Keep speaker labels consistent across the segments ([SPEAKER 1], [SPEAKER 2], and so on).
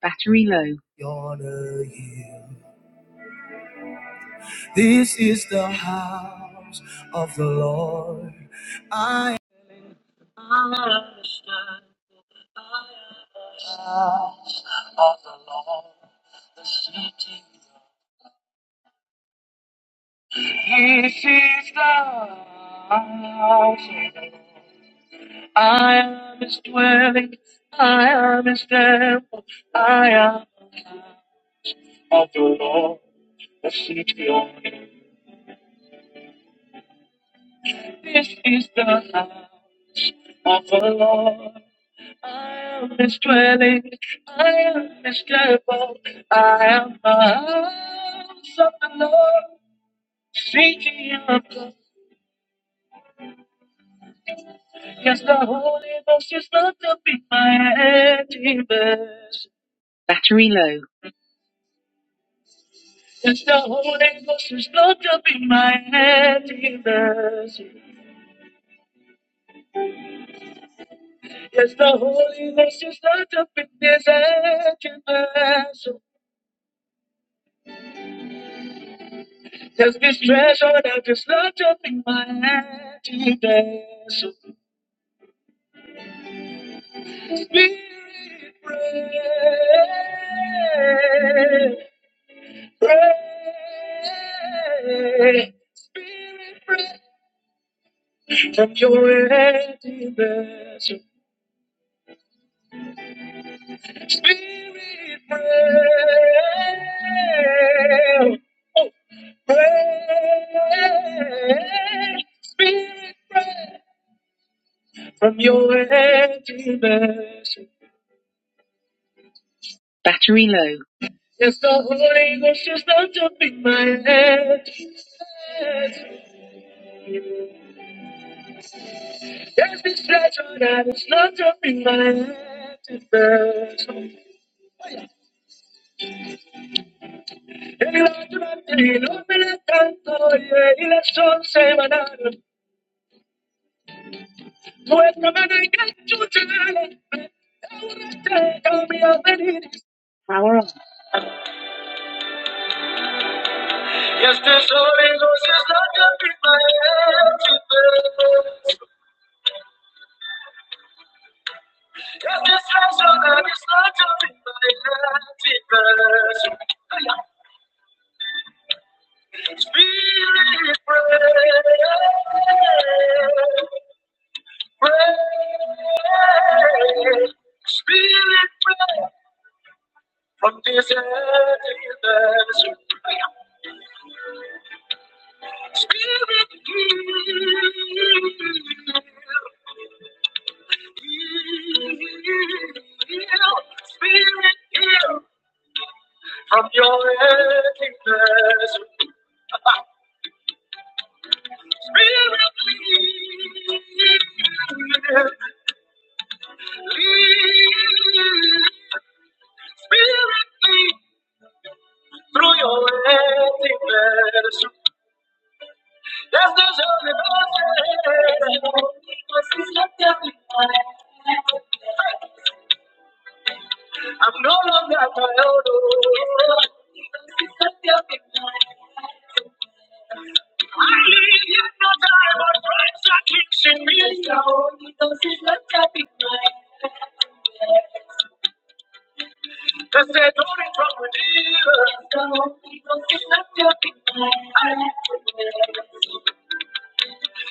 [SPEAKER 1] Battery low. This is the house of the Lord. I am his dwelling, I am his temple, I am the house of the Lord, the city of God. This is the house of the Lord. I am his dwelling, I am his temple, I am the house of the Lord. Speaking of God, yes, the Holy Ghost is not up in my emptiness. Battery low. Yes, the Holy Ghost is not up in my emptiness. Yes, the Holy Ghost is not up in this emptiness. Yes, this treasure that is not up in my emptiness. Spirit, pray. Pray, Spirit, pray from your empty vessel. Spirit, pray. Oh, pray, Spirit, pray from your empty vessel. Battery low. Yes, the Holy Ghost is not jumping my head. There's this treasure that is not to be mine is special. El otro día no me le canto y el sol se va a dar. Muéstrame de que tú te alegres. Ahora te cambio de iris. Ahora. Este sonido si es la capita Este es la zona, es la capita Spirit, pray, pray. Spirit, pray. From this emptiness Spirit, heal. Heal. Spirit, heal. From your emptiness Spirit, lead. Spirit, lead through your emptiness. Yes, there's only mercy. I'm no longer my own. I live yet no time, but Christ are teaching. Cause they're doing from within.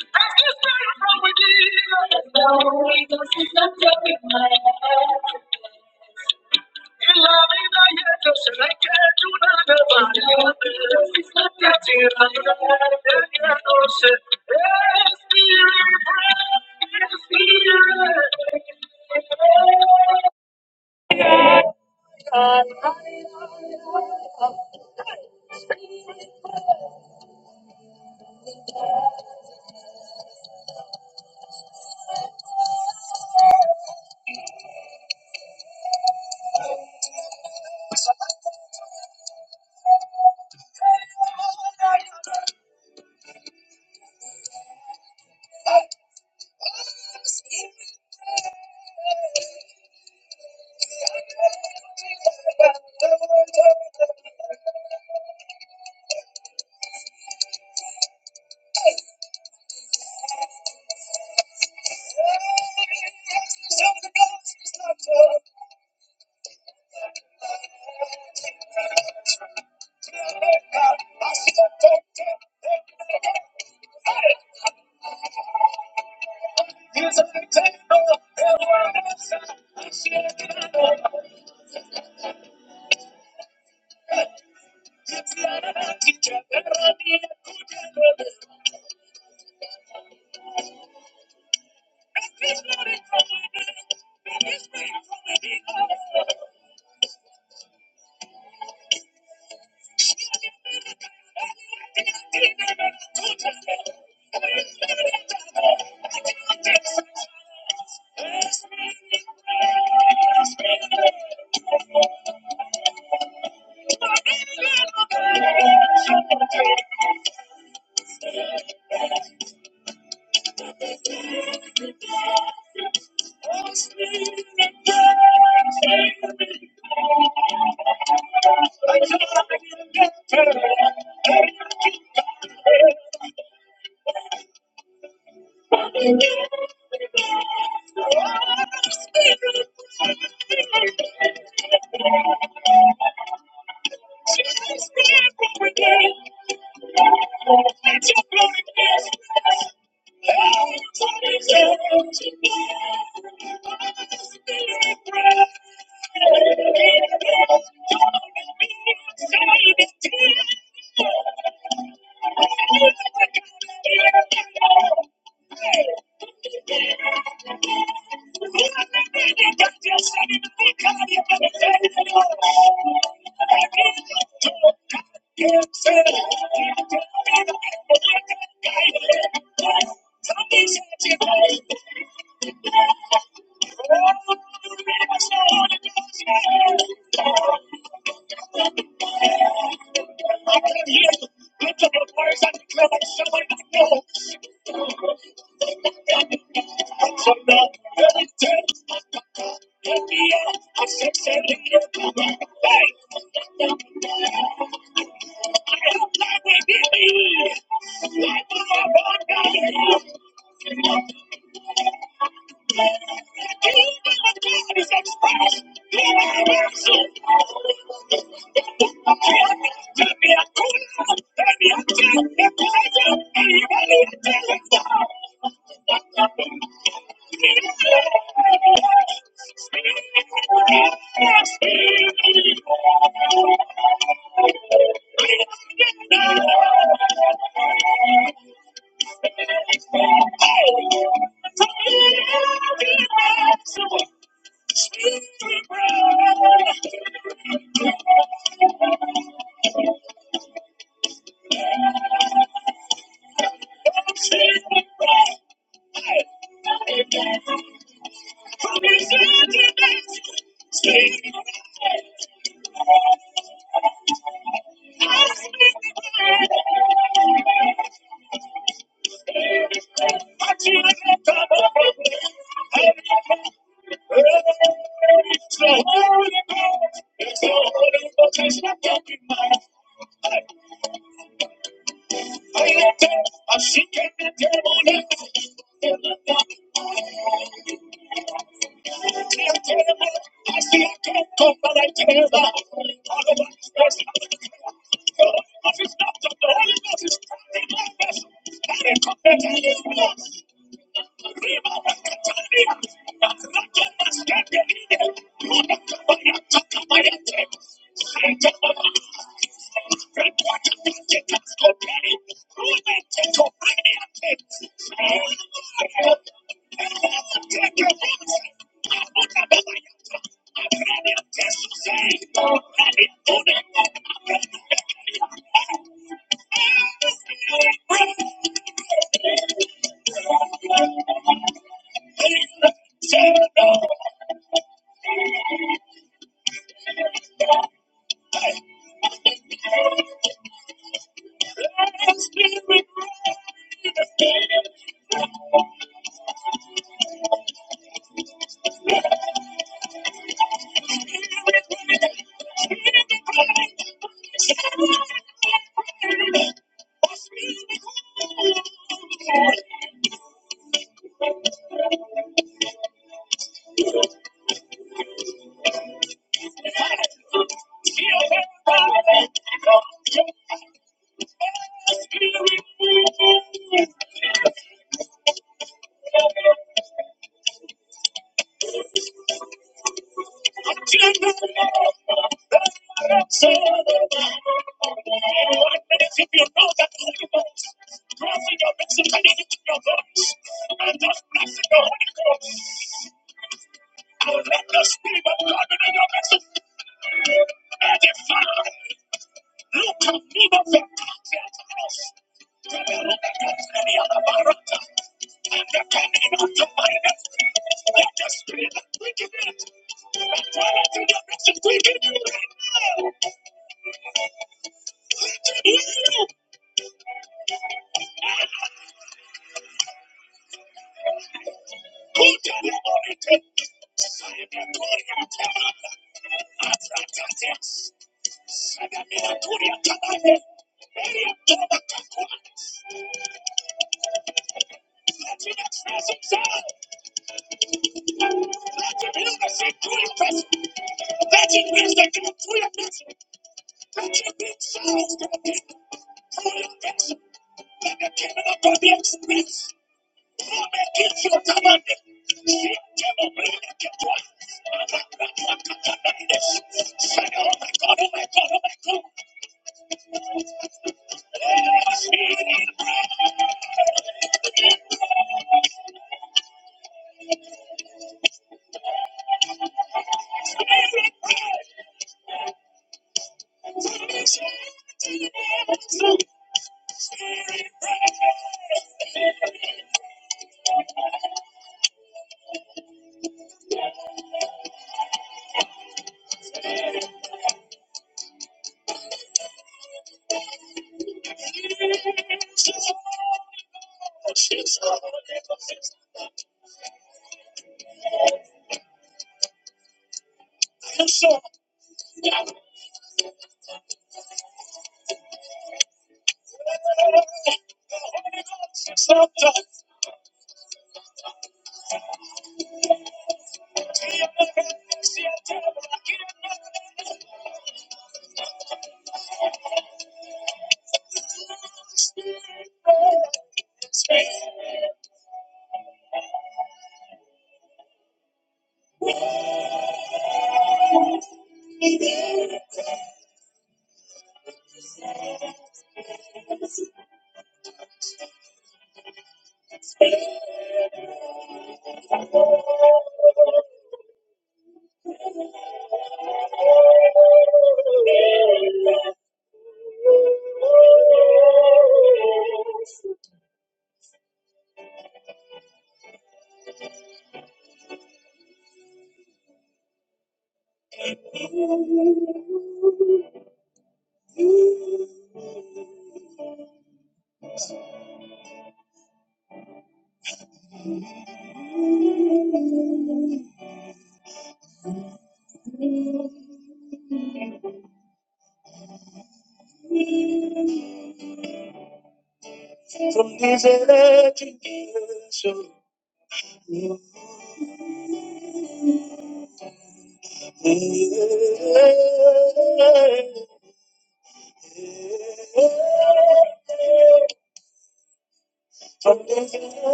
[SPEAKER 1] As this spirit from within. In love, the year, just like a tuna, It's not getting under the Spirit, pray. Spirit.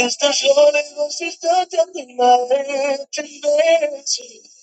[SPEAKER 1] Estaciones Ghost está en la tendencia. Estaciones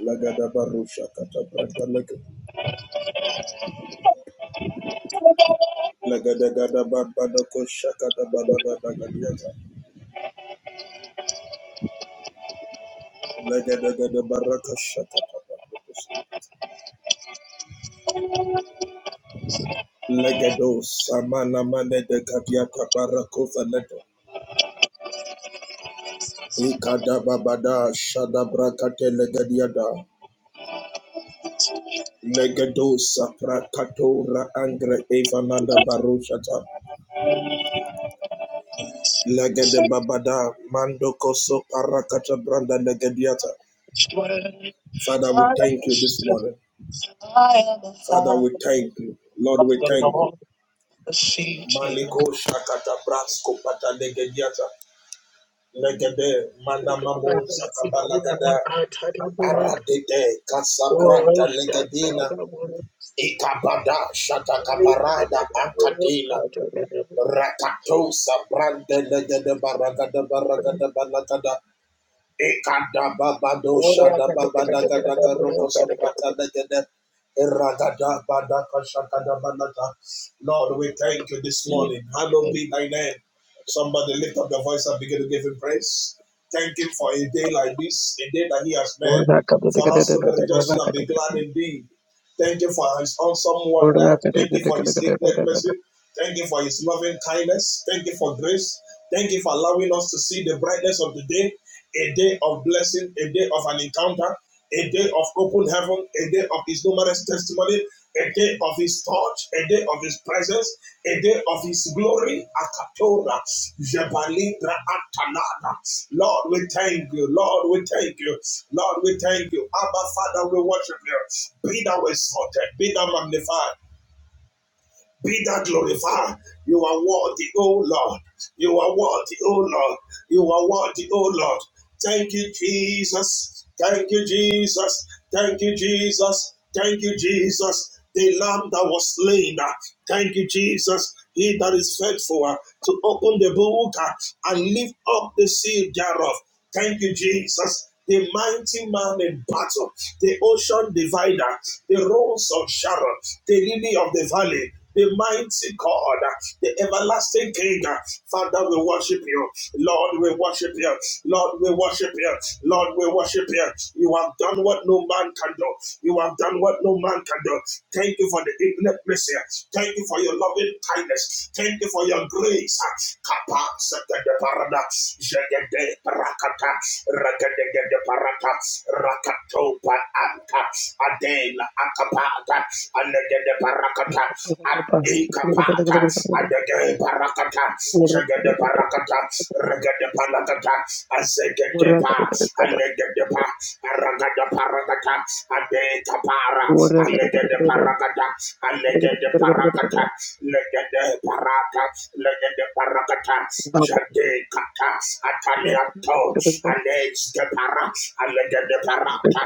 [SPEAKER 2] Lagada baru kata brata laga. Lagada gada barbada ko shakata balada lagadiata. Lagada gada baraka shakata barbakus. Lagado samana mane de kadiata barako faleto. Ikada babada shada brakate lagadiada. Lagado sapra katora angre evananda barushata. Lagada babada mando koso parakata branda lagadiata. Father, we thank you this morning. Father, we thank you. Lord, we thank you. Maliko shakata brasko pata legediata legede manamamo sakabalagada aradede kasabranta legedina ikabada shatakaparada akadina rakato sabrante legede baragada baragada balagada Ekada babado shada babada gada garoko soprata da gada eragada badaka shakada banata. Lord, we thank you this morning. Hallowed be thy name. Somebody lift up your voice and begin to give him praise. Thank him for a day like this, a day that he has made, for us to be rejoicing and be glad indeed. Thank you for his awesome wonder. Thank you for his great mercy. Thank you for his loving kindness. Thank you for grace. Thank you for allowing us to see the brightness of the day, a day of blessing, a day of an encounter, a day of open heaven, a day of his numerous testimony, a day of his touch, a day of his presence, a day of his glory. Akatora, Jebalindra Atanada. Lord, we thank you. Lord, we thank you. Lord, we thank you. Abba, Father, we worship you. Be thou exalted. Be thou magnified. Be thou glorified. You are worthy, O Lord. You are worthy, O Lord. You are worthy, O Lord. Thank you, Jesus. Thank you, Jesus. Thank you, Jesus. Thank you, Jesus. The lamb that was slain. uh, Thank you, Jesus. He that is faithful uh, to open the book uh, and lift up the seal thereof. Thank you, Jesus. The mighty man in battle, the ocean divider, the rose of Sharon, the lily of the valley, the mighty God, the everlasting King. Father, we worship you. Lord, we worship you. Lord, we worship you. Lord, we worship you. You have done what no man can do. You have done what no man can do. Thank you for the infinite mercy. Thank you for your loving kindness. Thank Thank you for your grace. Kapa sekede parada, jegede parakata, regedegede parata, rakato pa anta, adela akapata, anegede parakata, adikapata, adegede parakata, jegede parakata, regede parakata, azegede pa, anegede pa, aragada parakata, adekapara, Allegede Paragada, Allegede paracata, Legede Parata, Legede paracata. Jade Kata, Ataliato, Alex de Para, Allegede Parata,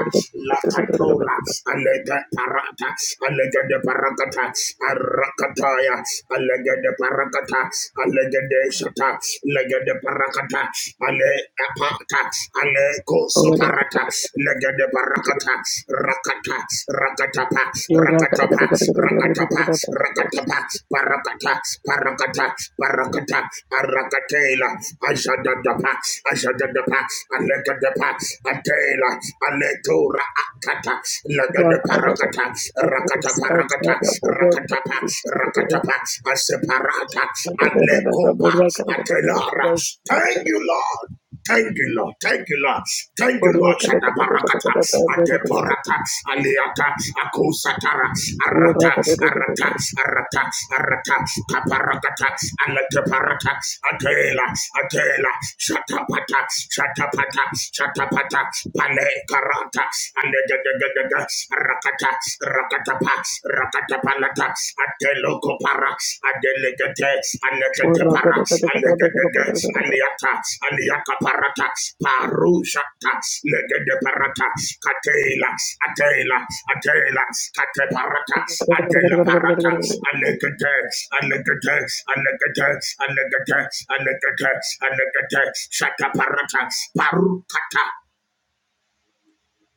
[SPEAKER 2] La Catura, Allegede Parata, Allegede paracata Arakataya, Allegede paracata, Allegede Shata, Legede paracata, Ale Apata, Aleko soparata, legede barakata, rakata, rakatapa, rakatapa, rakatapa, rakatapa, parakata, parakata, parakata, arakatela, ajadadapa, ajadadapa, alegadapa, atela, aletura akata, legede parakata, rakata parakata, rakatapa, rakatapa, aseparata, alekopa, atelara. Thank you, Lord. Thank you, Lord. Thank you, Lord. Thank you, Lord. Shada Shadabarakata, Adeporata, Aliata, akusatara Arata, Arata, Arata, Arata, Kaparakata, Alateparata, Atela, Atela, Shatapata, Shatapata, Shatapata, pane Karata, Aledegedegede, Rakata, Rakatapa, Rakatapalata, Adelokopara, Adelegate, Anekatepara, Alegedege, Aniata, Aniakaparata, Parushata, Legedeparata, Katela, Atela, Atela, Kateparata, Adelaparata, Anekate, Anekate, Anekate, Anekate, Anekate, Anekate, Shataparata, Parukata.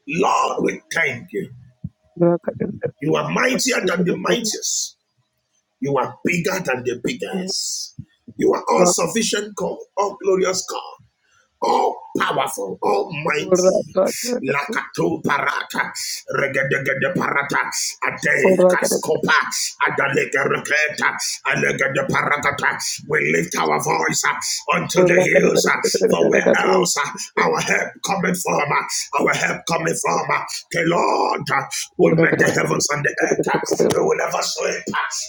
[SPEAKER 2] Lord, we thank you. You are mightier than the mightiest. You are bigger than the biggest. You are all sufficient God, all glorious God, all powerful, almighty. Lakato parata, regedegede parata, ade kaskopa, adalege reketa, alegede parakata. We lift our voice uh, unto the hills, uh, for where else uh, our help coming from? uh, Our help coming from uh, the Lord. uh, who made the heavens and the earth. You will never sleep,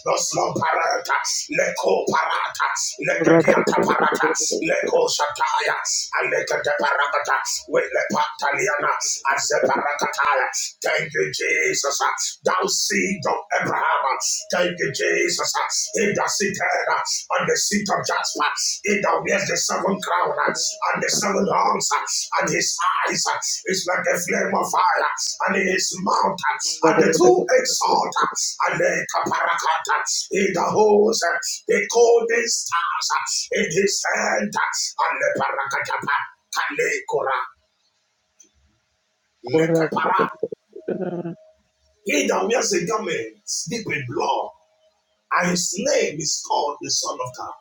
[SPEAKER 2] no slumber. Leko parata, leke diata parata, leko shataya, aleke de parata, with the pataliana, as the parakataya. Thank you, Jesus. Thou seed of Abraham. Thank you, Jesus. He does it. eh? on the seat of judgment. He that wears the seven crown uh, and the seven horns, uh, and his eyes uh, is like a flame of fire, and in his mouth uh, and the two-edged sword, uh, and the caparacata. He that holds uh, the golden stars uh, in his hand, uh, and the paracatapa, kalekora, lekepara. He that wears the garments deep in blood, and his name is called the Son of God.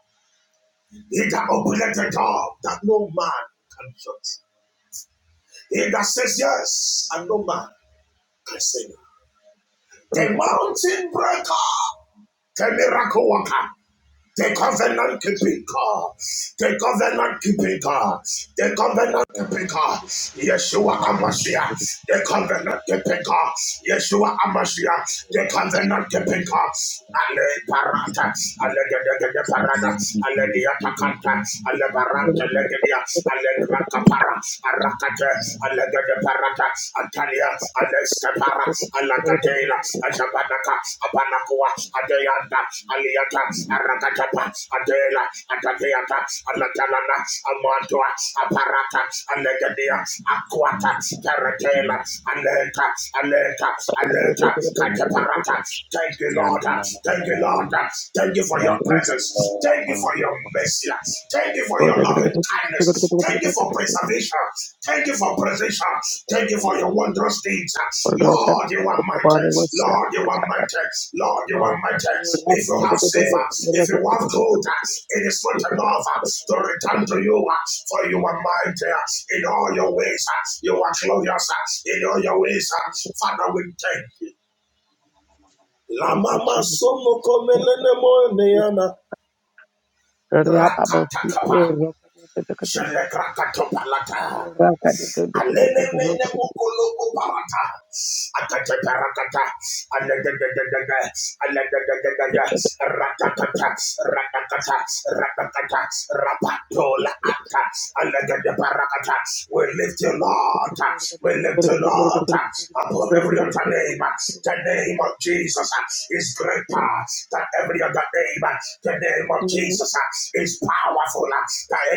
[SPEAKER 2] He that openeth a door that no man can shut. He that says yes and no man can say no. The mountain breaker, the miracle worker, The covenant keeping God. The covenant keeping God. The covenant
[SPEAKER 3] or
[SPEAKER 2] keeping God. Yeshua
[SPEAKER 3] non-levels
[SPEAKER 2] Amashia.
[SPEAKER 3] with the
[SPEAKER 2] The covenant keeping God. Yeshua Amashia. The covenant keeping
[SPEAKER 3] minimum
[SPEAKER 2] God. Ale parata.
[SPEAKER 3] certificate
[SPEAKER 2] Ale gedegede
[SPEAKER 3] of
[SPEAKER 2] parada.
[SPEAKER 3] vulnerability
[SPEAKER 2] Ale
[SPEAKER 3] to the
[SPEAKER 2] diatakanta.
[SPEAKER 3] community
[SPEAKER 2] Ale baranta legedia. Ale granta para. Arakate. Ale gede parata. Antalia. Alestepara, Alagadela, Ajabanaka, Abanakua, Adeyanda, Aliata, Arakatapa, Adela, Adadeata, Alatalana, Amantua, Aparata, Alegadia,
[SPEAKER 3] or to the
[SPEAKER 2] Aquata,
[SPEAKER 3] municipal
[SPEAKER 2] Paratela,
[SPEAKER 3] community,
[SPEAKER 2] Aleta, Aleta, Aleta, Kataparata.
[SPEAKER 3] which
[SPEAKER 2] Thank you,
[SPEAKER 3] can
[SPEAKER 2] Lord.
[SPEAKER 3] non
[SPEAKER 2] Thank you, Lord. Thank you for
[SPEAKER 3] by
[SPEAKER 2] your
[SPEAKER 3] thank you
[SPEAKER 2] presence. Thank
[SPEAKER 3] uh,
[SPEAKER 2] you
[SPEAKER 3] thank
[SPEAKER 2] for
[SPEAKER 3] you
[SPEAKER 2] your mercy. Thank you for your loving kindness. Thank you for preservation. Thank you for preservation.
[SPEAKER 3] for
[SPEAKER 2] Thank you
[SPEAKER 3] everybody
[SPEAKER 2] for
[SPEAKER 3] else.
[SPEAKER 2] your wondrous deeds. Lord, you are mighty. Lord, you are mighty. Lord, you are
[SPEAKER 3] Oh,
[SPEAKER 2] mighty.
[SPEAKER 3] the
[SPEAKER 2] If you have
[SPEAKER 3] nice
[SPEAKER 2] silver,
[SPEAKER 3] girl,
[SPEAKER 2] if you have
[SPEAKER 3] yeah,
[SPEAKER 2] gold, it is not enough to return to you, for you are mighty in all your ways. You are glorious in all your ways. Father, we thank you. La mama somo komelene mo neyana. Rakatakapa. Shalekrakatopalata. Alelemenemokoloko-barata. Atateperakata. Aladadadadada. Aladadadadada. Ratatata. Ratatata. Ratatata. Rapatola ata. Aladadeparakata. We lift you, Lord. We lift you, Lord. Above every other name, the name of Jesus is greater than every other name. The name of Jesus is powerful than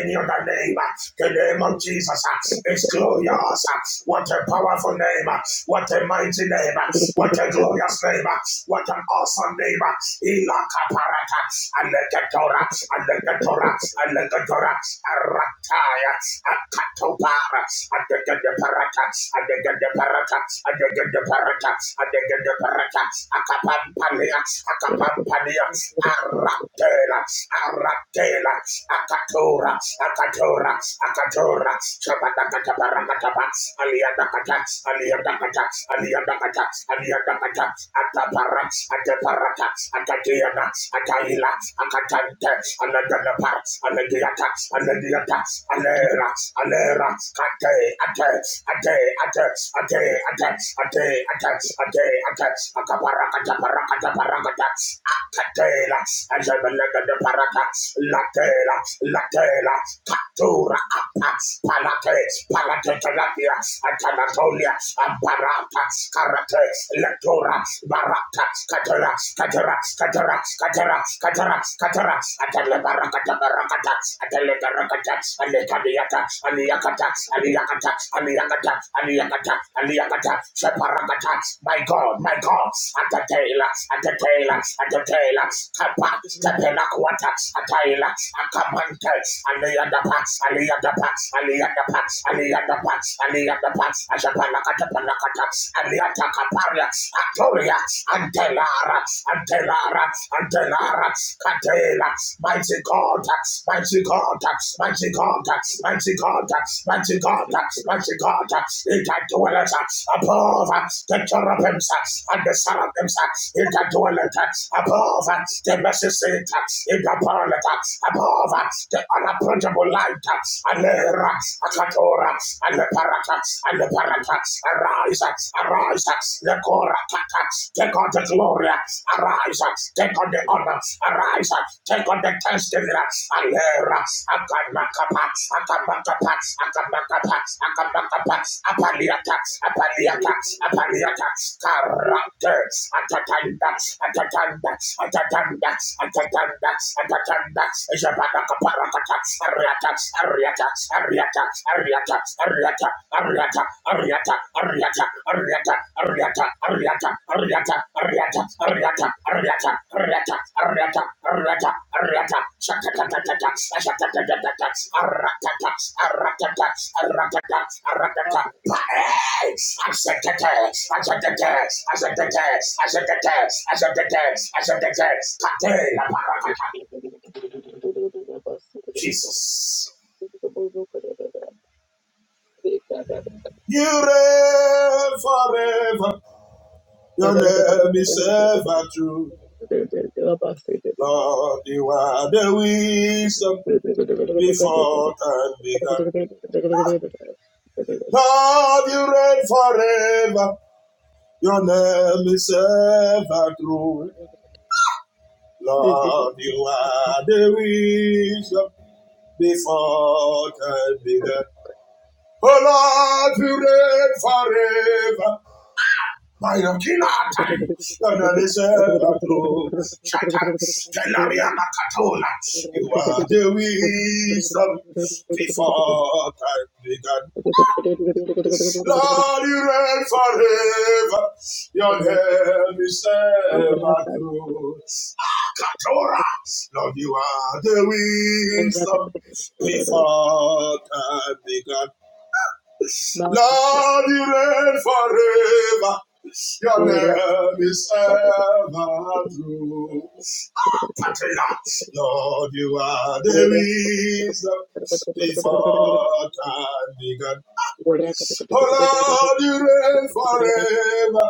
[SPEAKER 2] any other name. The name of Jesus is glorious. What a powerful name. What a mighty name. What a glorious name. What an awesome name. Ilakaparata. Alekatora. Alekatora. Alekatora. Arataya. Akatopara. Adegadaparata. Adegadaparata. Adegadaparata. Adegadaparata. Akapampania. Akapampania. Aratela. Aratela. Akatora. Akatora. Akatora. Katora, Sabadakata Parakatapa, Aliadakata, Aliadakata, Aliadakata, Aliadakata, Atapara, Ataparata, Atatiana, Ataila, Akatante, Aladanapa, Aladiata, Aladiata, Alera, Alera, Ate, Ate, Ate, Ate, Ate, Ate, Ate, Atets, Ate, Atets, Ate, Atets, Ate, Atets, Akaparakata, Parakata, Parakata, Akatela, Ajabalagada Parata, Latela, Latela, Kato. Rakato, Rakata, Palate, Palate Terapia, Atanatolia, Amparata, Karate, Lectora, Barata, Catera, Catera, Catera, Catera, Catera, Catera, Atelebarakata, Barakata, Atelebarakata, Alecadiata, Aliakata, Aliakata, Aliakata, Aliakata, Aliakata, Separakata, my God, my God, Atatela, Atatela, Atatela, Kapa, Tepenaquata, Atayla, Akamante, Ali and the Pats, Ali and the Pats, Ali and the Pats, Ali and the Aliyadapa, the Aliyadapa, Aliyadapa, Aliyadapa, Ashapalakachapanakata, Aliyatakaparia, Atoria, Antelara, Antelara, Antelara, Katela, Mighty God, Mighty God, Mighty God, Mighty God, Mighty God, Mighty God, it dwelleth above the cherubims and the seraphims, it dwelleth above the mercy seat, it dwelleth above the unapproachable light, and the Akatora, and the Parata, and the Parata, arise, arise, the Koratata, take on the glory, arise, take on the honor, arise, take on the testimony, and the Akanakapa, Akanakapa, Akanakapa, Akanakapa, Apaliata, Apaliata, Apaliata, Karate, Atatanda, Atatanda, Atatanda, Atatanda, Atatanda, Arata, Jesus. You reign forever. Your name is ever true. Lord, you are the wisdom before time began. Lord, you reign forever. Your name is ever true. Lord, you are the wisdom before time began. Oh Lord, you reign forever. By the Kinatan, and is ever true. Shatter, Penaria Nakatona. You are the wisdom before time began. Lord, you reign forever. Your name is ever true. Adora, Lord, you are the wisdom before time began. Lord, you reign forever. Your name is ever true. Patria. Lord, you are the reason before time began. Oh Lord, you reign forever.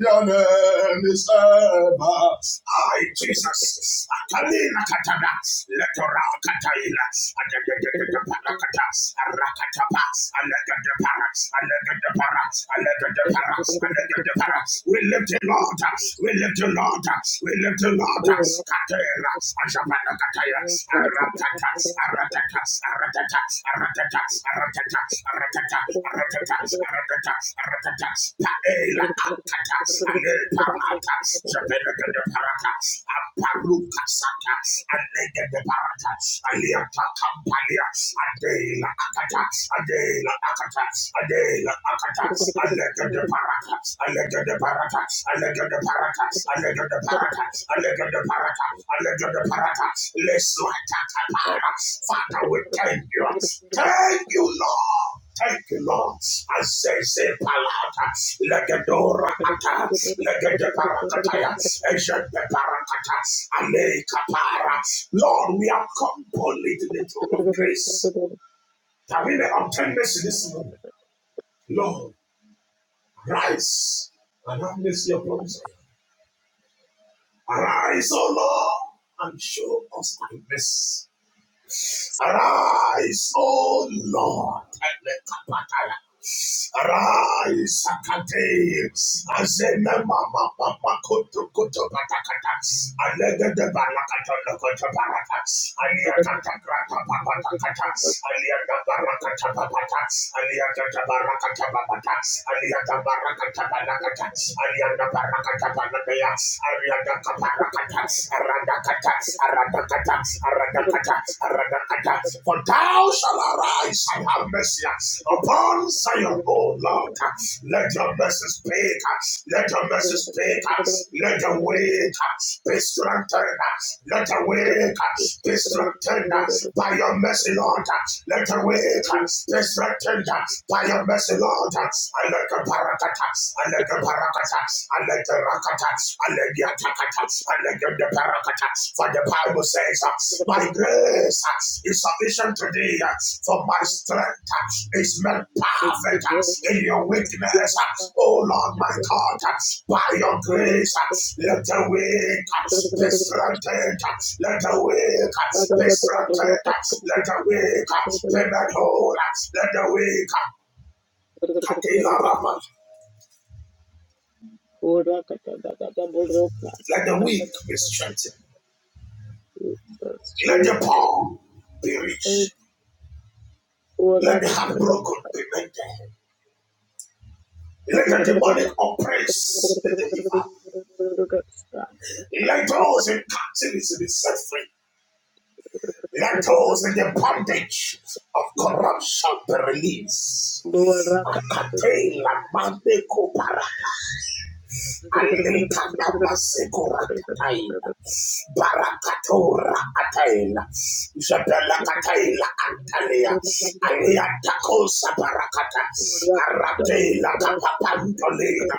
[SPEAKER 2] Your name is ever. I, Jesus. Akalina katada. Letora kataila. Adadadadadadabarakata. Arakatapa. Aladadabara. Aladadabara. Aladadabara. Aladadabara. We lift you, Lord. We lift you, Lord. We lift you, Lord. Katera. Ajabana kataya. Aratata. Aratata. Aratata. Aratata aratata, aratata, aratata, aratata, aratata, paela akata, ale parata, jabeleke de parata, aparuka sata, alege de parata, aliata kampalia, adela akata, adela akata, adela akata, alege de parata, alege de parata, alege de parata, Allegedparata, allegedparata, allegedparata, lesuatakapara. Father, we thank you. Thank you, Lord. Thank you, Lord. I say, Azeze palata, legedora ata, legedeparakataya, ejedeparakata, alekapara. Lord, we have come boldly to the throne of grace. That we may obtain mercy this morning. Lord, rise and have mercy upon us. Arise, O Lord, and show us thy mercy. Arise, O Lord, and let us Arise, Sakate, Azena Mama Papa Kutu Kutu Patakata, Alega de Balakata Lokota Barata, Aliata Grata Papa Takata, Aliata Barakata Papata, Aliata Barakata Papata, Aliata Barakata Banakata, Aliata Barakata Banakaya, Ariada Kaparakata, Aradakata, Aradakata, Aradakata, for thou shalt arise and have mercy upon Zion, O Lord. Let your mercy speak. Let your mercy speak. Let your wake be strengthened. Let your wake be strengthened by your mercy, Lord. Let your wake be strengthened by your mercy, Lord. I let the parakata. I let the parakata. I let the rakata. For the Bible says, uh, My grace uh, is sufficient to thee, uh, for my strength uh, is made perfect uh, in your weakness. uh. Oh Lord, my God, uh, by your grace, uh, let the weak uh, be strengthened, uh, let the weak uh, be strengthened, uh, let the weak uh, be made whole, uh, let the weak, uh, let the weak be strengthened. Let the poor be rich. Let the heartbroken be mended. Let the demonic oppressed be delivered. Let those in captivity be set free. Let those in the bondage of corruption be released. Akate la mande kopara. Alita namba sekurataina. Barakatora ataina. Isabella kataila antalea. Alia takosa barakata. Aratela kapapantolina.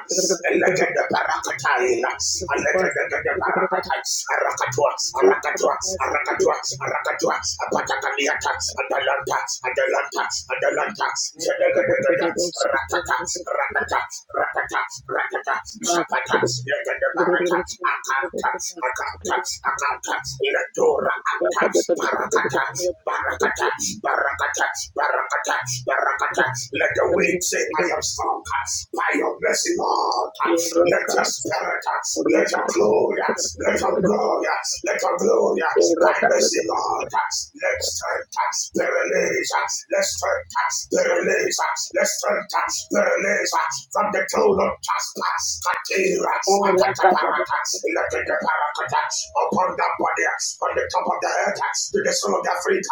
[SPEAKER 2] Elegede barakataina. Alegede barakata. Arakatua, arakatua, arakatua, arakatua. Apatakaliata, adalanta, adalanta, adalanta. Isabella ratata, ratata, ratata, Rakata, Shakata, Yakabarata, Akata, Akata, Akata, Ilatura, Anta, Parakata, Barakata, Barakata, Barakata, Barakata. Let the weak say, I am strong by your mercy, Lord. Let your spirit, let your glory, let your glory, let your glory, by mercy, Lord. Let us strength be released. Let us strength be released. Let us strength be released. Yes, from the throne of Jasper, Katira, Akataparata, Lekataparakata, upon the body, on the top of the head, to the soul of the feet,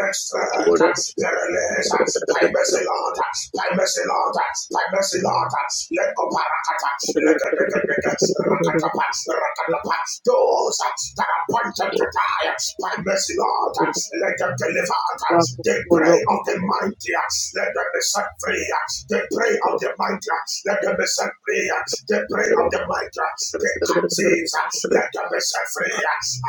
[SPEAKER 2] let's turn, Pereles, by mercy, Lord, by mercy, Lord, by mercy, Lord, Let Lekoparakata, Lekataparakat, Rakatapat, Rakatapat, those that are appointed to die, by mercy, Lord, let them deliver, they pray on the mighty, let them be set free, they prayer of the mighty, let them be set free. The prayer of the mighty, the captives, let them be set free.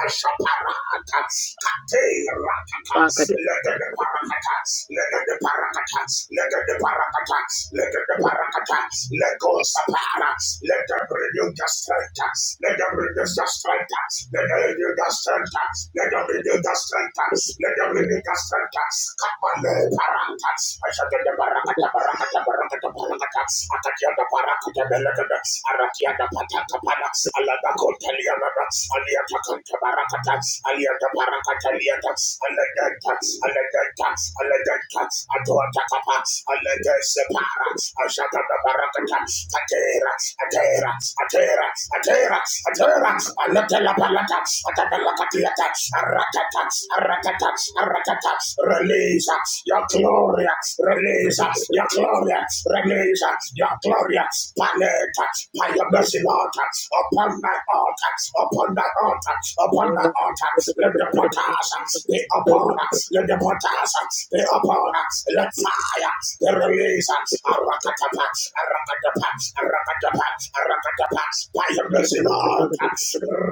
[SPEAKER 2] Ashaparata, Katerata, let them be parakata, let them be parakata, let them be parakata, let them be parakata, let go sapara, let them renew the strength, let them renew the strength, let them renew the strength, let them renew the strength, let them renew the strength, Kapale parata, Ashadada Atakiada Parakata Belagadas, Arakiada Pataka Panas, Alada Contelianadas, Aliata Contabaracatas, Aliata Paracataliatas, Alegantas, Alegantas, Alegantas, Atuatakapas, Alegas Paras, Ashata Barakatas, Ateras, Ateras, Ateras, Ateras, Ateras, Alatela Palatas, Atabelacatiatas, Aratatas, Aratatas, Aratatas, release your glory, gloria, release your glory! release your glory! paleta, by your mercy, Lord, upon my altar, upon my altar, upon my altar, let the potash be upon us, let the potash be upon us, let fire be released, arakatapa, arakatapa, arakatapa, arakatapa, by your mercy, Lord,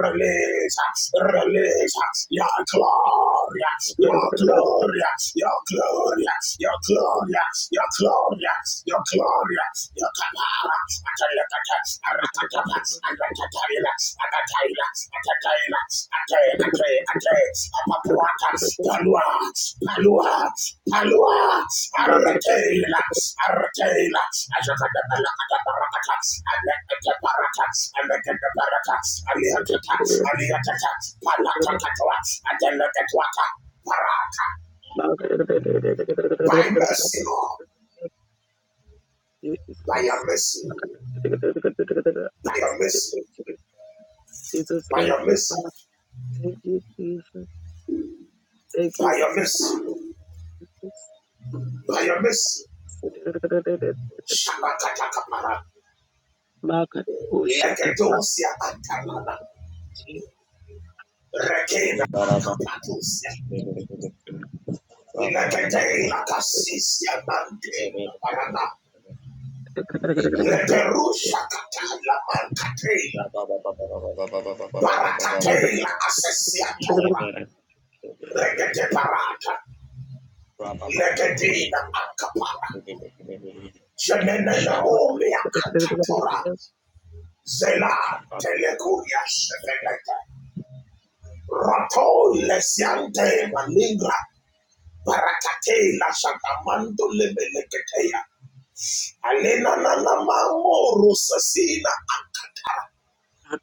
[SPEAKER 2] release release your glory your glory, your glory, your glorious. your glory, your glory, your glorious. atalakata, arakatapa, arakataila, akataila, akataila, ate, ate, ate, apapuata, Paluats, paluats, paluats, arretailats, arretailats, ashakadabalakadabarakats, alekadabarakats, alekadabarakats, aliatakats, aliatakats, palatakatoats, adelekatwata, parata. By mercy, Lord, by your mercy, by your mercy, by your mercy, by your mercy, by your mercy, shabakatakapara, legedosia antalana, rekena
[SPEAKER 3] they got a bunch
[SPEAKER 2] akapadosia,
[SPEAKER 3] of really good things. Blah, blah, blah,
[SPEAKER 2] Lekete
[SPEAKER 3] blah,
[SPEAKER 2] la
[SPEAKER 3] blah, blah, blah.
[SPEAKER 2] ilakasisi ya
[SPEAKER 3] They really
[SPEAKER 2] bandila
[SPEAKER 3] good
[SPEAKER 2] barada.
[SPEAKER 3] things. They got a bunch
[SPEAKER 2] Ilederusha katala
[SPEAKER 3] of- blah,
[SPEAKER 2] bankatela.
[SPEAKER 3] blah, blah, blah, blah, blah, blah, blah, blah, blah, blah, blah, blah, blah,
[SPEAKER 2] Barakatela asesiatura.
[SPEAKER 3] blah.
[SPEAKER 2] Regete barata.
[SPEAKER 3] They got a-
[SPEAKER 2] Ilegedina akapara. Jenenene umi ya akatora. Zela telekuria sevenete. Rato ilesiante malingra. Barakatela shatamando lebeleketea. Alena na na mamoro sasina akapara.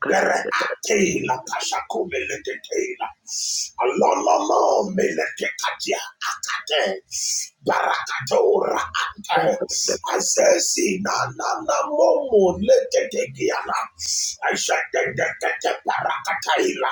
[SPEAKER 2] Bereatela kashakume letetela. Alololo meletekatia akate. Barakatora ante. Azezi na na na momo letetekiana. Ajatetetete barakataila.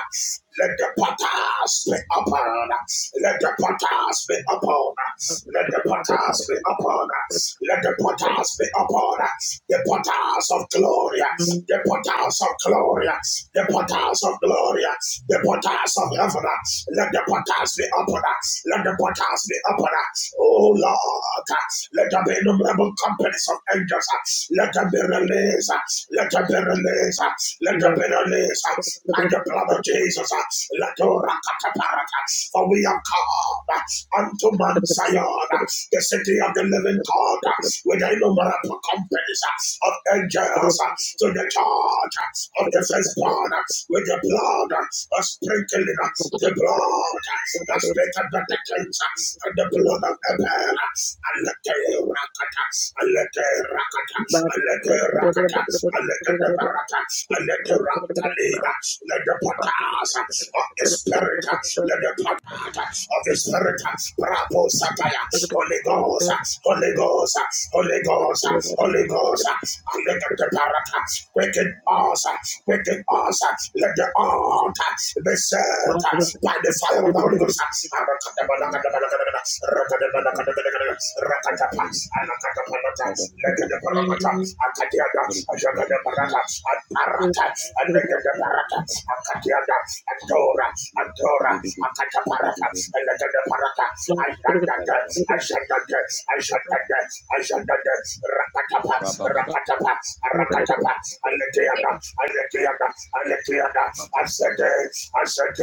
[SPEAKER 2] Let the potters be upon us. Let the potters be upon us. Let the potters be upon us. Let the potters be upon us. The potters of glory. The potters of glory. The potters of glory. The potters of heaven. Let the potters be upon us. Let the potters be upon us. Oh Lord. Let there be innumerable companies of angels. Let them be released. Let them be released. Let them be released by the blood of Jesus. uh, Latora Kataparata. For we are called uh, unto Mount Zion, uh, the city of the living God, uh, with innumerable companies uh, of angels, uh, to the charge uh, of the firstborn, uh, with the blood uh, of sprinkling, uh, the blood uh, that sprinkled the cleanser, and the blood of Abel. uh, Alete rakata, alete rakata, alete rakata, alete de barata, alete rakalina, let the patas of the spirit, let the patas of the spirit, brapo sataya, Holy Ghost, Holy Ghost, Holy Ghost, Holy Ghost, alete de barata, quicken us, quicken us, let the altar be set by the fire of the Holy Ghost. I said, I said,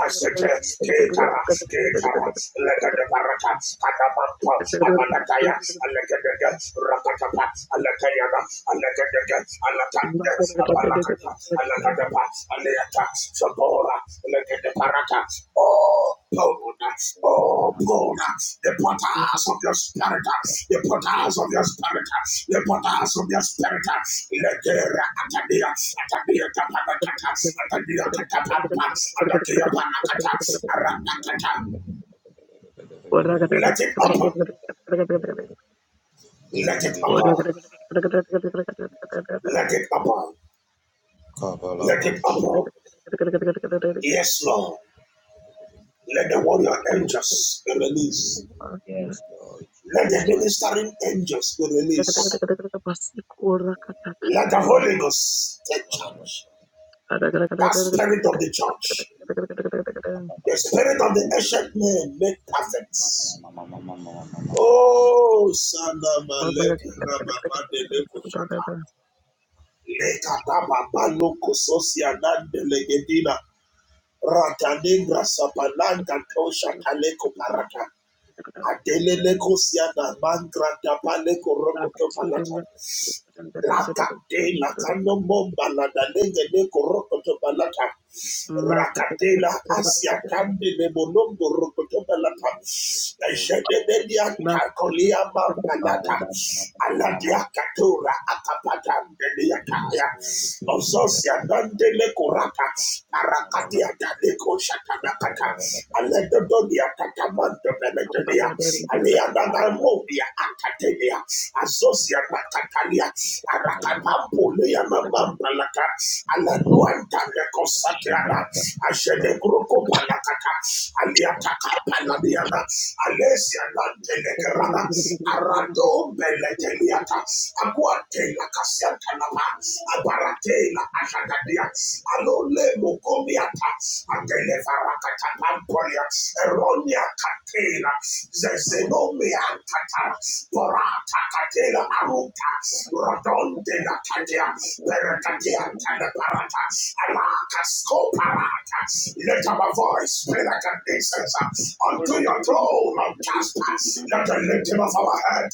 [SPEAKER 2] I said, Ketara, Ketara, Barata, Katamanta, Amanataya, Alekadega, Rakatapa, Alekayaga, Alekadega, Alakanda, Amalakata, Alakadapa, Aleata, Sabora, Alekadeparata, Oh, Pona, Oh, Pona, the potas of your spirit, the potas of your spirit, the potas of your spirit, Lekera Atabia, Atabia Tapanakata, Atabia Katapampa, Adakia Panakata, Aranakata.
[SPEAKER 1] Ghost
[SPEAKER 2] Let it open. Let it open.
[SPEAKER 1] está
[SPEAKER 2] Let it open. Let it open. Yes, Lord. Let the warrior angels be released.
[SPEAKER 3] Yes, Lord
[SPEAKER 2] Let the
[SPEAKER 3] Jesus, right.
[SPEAKER 2] ministering angels be released. Let the Holy Ghost take charge. That spirit of the church, the spirit of the ancient man, make perfect. Oh, Sanda Malek Rababa de Leko Shata. Leka Daba Balo Kososia Nande Ratalegra sapalanga tosha kaleko baraka. Adeleleko siana mangra dapaleko rokoto balata. Lakate lakano momba la dalenge leko rokoto balata. Rakatela asia tande le bolongo rokoto balata. Ejedebelia takolia mamba lata. Aladia katura akapata ndeliata. Ozosia dande le kurata, parakati adane koshata nakata, aledodonia tatamanto benedenia, alianangamonia akatenia, azosia
[SPEAKER 3] Second.
[SPEAKER 2] nakatania, arakapampulia mamampalaka, alanuantane kosatiana, ashedegruko palakata, aliataka palaniana, alesia nante legerana, arado beleteliata, Aguate la Casiantanama, Abarate la Ashagadia, Alole Mokomiata, Adelevarakata Pampolia, Eronia Catela, Zezenomia Cata, Porata Catela Aruta, Rodonde la Catia, Peratatianta la Parata, Alacasco Parata. Let our voice be like an incense unto your throne of Jasper. Let the lifting of our head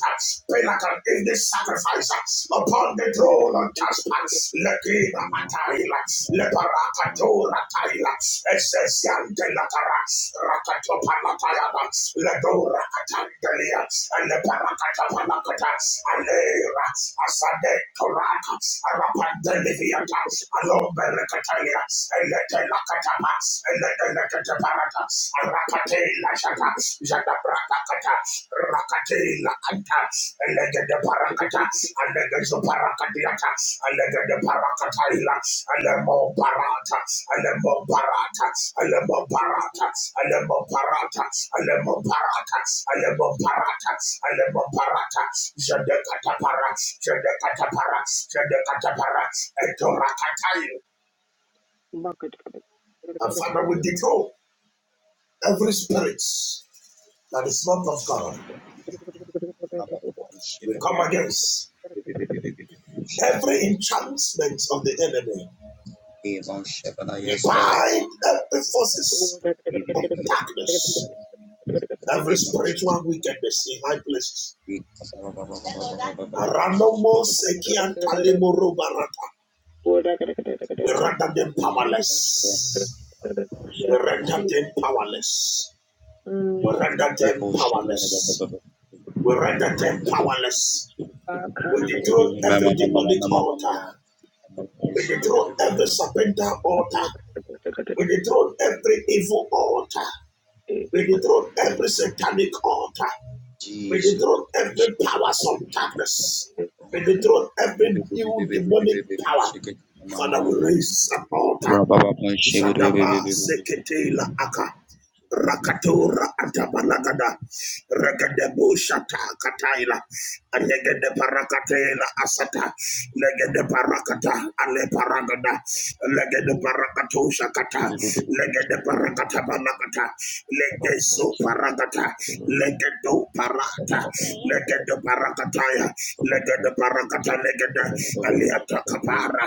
[SPEAKER 2] be like an incense bring the sacrifice uh, upon the throne of Jasper. Lekina Ataila, Leparaka Tora Taila, Esesian de Latara, Rakatopanatayana, Ledora Katandelia, and Leparakata Panakata, Alera, Asade Toraka, Arapandeliviata, Alomberekatalia, and Letelakatapa, and Letelakataparata, la jata jata prakata rakate la kanta alega de parakata alega zo parakadiata alega de parakata ila alemo parata alemo parata alemo parata alemo parata alemo parata alemo parata alemo parata jade kata parat jade kata parat jade kata parat etora katayo and Father, we declare, we come against each enemy
[SPEAKER 3] Hey, Mount Shekinah,
[SPEAKER 2] We
[SPEAKER 3] yes, Lord. Hey,
[SPEAKER 2] bind every forces
[SPEAKER 3] hey,
[SPEAKER 2] of
[SPEAKER 3] hey, hey, hey.
[SPEAKER 2] darkness, every
[SPEAKER 3] Hey, Mount
[SPEAKER 2] spiritual
[SPEAKER 3] Shekinah.
[SPEAKER 2] wickedness in high places.
[SPEAKER 3] Hey, ba- ba-
[SPEAKER 2] Aranomo sekian talemoro barata. We render them powerless. We render them powerless. We render
[SPEAKER 3] Hey,
[SPEAKER 2] them
[SPEAKER 3] Mount Shekinah,
[SPEAKER 2] powerless. We render them powerless. We dethrone
[SPEAKER 3] Ma-
[SPEAKER 2] every
[SPEAKER 3] ma- ma- ma- ma-
[SPEAKER 2] demonic
[SPEAKER 3] ma- ma- ma- ma-
[SPEAKER 2] altar.
[SPEAKER 3] ma.
[SPEAKER 2] We dethrone every serpental altar. We dethrone every evil altar. We dethrone every satanic altar. We
[SPEAKER 3] Jesus. Ma-
[SPEAKER 2] dethrone
[SPEAKER 3] ma-
[SPEAKER 2] every powers
[SPEAKER 3] ma-
[SPEAKER 2] of darkness. We dethrone every new demonic power. Father, we
[SPEAKER 3] ma- ma.
[SPEAKER 2] raise an altar.
[SPEAKER 3] Ra- ba- ba- Mount Shekinah.
[SPEAKER 2] Shadaba sekete la aka. Rakatora atabalagada. Regedebu shata kataila. Regede parakatela asata. Legede parakata ale paragada. Legede parakato shakata. Legede parakata balakata. Legede so Legedo parakata, legedo parata,
[SPEAKER 3] Thank
[SPEAKER 2] legedo parakataya, legedo parakata, legedo aliata kapara,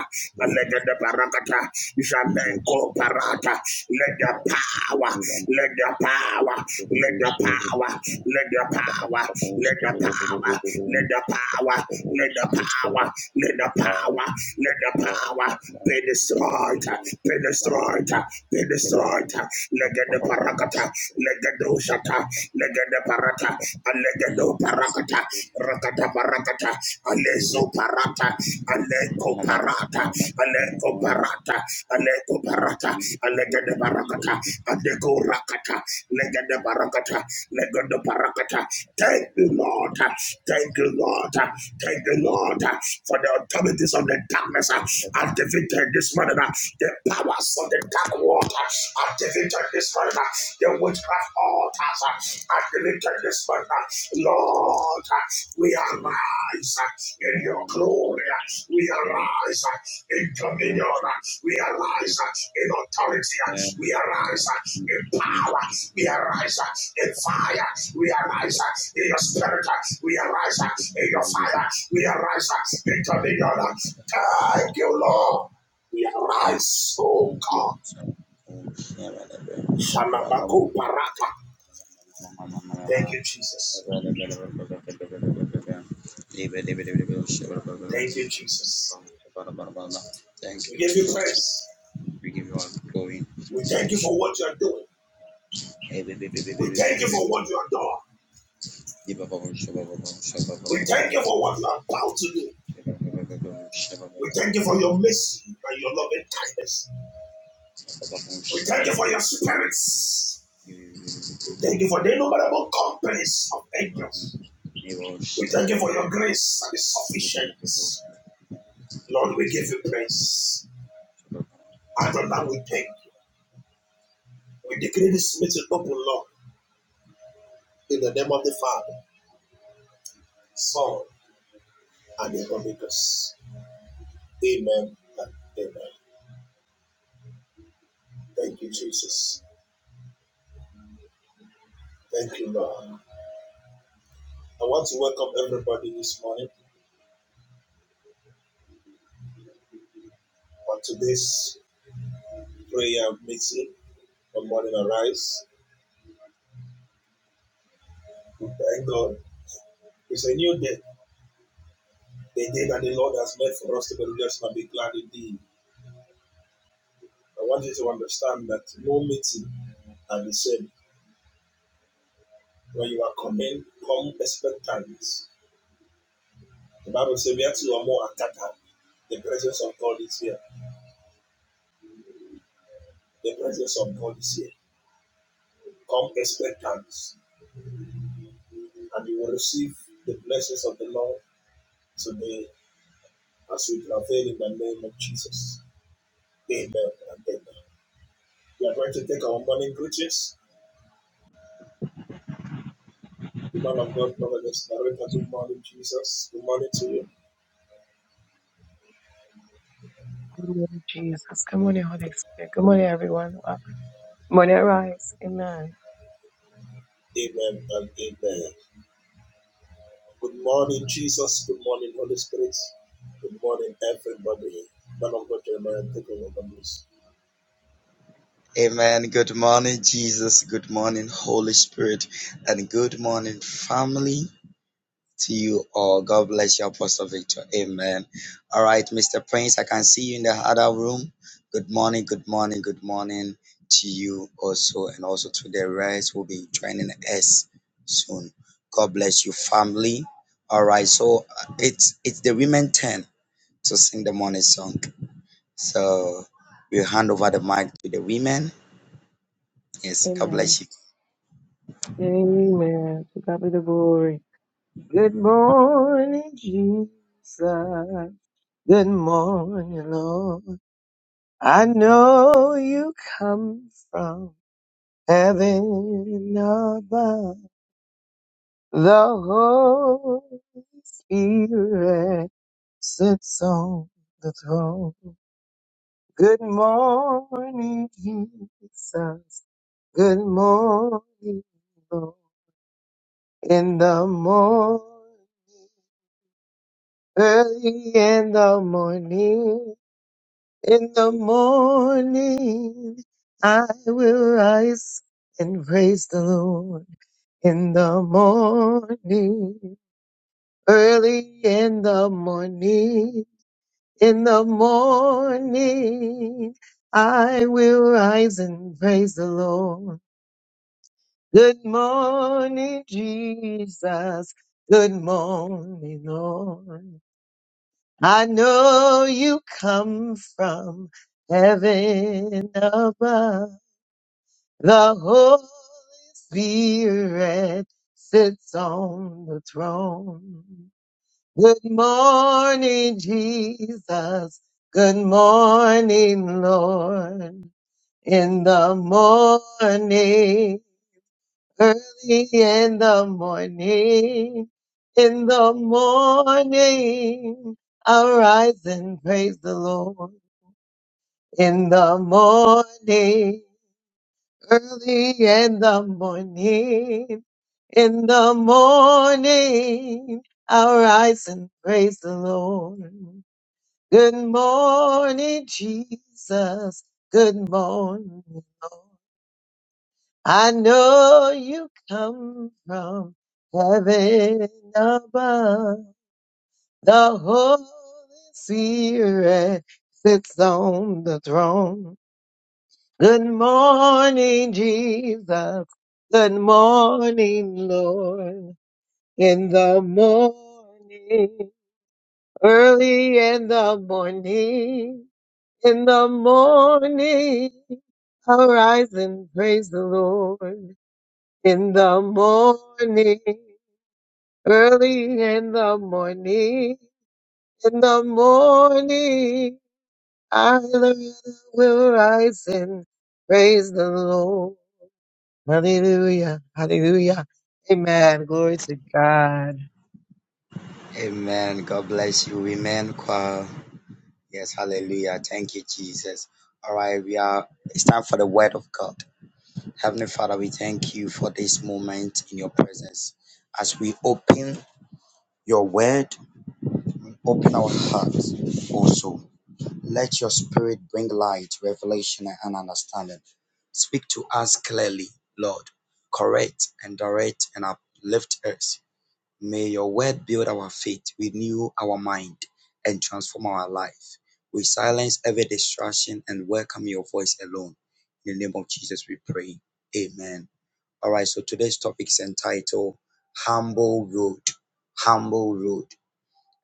[SPEAKER 2] legedo parakata, jameko parata, let the power, let the power, let power, let power, let power, let power, let power, let power, let the power be destroyed, be destroyed, be destroyed. Legende parakata, legendo shata, legende parata, alegendo parakata,
[SPEAKER 3] you.
[SPEAKER 2] rakata parakata,
[SPEAKER 3] Thank
[SPEAKER 2] aleso parata, aleko parata, aleko parata, aleko parata, alegende parakata, Adego rakata, legende barakata, legende barakata. Thank you, Lord. Thank you, Lord. Thank you, Lord, for the authorities of the darkness uh, are defeated this morning. uh, The powers of the dark world uh, are defeated this morning. uh, The witchcraft altars uh, are defeated this morning. uh. Lord, uh, we arise uh, in your glory. We arise in dominion.
[SPEAKER 3] you.
[SPEAKER 2] We arise in authority. We arise in power. We arise in fire. We arise in your spirit. We arise in your fire. We arise in dominion. Thank you, Lord. We arise, oh God. Shamamaku baraka. Thank you, Jesus. Thank you, Jesus.
[SPEAKER 3] Thank
[SPEAKER 2] We
[SPEAKER 3] you,
[SPEAKER 2] give you
[SPEAKER 3] Jesus.
[SPEAKER 2] praise.
[SPEAKER 3] We give you all glory.
[SPEAKER 2] We thank you for what you are doing.
[SPEAKER 3] Hey, baby, baby,
[SPEAKER 2] We
[SPEAKER 3] baby,
[SPEAKER 2] thank you for what you are doing. We thank you for what you are about to do. We thank you for your mercy and your loving kindness. We thank you for your spirits. We thank you for the innumerable companies of angels. We thank you for your grace and its sufficiency. Lord, we give you praise.
[SPEAKER 3] baby,
[SPEAKER 2] Adonai,
[SPEAKER 3] baby.
[SPEAKER 2] we thank you. We decree this meeting open, Lord. In the hand. Thank, you, Lord. I want to welcome everybody this morning on today's prayer meeting. Good morning, arise. We thank God. It's a new day. the day that the Lord has made for us to be just, and be glad indeed. I want you to understand that no meeting are the same. When you are coming, come expectant. The Bible says, where two or more are gathered, the presence of God is here. The presence of God is here. Come expectant, and you will receive the blessings of the Lord today as we travail in the name of Jesus. Amen and amen. We are going to take our morning greetings. The man of God, Prophet Narita, good morning, Jesus. Good morning to you. Amen and amen. Good morning, Jesus. Good morning, Holy Spirit. Good morning, everybody. Man of God, Jeremiah, take over the news.
[SPEAKER 3] Amen. Good morning, Jesus. Good morning, Holy Spirit. And good morning, family, to you all. God bless you, Apostle Victor. Amen. All right, Mr. Prince, I can see you in the other room. Good morning, good morning, good morning to you also, and also to the rest who will be joining us soon. God bless you, family. All right, so uh, it's it's the women turn to sing the morning song. So we'll hand over the mic to the women. Yes, God bless you.
[SPEAKER 1] en Spirit sits on the throne. Good morning, Jesus. Good morning, Lord. In the morning, early in the morning, in the morning, I rise and praise the Lord. In the morning, early in the morning, In the morning, I'll rise and praise the Lord. Good morning, Jesus. Good morning, Lord. I know you come from heaven above. The Holy Spirit sits on the throne. Good morning, Jesus. Good morning, Lord. in the morning, early in the morning, in the morning, arise and praise the Lord. In the morning, early in the morning, in the morning, I will rise and praise the Lord. Hallelujah, hallelujah. Amen. Glory to God.
[SPEAKER 3] Amen. God bless you, women choir. Yes, hallelujah. Thank you, Jesus. All right, we are it's time for the word of God. Heavenly Father, we thank you for this moment in your presence. As we open your word, we open our hearts also. Let your spirit bring light, revelation, and understanding. Speak to us clearly, Lord. Correct and direct and uplift us May your word build our faith, renew our mind, and transform our life. We silence every distraction and welcome your voice alone. In the name of Jesus, we pray. Amen. All right, so today's topic is entitled Humble Road. Humble Road.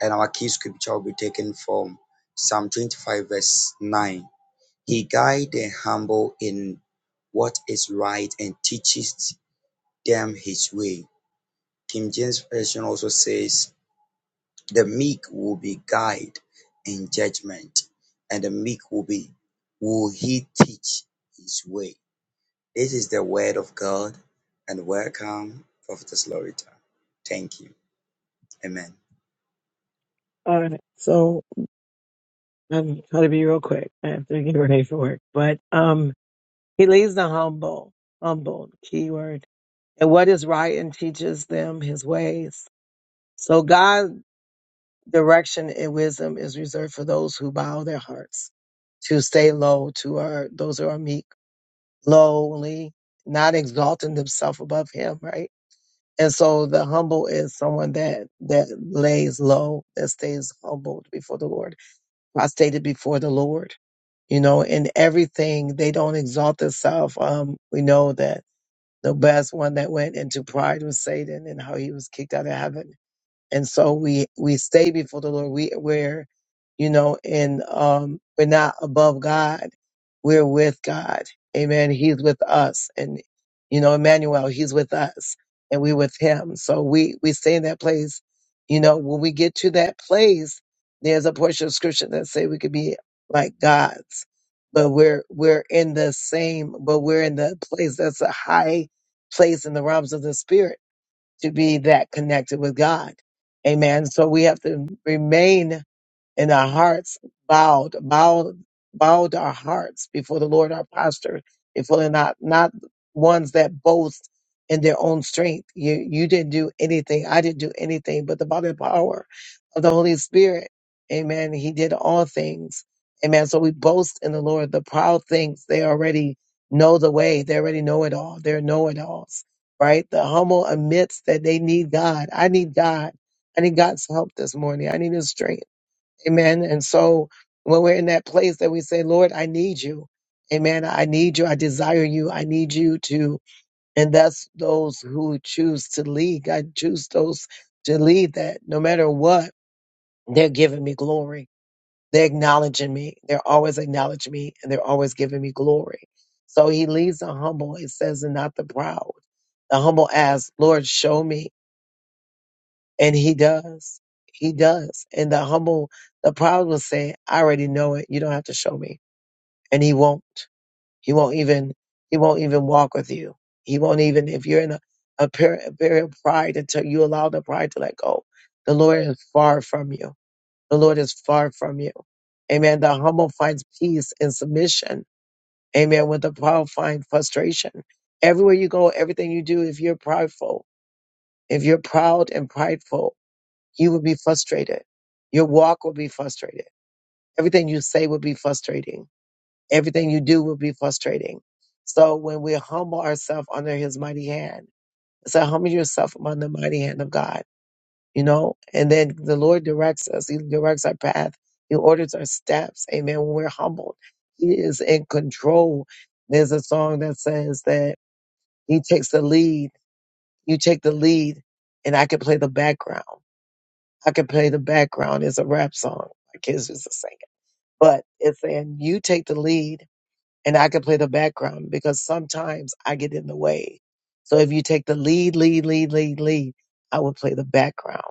[SPEAKER 3] And our key scripture will be taken from Psalm 25, verse 9. He guides the humble in what is right and teaches them his way. King James Version also says, the meek will be guide in judgment, and the meek will be will he teach his way. This is the word of God, and welcome, Prophetess Lorita. Thank you. Amen.
[SPEAKER 1] All right. So I'm going to be real quick. I have to get ready for work. But um, he leads the humble, humble keyword, and what is right and teaches them his ways. So God's direction and wisdom is reserved for those who bow their hearts to stay low, to our those who are meek, lowly, not exalting themselves above Him, right? And so the humble is someone that that lays low, that stays humbled before the Lord, prostrated before the Lord you know, in everything. They don't exalt themselves. Um, we know that the best one that went into pride was Satan and how he was kicked out of heaven and so we we stay before the Lord. We we're you know in um we're not above God. We're with God. Amen. He's with us, and you know Emmanuel. He's with us, and we with Him. So we we stay in that place. You know when we get to that place, there's a portion of Scripture that say we could be like gods, but we're we're in the same, but we're in the place that's a high place in the realms of the spirit to be that connected with God. Amen. So we have to remain and our hearts bowed, bowed, bowed our hearts before the Lord, our posture, if we're not, not ones that boast in their own strength. You, you didn't do anything. I didn't do anything, but the body and power of the Holy Spirit. Amen. He did all things. Amen. So we boast in the Lord. The proud things, they already know the way. They already know it all. They're know-it-alls, right? The humble admits that they need God. I need God. I need God's help this morning. I need his strength. Amen. And so when we're in that place that we say, Lord, I need you. Amen. I need you. I desire you. I need you to. And that's those who choose to lead. God choose those to lead that no matter what, they're giving me glory. They're acknowledging me. They're always acknowledging me and they're always giving me glory. So he leads the humble, it says, and not the proud. The humble asks, Lord, show me. And he does. He does. And the humble, the proud will say, I already know it. You don't have to show me. And he won't. He won't even, he won't even walk with you. He won't even, if you're in a, a period, a period of pride until you allow the pride to let go. The Lord is far from you. The Lord is far from you. Amen. The humble finds peace and submission. Amen. With the proud find frustration. Everywhere you go, everything you do, if you're prideful, if you're proud and prideful, you will be frustrated. Your walk will be frustrated. Everything you say will be frustrating. Everything you do will be frustrating. So when we humble ourselves under his mighty hand, so humble yourself under the mighty hand of God, you know, and then the Lord directs us. He directs our path. He orders our steps. Amen. When we're humbled, he is in control. There's a song that says that he takes the lead. You take the lead and I can play the background. I can play the background. It's a rap song. My kids used to sing it. But it's saying you take the lead and I can play the background because sometimes I get in the way. So if you take the lead, lead, lead, lead, lead, I will play the background.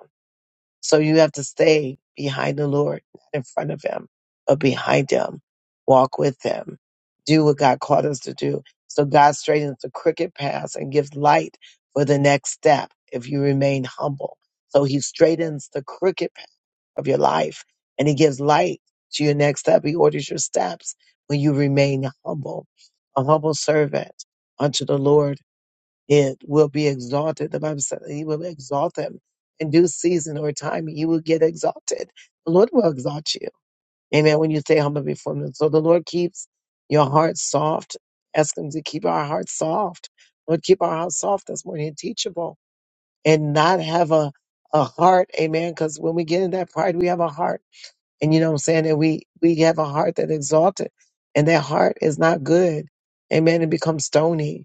[SPEAKER 1] So you have to stay behind the Lord, not in front of him, but behind him. Walk with him. Do what God called us to do. So God straightens the crooked paths and gives light for the next step if you remain humble. So he straightens the crooked path of your life and he gives light to your next step. He orders your steps when you remain humble, a humble servant unto the Lord it will be exalted. The Bible said that he will exalt him in due season or time. You will get exalted. The Lord will exalt you. Amen. When you stay humble before him. So the Lord keeps your heart soft. Ask him to keep our hearts soft. Lord, keep our hearts soft this morning and teachable and not have a, a heart. Amen. Because when we get in that pride, we have a heart. And you know what I'm saying? And we, we have a heart that exalted and that heart is not good. Amen. It becomes stony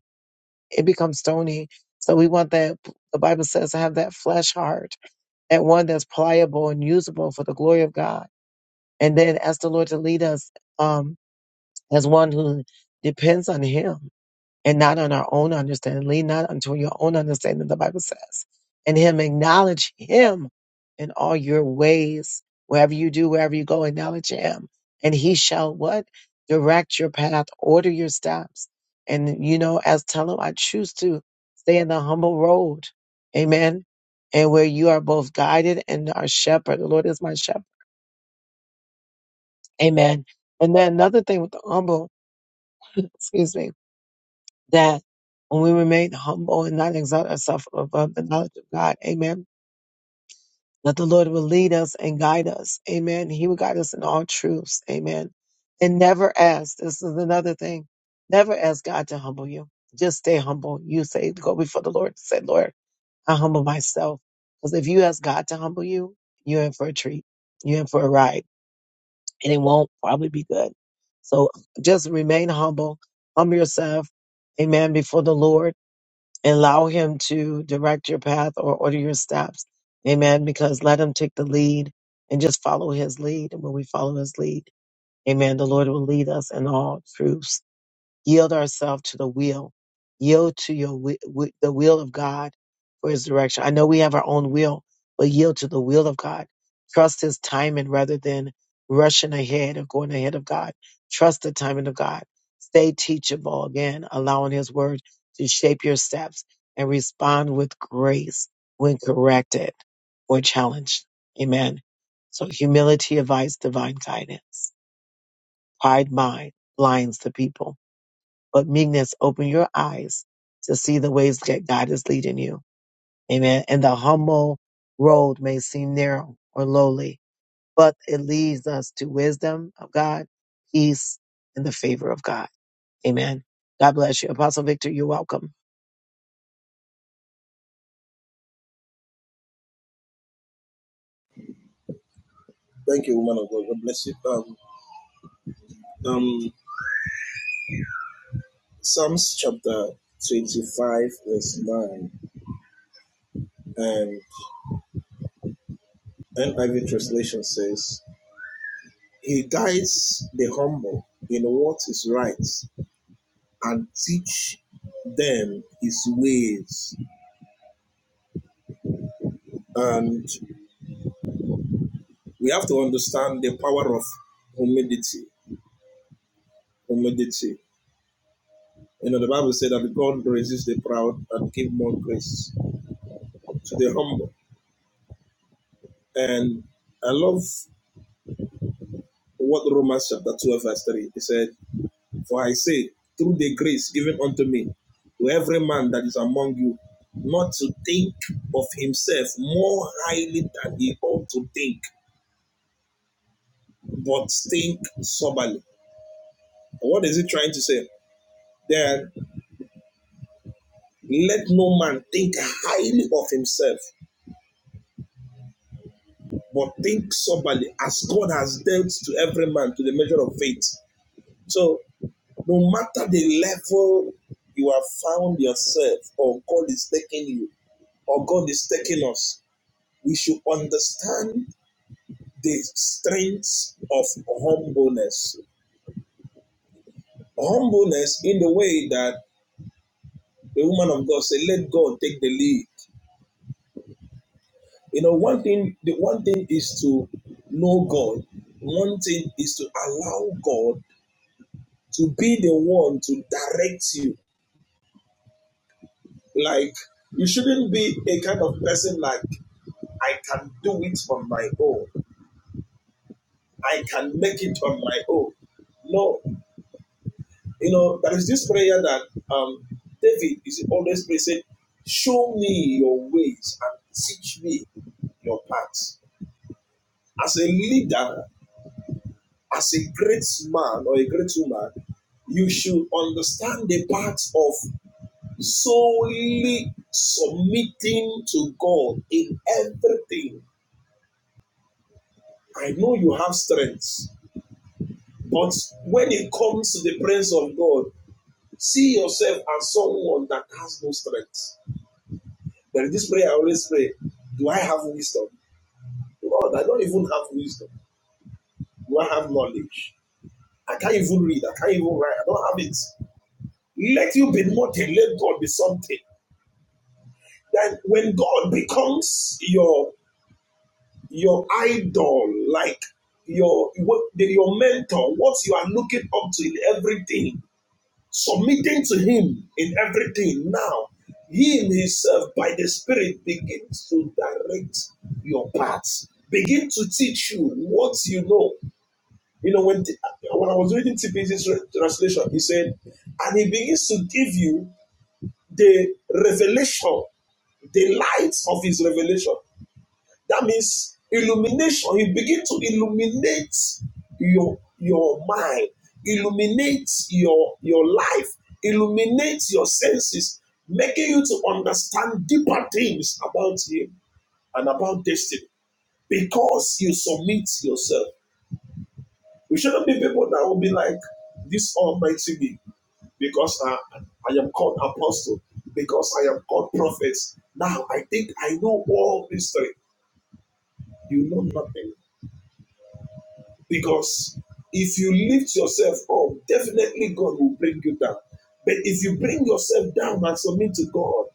[SPEAKER 1] it becomes stony. So we want that, the Bible says, to have that flesh heart, that one that's pliable and usable for the glory of God. And then ask the Lord to lead us um, as one who depends on Him and not on our own understanding. Lean not unto your own understanding, the Bible says. And him acknowledge him in all your ways. Wherever you do, wherever you go, acknowledge him. And he shall what? Direct your path, order your steps. And you know, as tell him, I choose to stay in the humble road. Amen. And where you are both guided and our shepherd. The Lord is my shepherd. Amen. And then another thing with the humble, excuse me, that when we remain humble and not exalt ourselves above the knowledge of God, amen, that the Lord will lead us and guide us, amen. He will guide us in all truths, amen. And never ask, this is another thing, never ask God to humble you. Just stay humble. You say, go before the Lord, and say, Lord, I humble myself. Because if you ask God to humble you, you're in for a treat. You're in for a ride, and it won't probably be good. So just remain humble, humble yourself, amen, before the Lord allow him to direct your path or order your steps. Amen. Because let him take the lead and just follow his lead. And when we follow his lead, amen, the Lord will lead us in all truth yield ourselves to the will, yield to your wi- wi- the will of God for His direction. I know we have our own will, but yield to the will of God. Trust His timing rather than rushing ahead or going ahead of God. Trust the timing of God. Stay teachable again, allowing His word to shape your steps and respond with grace when corrected or challenged. Amen. So humility invites divine guidance. Pride mind blinds the people but meekness, open your eyes to see the ways that God is leading you. Amen. And the humble road may seem narrow or lowly, but it leads us to wisdom of God, peace, and the favor of God. Amen. God bless you. Apostle Victor, you're welcome.
[SPEAKER 2] Thank you, woman of God. God bless you. Um, um, Psalms chapter 25, verse 9, and NIV translation says, He guides the humble in what is right and teach them his ways. And we have to understand the power of humility. Humility. You know, the Bible said that God resists the proud and give more grace to the humble. And I love what Romans chapter 12, verse 3 it said, For I say, through the grace given unto me, to every man that is among you, not to think of himself more highly than he ought to think, but think soberly. What is it trying to say? That let no man think highly of himself, but think soberly, as God has dealt to every man to the measure of faith. So, no matter the level you have found yourself, or God is taking you, or God is taking us, we should understand the strength of humbleness. Humbleness in the way that the woman of God said, "Let God take the lead." You know, one thing. The one thing is to know God. One thing is to allow God to be the one to direct you. Like you shouldn't be a kind of person like I can do it on my own. I can make it on my own. No, you know, there is this prayer that um, David is always praying, saying, Show me your ways and teach me your paths. As a leader, as a great man or a great woman, you should understand the part of solely submitting to God in everything. I know you have strengths. But when it comes to the presence of God, see yourself as someone that has no strength. There is this prayer I always pray Do I have wisdom? Lord, I don't even have wisdom. Do I have knowledge? I can't even read. I can't even write. I don't have it. Let you be nothing. Let God be something. Then when God becomes your your idol, like your what, your mentor, what you are looking up to in everything, submitting to Him in everything. Now, He Himself, by the Spirit, begins to direct your paths, begin to teach you what you know. You know, when, the, when I was reading TPC's translation, he said, and He begins to give you the revelation the light of his revelation. That means illumination. He begins to illuminate your mind, illuminate your, your life, illuminate your senses, making you to understand deeper things about you and about destiny. Because submit yourself. We should not be like this almighty me because I, I am called apostle, because I am called prophet. Think I know all mystery. You know nothing. Because if you lift yourself up, definitely God will bring you down. But if you bring yourself down and submit to God,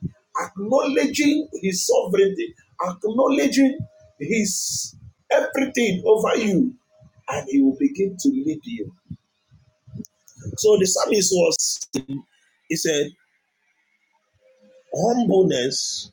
[SPEAKER 2] acknowledging His sovereignty, acknowledging His everything over you, and He will begin to lead you. So the psalmist was, he said, humbleness,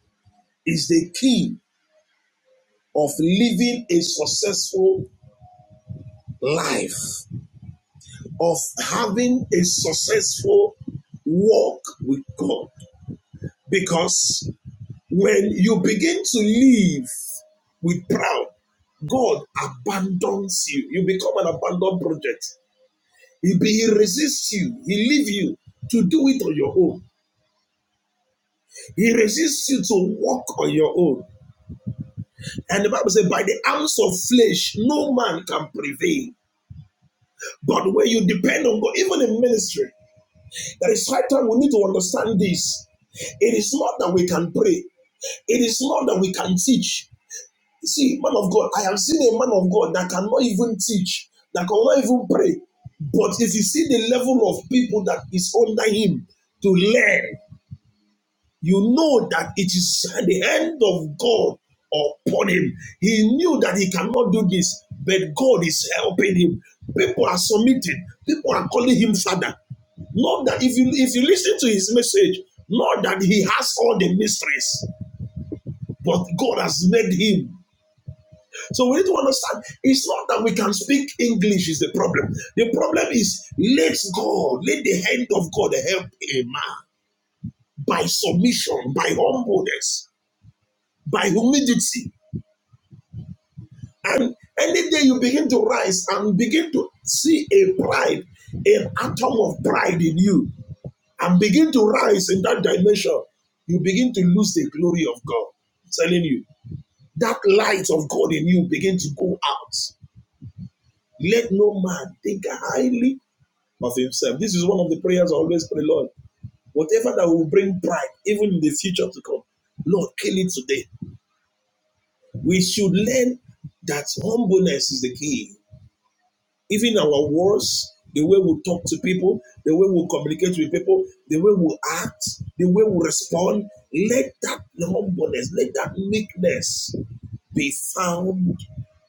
[SPEAKER 2] He resists you to walk on your own. And the Bible says, by the arms of flesh, no man can prevail. But where you depend on God, even in ministry, there is high time we need to understand this. It is not that we can pray, it is not that we can teach. You see, man of God, I have seen a man of God that cannot even teach, that cannot even pray. But if you see the level of people that is under him to learn, you know that it is the hand of God upon him. He knew that he cannot do this, but God is helping him. People are submitting, people are calling him father. Not that if you if you listen to his message, not that he has all the mysteries, but God has made him. So we need to understand it's not that we can speak English is the problem. The problem is let God, let the hand of God help a man by submission, by humbleness. by humidity. And any day you begin to rise and begin to see a pride, an atom of pride in you, and begin to rise in that dimension, you begin to lose the glory of God. I'm telling you, that light of God in you begin to go out. Let no man think highly of himself. This is one of the prayers I always pray, Lord. Whatever that will bring pride, even in the future to come, Lord, kill it today. We should learn that humbleness is the key. even our words, the way we talk to people, the way we communicate with people, the way we act, the way we respond, let that humbleness, let that meekness be found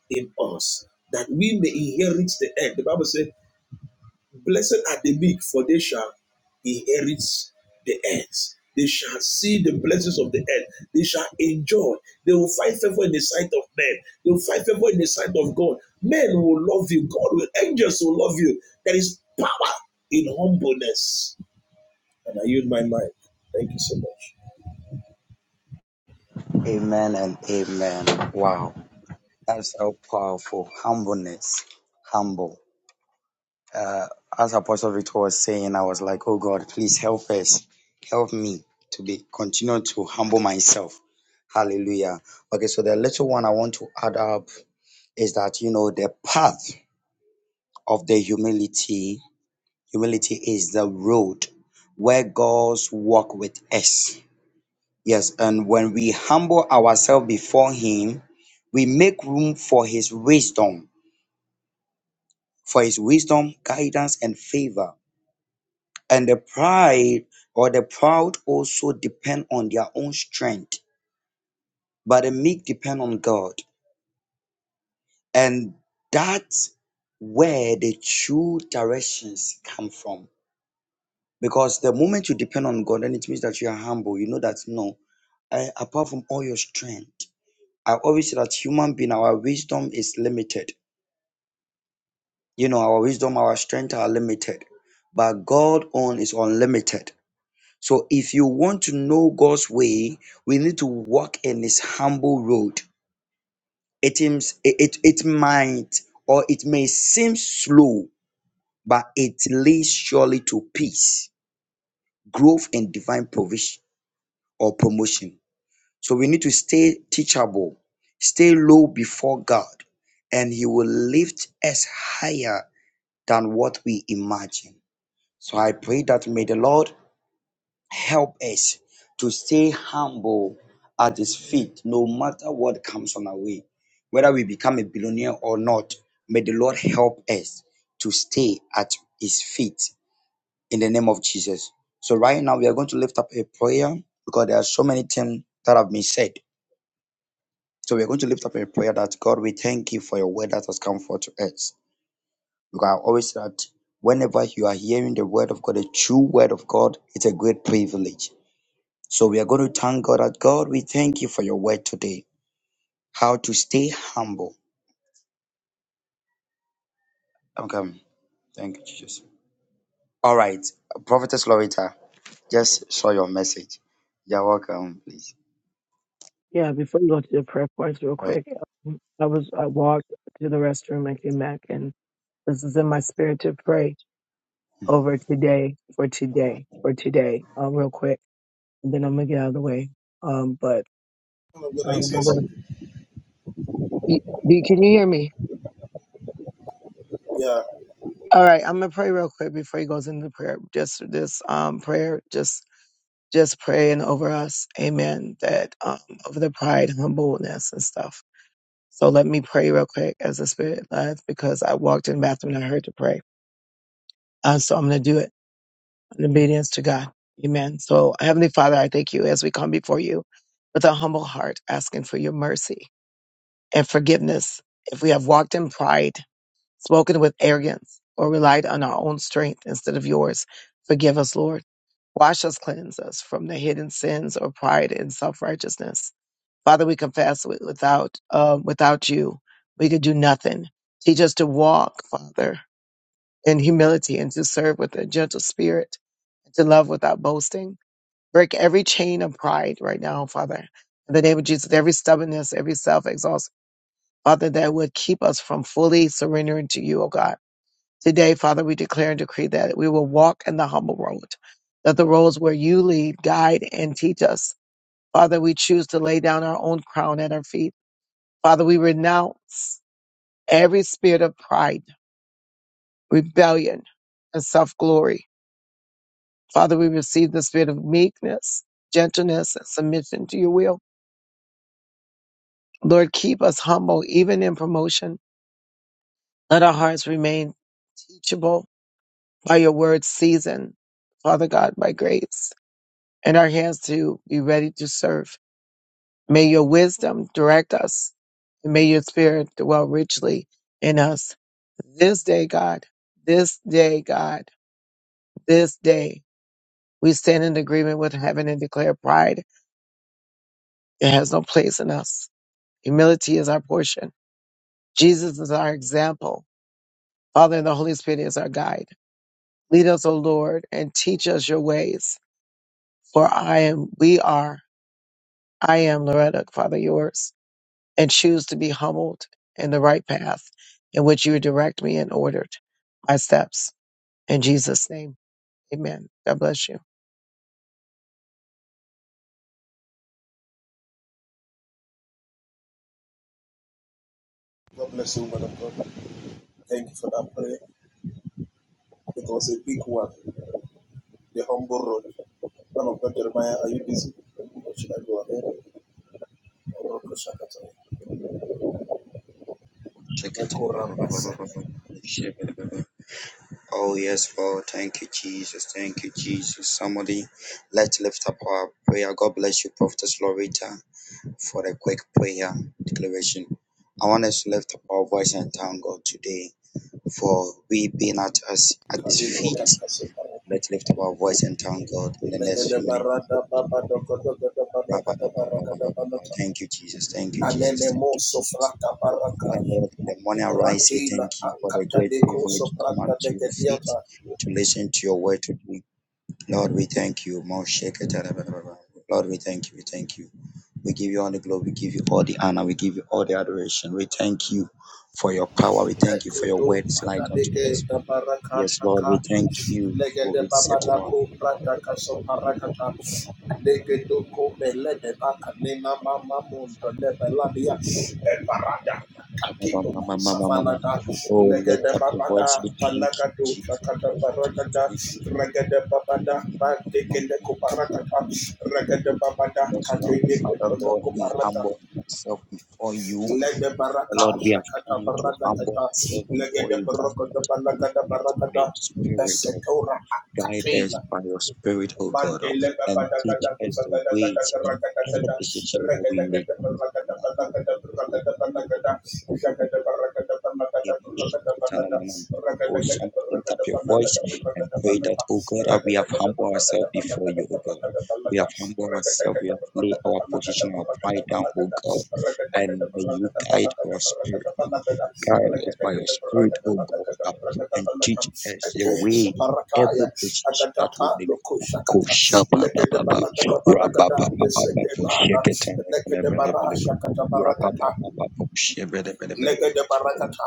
[SPEAKER 2] in us, that we may inherit the earth. The Bible says, Blessed are the meek, for they shall inherit the earth. They shall see the blessings of the earth. They shall enjoy. They will find favor in the sight of men. They will find favor in the sight of God. Men will love you. God will. Angels will love you. There is power in humbleness. And I use my mind. Thank you so much.
[SPEAKER 3] Amen and amen. Wow, that's so powerful. Humbleness, humble. Uh, as Apostle Victor was saying, I was like, oh God, please help us. Help me to be continue to humble myself. Hallelujah. Okay, so the little one I want to add up is that you know the path of the humility, humility is the road where God's walk with us. Yes, and when we humble ourselves before Him, we make room for His wisdom, for His wisdom, guidance, and favor. and the pride or the proud also depend on their own strength but the meek depend on god and that's where the true directions come from because the moment you depend on god then it means that you are humble you know that no I, apart from all your strength i always say that human being our wisdom is limited you know our wisdom our strength are limited but god own is unlimited So if you want to know God's way, we need to walk in his humble road. It seems it, it, it might or it may seem slow, but it leads surely to peace, growth, and divine provision or promotion. So we need to stay teachable, stay low before God, and He will lift us higher than what we imagine. So I pray that may the Lord Help us to stay humble at His feet, no matter what comes on our way. Whether we become a billionaire or not, may the Lord help us to stay at His feet in the name of Jesus. So, right now, we are going to lift up a prayer because there are so many things that have been said. So, we are going to lift up a prayer that God, we thank you for your word that has come forth to us. Because I always say that whenever you are hearing the word of God, the true word of God, it's a great privilege So we are going to thank God that God, we thank you for your word today. How to stay humble. Okay. Thank you, Jesus. All right. Prophetess Loretta, just saw your message. You're welcome, please. All right.
[SPEAKER 1] Okay, um, real quick, and then I'm gonna get out of the way. Um, but
[SPEAKER 2] Man God, I
[SPEAKER 1] um, the
[SPEAKER 2] say so.
[SPEAKER 1] Lord- E- B, can you hear me?
[SPEAKER 2] Yeah,
[SPEAKER 1] All right, I'm gonna pray real quick before he goes into prayer. Just this um prayer, just just praying over us. Amen. That um, over the pride, humbleness, and stuff. So let me pray real quick as the Spirit leads because I walked in the bathroom and I heard to pray. Uh, so I'm going to do it in obedience to God. Amen. So, Heavenly Father, I thank you as we come before you with a humble heart, asking for your mercy and forgiveness. If we have walked in pride, spoken with arrogance, or relied on our own strength instead of yours. Forgive us, Lord. Wash us, cleanse us from the hidden sins or pride and self righteousness. Father, we confess wi- without uh, without you, we could do nothing. Teach us to walk, Father, in humility and to serve with a gentle spirit, and to love without boasting. Break every chain of pride right now, Father. In the name of Jesus, every stubbornness, every self exhaust, Father, that would keep us from fully surrendering to you, O God. Today, Father, we declare and decree that we will walk in the humble road, that the roads where you lead, guide, and teach us. Father, we choose to lay down our own crown at our feet. Father, we renounce every spirit of pride, rebellion, and self glory. Father, we receive the spirit of meekness, gentleness, and submission to your will. Lord, keep us humble even in promotion. Let our hearts remain teachable by your word seasoned, Father God, by grace. and our hands to be ready to serve. May your wisdom direct us, and may your spirit dwell richly in us. This day, God, this day, God, this day, we stand in agreement with heaven and declare pride. It has no place in us. Humility is our portion. Jesus is our example. Father and the Holy Spirit is our guide. Lead us, O Lord, and teach us your ways. For I am, we are, I am Loretta, Father, yours. and choose to be humbled in the right path in which you direct me and ordered my steps. In Jesus' name, amen. God bless you.
[SPEAKER 2] God bless you, man of God. Thank you for that prayer. It was a big one. The humble road. Man of God, Jeremiah, are you busy? Should I go ahead? Rokoshakata,
[SPEAKER 3] Check it.
[SPEAKER 2] Mekorabasata,
[SPEAKER 3] Oh, yes, Lord. Thank you, Jesus. Thank you, Jesus. Somebody, let's lift up our prayer. God bless you, Prophetess Loretta, for the quick prayer declaration. I want us to lift up our voice and thank God today. for we being at us at his
[SPEAKER 2] Kaliko
[SPEAKER 3] feet.
[SPEAKER 2] Takasaparata,
[SPEAKER 3] Let's lift up our voice and thank God in the next
[SPEAKER 2] Megede
[SPEAKER 3] few minutes.
[SPEAKER 2] Barada Baba Dokodogada Banagada Baragada Banata,
[SPEAKER 3] Thank you, Jesus. Thank you,
[SPEAKER 2] Anene
[SPEAKER 3] Jesus. Thank you,
[SPEAKER 2] Moso
[SPEAKER 3] Jesus.
[SPEAKER 2] Frata Baraka,
[SPEAKER 3] Father Lord, in the morning I rise, say
[SPEAKER 2] Ratila
[SPEAKER 3] thank you for the
[SPEAKER 2] Akata
[SPEAKER 3] great
[SPEAKER 2] Neko
[SPEAKER 3] privilege to come
[SPEAKER 2] Sopranta
[SPEAKER 3] unto your feet
[SPEAKER 2] Negadiata,
[SPEAKER 3] to listen to your word today. Lord, we thank you. Lord, we thank you. We thank you. We give you all the glory. We give you all the honor. We give you all the adoration. We thank you for your power. We thank you for your
[SPEAKER 2] Ekuto
[SPEAKER 3] word. It's light unto us.
[SPEAKER 2] Matadeke Tabaraka
[SPEAKER 3] Yes, Lord, we
[SPEAKER 2] Shakata
[SPEAKER 3] thank you for
[SPEAKER 2] Legede
[SPEAKER 3] resetting our
[SPEAKER 2] Babanaku Prataka
[SPEAKER 3] feet.
[SPEAKER 2] Soparakata Legedo Kobe Lede Baka Nina Mama Mundo Lebelabia Eparada Katino Safanada
[SPEAKER 3] Oh, lift
[SPEAKER 2] Legede
[SPEAKER 3] up your voice.
[SPEAKER 2] Babada
[SPEAKER 3] We thank you,
[SPEAKER 2] Palagado
[SPEAKER 3] Jesus.
[SPEAKER 2] Shakata
[SPEAKER 3] Thank you, Jesus.
[SPEAKER 2] Barakada
[SPEAKER 3] Thank you,
[SPEAKER 2] Regede Babada Bandeke
[SPEAKER 3] Jesus.
[SPEAKER 2] Neko Barakata Regede Babada
[SPEAKER 3] Yes, Lord,
[SPEAKER 2] Katine
[SPEAKER 3] Father,
[SPEAKER 2] Koto
[SPEAKER 3] Lord, we
[SPEAKER 2] Kubarata
[SPEAKER 3] humble ourselves before you. Father, Lord, we have come to humble ourselves before you. Thank you Guide by your spirit, O God. Guide us by your spirit, O God, and teach us the ways in every decision that we make. Son, lift up your voice and pray that, O God, we have humbled ourselves before you, O God. We have humbled ourselves, we have laid our position, our pride down, O God, and may you guide our spirit. Guide us by your spirit, O God, and teach us the way in every decision that we make. Kushabababa, rababababa, sheketebelebelebelebe,
[SPEAKER 2] Rakata
[SPEAKER 3] rababababa, shebelebelebelebe,
[SPEAKER 2] Legede barakata,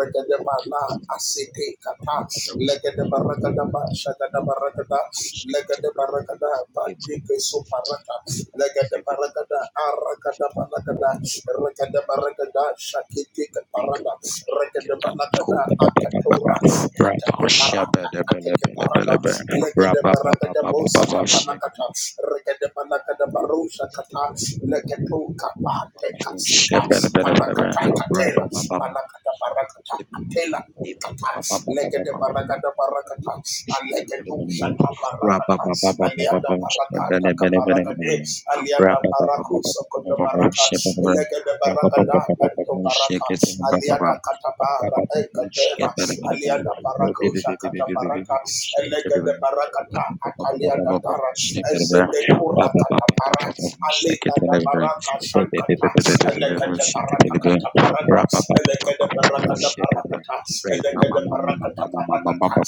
[SPEAKER 2] regede bala asete kata, legede
[SPEAKER 3] rababababa,
[SPEAKER 2] barakada ba shagada barakada, legede baragada
[SPEAKER 3] sheketebelebelebe,
[SPEAKER 2] bandike suparata legede baragada arakada balagada regede baragada shakitike
[SPEAKER 3] big
[SPEAKER 2] parada regede
[SPEAKER 3] keta,
[SPEAKER 2] balagada
[SPEAKER 3] kubababababa,
[SPEAKER 2] akatura
[SPEAKER 3] raba,
[SPEAKER 2] atake parada atake parada
[SPEAKER 3] shebelebelebelebe,
[SPEAKER 2] legede baragada
[SPEAKER 3] rabababababa,
[SPEAKER 2] bosata panakata regede balagada barusha kata legeto kapate
[SPEAKER 3] sheketebelebelebe,
[SPEAKER 2] kapsika panakata
[SPEAKER 3] shebelebelebelebe,
[SPEAKER 2] katela
[SPEAKER 3] rababababa,
[SPEAKER 2] panakata barakata atela kata legede baragada barakata
[SPEAKER 3] Shake it
[SPEAKER 2] alegeto sha Shanta Barakata, Alianda Barakata, Kaparagade, Alianda Barakuso, Koto Baraka, Elegade Baragada, Panto Barata, Alianda Katabara, Ekatera, Alianda Barakusha, Katabaraka, Elegade Barakata, Atalianda Tara, Ezedekura Katapara, Alikada Baraka, Shankata, Elegade Baraka Kataparada, Elegade Barakata Barakata,
[SPEAKER 3] Praise mama
[SPEAKER 2] Elegade
[SPEAKER 3] mama
[SPEAKER 2] Barakata
[SPEAKER 3] mama mama mama
[SPEAKER 2] Barakata,
[SPEAKER 3] papa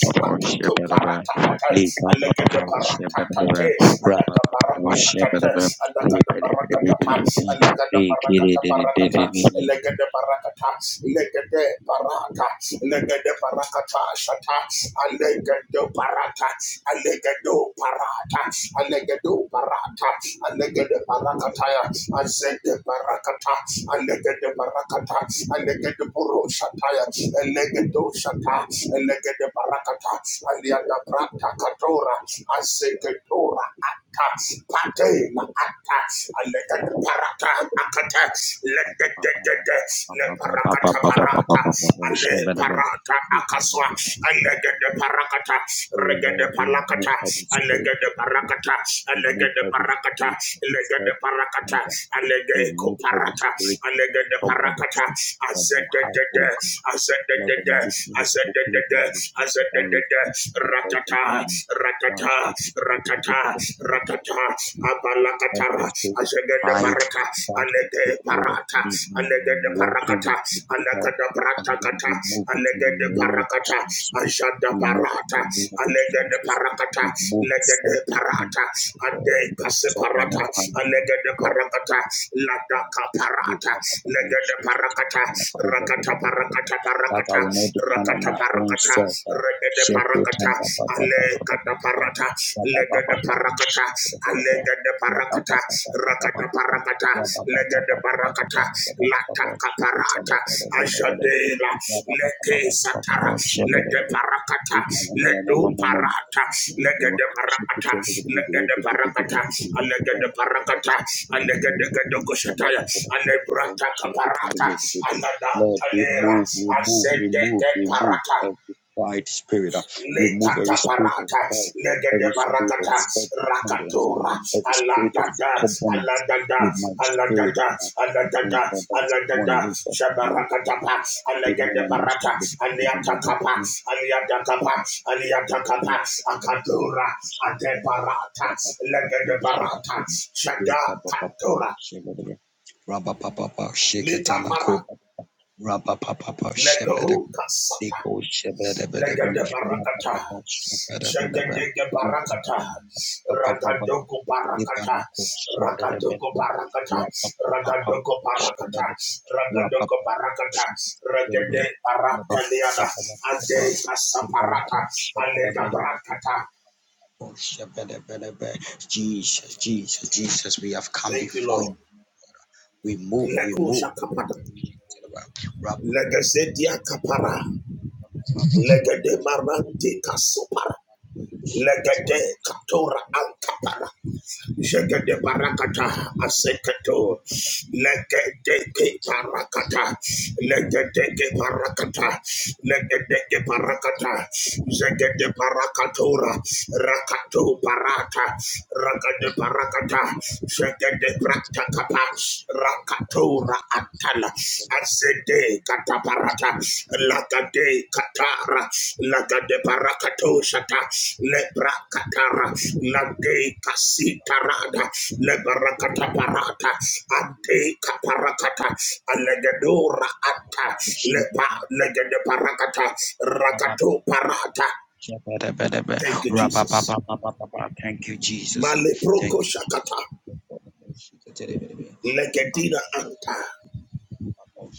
[SPEAKER 3] share
[SPEAKER 2] Atatu
[SPEAKER 3] better
[SPEAKER 2] Barata
[SPEAKER 3] Lika
[SPEAKER 2] and the
[SPEAKER 3] papa share better
[SPEAKER 2] parakatates, and the
[SPEAKER 3] Rapa papa share
[SPEAKER 2] parakatates,
[SPEAKER 3] better
[SPEAKER 2] and the parakatapas, and the
[SPEAKER 3] Likiri did it did
[SPEAKER 2] parakataparakataps, and the parakatats, legade paratats, legade parakatas, atats, and legado paratats, and legado paratats, and legado paratats, and legade parakatayats, and zede parakats, and legade parakats, and legade puro shatayats, and legado shatats, and legade parakats, Paliada Brata Catora, Asecatora, Atta, Pate, atas Alega Parata, Acata, Legedede, Le Paracata Parata, Ale Parata Acaswa, Alega
[SPEAKER 3] it
[SPEAKER 2] de Paracata,
[SPEAKER 3] Oh
[SPEAKER 2] Rega de
[SPEAKER 3] Lord, remove
[SPEAKER 2] Paracata,
[SPEAKER 3] every spirit
[SPEAKER 2] Alega
[SPEAKER 3] of
[SPEAKER 2] de Paracata,
[SPEAKER 3] contempt.
[SPEAKER 2] Alega
[SPEAKER 3] Remove
[SPEAKER 2] de
[SPEAKER 3] every
[SPEAKER 2] Paracata,
[SPEAKER 3] spirit of
[SPEAKER 2] Lega de Paracata,
[SPEAKER 3] self-dependence.
[SPEAKER 2] Alega
[SPEAKER 3] Remove every
[SPEAKER 2] Coparata,
[SPEAKER 3] spirit of
[SPEAKER 2] Alega de
[SPEAKER 3] stubbornness
[SPEAKER 2] Paracata,
[SPEAKER 3] from my
[SPEAKER 2] Azet
[SPEAKER 3] heart, oh God. Let the
[SPEAKER 2] de
[SPEAKER 3] meekness
[SPEAKER 2] Azedede,
[SPEAKER 3] spoken over me
[SPEAKER 2] Azedede,
[SPEAKER 3] down with the voice
[SPEAKER 2] Ratata,
[SPEAKER 3] from me. Down
[SPEAKER 2] ratata,
[SPEAKER 3] shake it into the big
[SPEAKER 2] ratata,
[SPEAKER 3] of the
[SPEAKER 2] ratata,
[SPEAKER 3] of
[SPEAKER 2] abalakatara,
[SPEAKER 3] his great
[SPEAKER 2] azegede
[SPEAKER 3] pride
[SPEAKER 2] baraka,
[SPEAKER 3] that will take
[SPEAKER 2] alege
[SPEAKER 3] hold of
[SPEAKER 2] parata
[SPEAKER 3] me in
[SPEAKER 2] alege
[SPEAKER 3] my walking
[SPEAKER 2] parakata
[SPEAKER 3] with you, O God.
[SPEAKER 2] alege
[SPEAKER 3] Father, Lord,
[SPEAKER 2] bratakata,
[SPEAKER 3] remove it in
[SPEAKER 2] alege
[SPEAKER 3] the name of
[SPEAKER 2] parakata
[SPEAKER 3] Jesus.
[SPEAKER 2] ajada
[SPEAKER 3] Remove it
[SPEAKER 2] parata
[SPEAKER 3] in the name of
[SPEAKER 2] alege
[SPEAKER 3] Jesus.
[SPEAKER 2] parakata
[SPEAKER 3] Remove
[SPEAKER 2] legede
[SPEAKER 3] self
[SPEAKER 2] parata,
[SPEAKER 3] dependence, O
[SPEAKER 2] ade
[SPEAKER 3] God. So, on
[SPEAKER 2] kaseparata,
[SPEAKER 3] your
[SPEAKER 2] alege
[SPEAKER 3] God,
[SPEAKER 2] parakata ladaka
[SPEAKER 3] that
[SPEAKER 2] parata, legede parakata rakata parakata
[SPEAKER 3] I
[SPEAKER 2] parakata
[SPEAKER 3] will not depend on
[SPEAKER 2] rakata
[SPEAKER 3] my own
[SPEAKER 2] parakata
[SPEAKER 3] self. uh,
[SPEAKER 2] regede
[SPEAKER 3] self will
[SPEAKER 2] parakata
[SPEAKER 3] turn ba- ba- ba-
[SPEAKER 2] ale
[SPEAKER 3] ba- ba- ba- ba-
[SPEAKER 2] kata
[SPEAKER 3] ba- ba.
[SPEAKER 2] parata
[SPEAKER 3] Ya- ba- ba-
[SPEAKER 2] legede
[SPEAKER 3] ba- ba- ba-
[SPEAKER 2] parakata
[SPEAKER 3] shit, ba- ba- ba- ba.
[SPEAKER 2] alegede
[SPEAKER 3] Ya- ba-
[SPEAKER 2] parakata
[SPEAKER 3] ba- ba- ba- ba- ba- ba-
[SPEAKER 2] rakata
[SPEAKER 3] ba- ba.
[SPEAKER 2] parakata
[SPEAKER 3] Ya- ba- ba- ba-
[SPEAKER 2] legede
[SPEAKER 3] ba- ba- ba- ba-
[SPEAKER 2] parakata
[SPEAKER 3] ba- ba- ba- ba-
[SPEAKER 2] lata
[SPEAKER 3] ba. Shit, will turn
[SPEAKER 2] kaparata
[SPEAKER 3] ba- ba- ba- ba- ba- ba- ba.
[SPEAKER 2] ajadela
[SPEAKER 3] Ya- ba- ba- ba- ba-
[SPEAKER 2] leke
[SPEAKER 3] ba- ba- ba-
[SPEAKER 2] satara
[SPEAKER 3] ba. Shit, ba- ba-
[SPEAKER 2] lede
[SPEAKER 3] ba- ba- ba.
[SPEAKER 2] parakata
[SPEAKER 3] Eh, ma- ma- ma- ma- ma- ma- ma-
[SPEAKER 2] ledu
[SPEAKER 3] ma- ma-
[SPEAKER 2] parata
[SPEAKER 3] ma- ma.
[SPEAKER 2] legede
[SPEAKER 3] Shit, will
[SPEAKER 2] parakata
[SPEAKER 3] turn ba- ba- ba- ba- ba-
[SPEAKER 2] legede
[SPEAKER 3] ba- ba-
[SPEAKER 2] parakata
[SPEAKER 3] ba-
[SPEAKER 2] alegede parakata
[SPEAKER 3] ba- ba- ba.
[SPEAKER 2] alegede gede koshataya alebrata kaparata anada
[SPEAKER 3] Lord,
[SPEAKER 2] talera
[SPEAKER 3] remove, remove,
[SPEAKER 2] azede
[SPEAKER 3] remove, remove
[SPEAKER 2] parata
[SPEAKER 3] every pride spirit. uh, Remove
[SPEAKER 2] Lekata
[SPEAKER 3] every spirit of
[SPEAKER 2] parata,
[SPEAKER 3] pride,
[SPEAKER 2] legede
[SPEAKER 3] every spirit of
[SPEAKER 2] barakata,
[SPEAKER 3] self-dependence,
[SPEAKER 2] rakatora,
[SPEAKER 3] every spirit of
[SPEAKER 2] aladada,
[SPEAKER 3] stubbornness
[SPEAKER 2] aladada,
[SPEAKER 3] in my spirit.
[SPEAKER 2] aladada,
[SPEAKER 3] uh, I think
[SPEAKER 2] aladada,
[SPEAKER 3] uh, that is one
[SPEAKER 2] aladada,
[SPEAKER 3] way that we move.
[SPEAKER 2] shabarakatapa,
[SPEAKER 3] Amen.
[SPEAKER 2] alegede
[SPEAKER 3] I
[SPEAKER 2] barata,
[SPEAKER 3] mentioned the the- the- the- the- the-
[SPEAKER 2] aliatakapa,
[SPEAKER 3] the-
[SPEAKER 2] aliatakapa, aliatakapa,
[SPEAKER 3] the-
[SPEAKER 2] akatora, adebarata, legede barata,
[SPEAKER 3] the-
[SPEAKER 2] shada katora,
[SPEAKER 3] the- the- Rabba Papa
[SPEAKER 2] likapara,
[SPEAKER 3] Sheketala Rapapapa shepherd
[SPEAKER 2] legoruka sata,
[SPEAKER 3] Nico shepherd Rebem
[SPEAKER 2] Legende barakata.
[SPEAKER 3] Rapapapa shepherd Rebem
[SPEAKER 2] Jagende barakata.
[SPEAKER 3] Papa
[SPEAKER 2] Ragadoko barakata.
[SPEAKER 3] Nipanako shepherd Rebem
[SPEAKER 2] Ragadoko barakata.
[SPEAKER 3] Rapapapa
[SPEAKER 2] Ragadoko barakata.
[SPEAKER 3] shepherd Rapapapa
[SPEAKER 2] Ragadoko barakata. Regende
[SPEAKER 3] shepherd
[SPEAKER 2] barakaliana.
[SPEAKER 3] Rapapapa
[SPEAKER 2] Andere kasa baraka.
[SPEAKER 3] Nipanako shepherd
[SPEAKER 2] Alega
[SPEAKER 3] Rebem
[SPEAKER 2] barakata.
[SPEAKER 3] shepherd Rebem Jesus Jesus Jesus we have come
[SPEAKER 2] Thank you,
[SPEAKER 3] before you
[SPEAKER 2] Lord.
[SPEAKER 3] we move we move
[SPEAKER 2] Lekusha kapata. Legazedia kapara. Legende
[SPEAKER 3] Rapapapa
[SPEAKER 2] marante kasopara. Legende katora ankapara. Jegede barakata aseketo. Legedeke barakata. Legedeke barakata. Legedeke barakata. Jegede barakatora. Rakato barata. Rakade barakata. Jegede praktakapa. Rakatora atala. Asede kataparata lagade katara lagade parakato shata lebra katara lagade kasitarada lebra
[SPEAKER 3] Thank
[SPEAKER 2] kataparata ante kaparakata alegedora ata lepa legede parakata rakato parata. Thank you, Jesus.
[SPEAKER 3] you, Jesus.
[SPEAKER 2] Maleproko
[SPEAKER 3] Thank you.
[SPEAKER 2] shakata legedina anta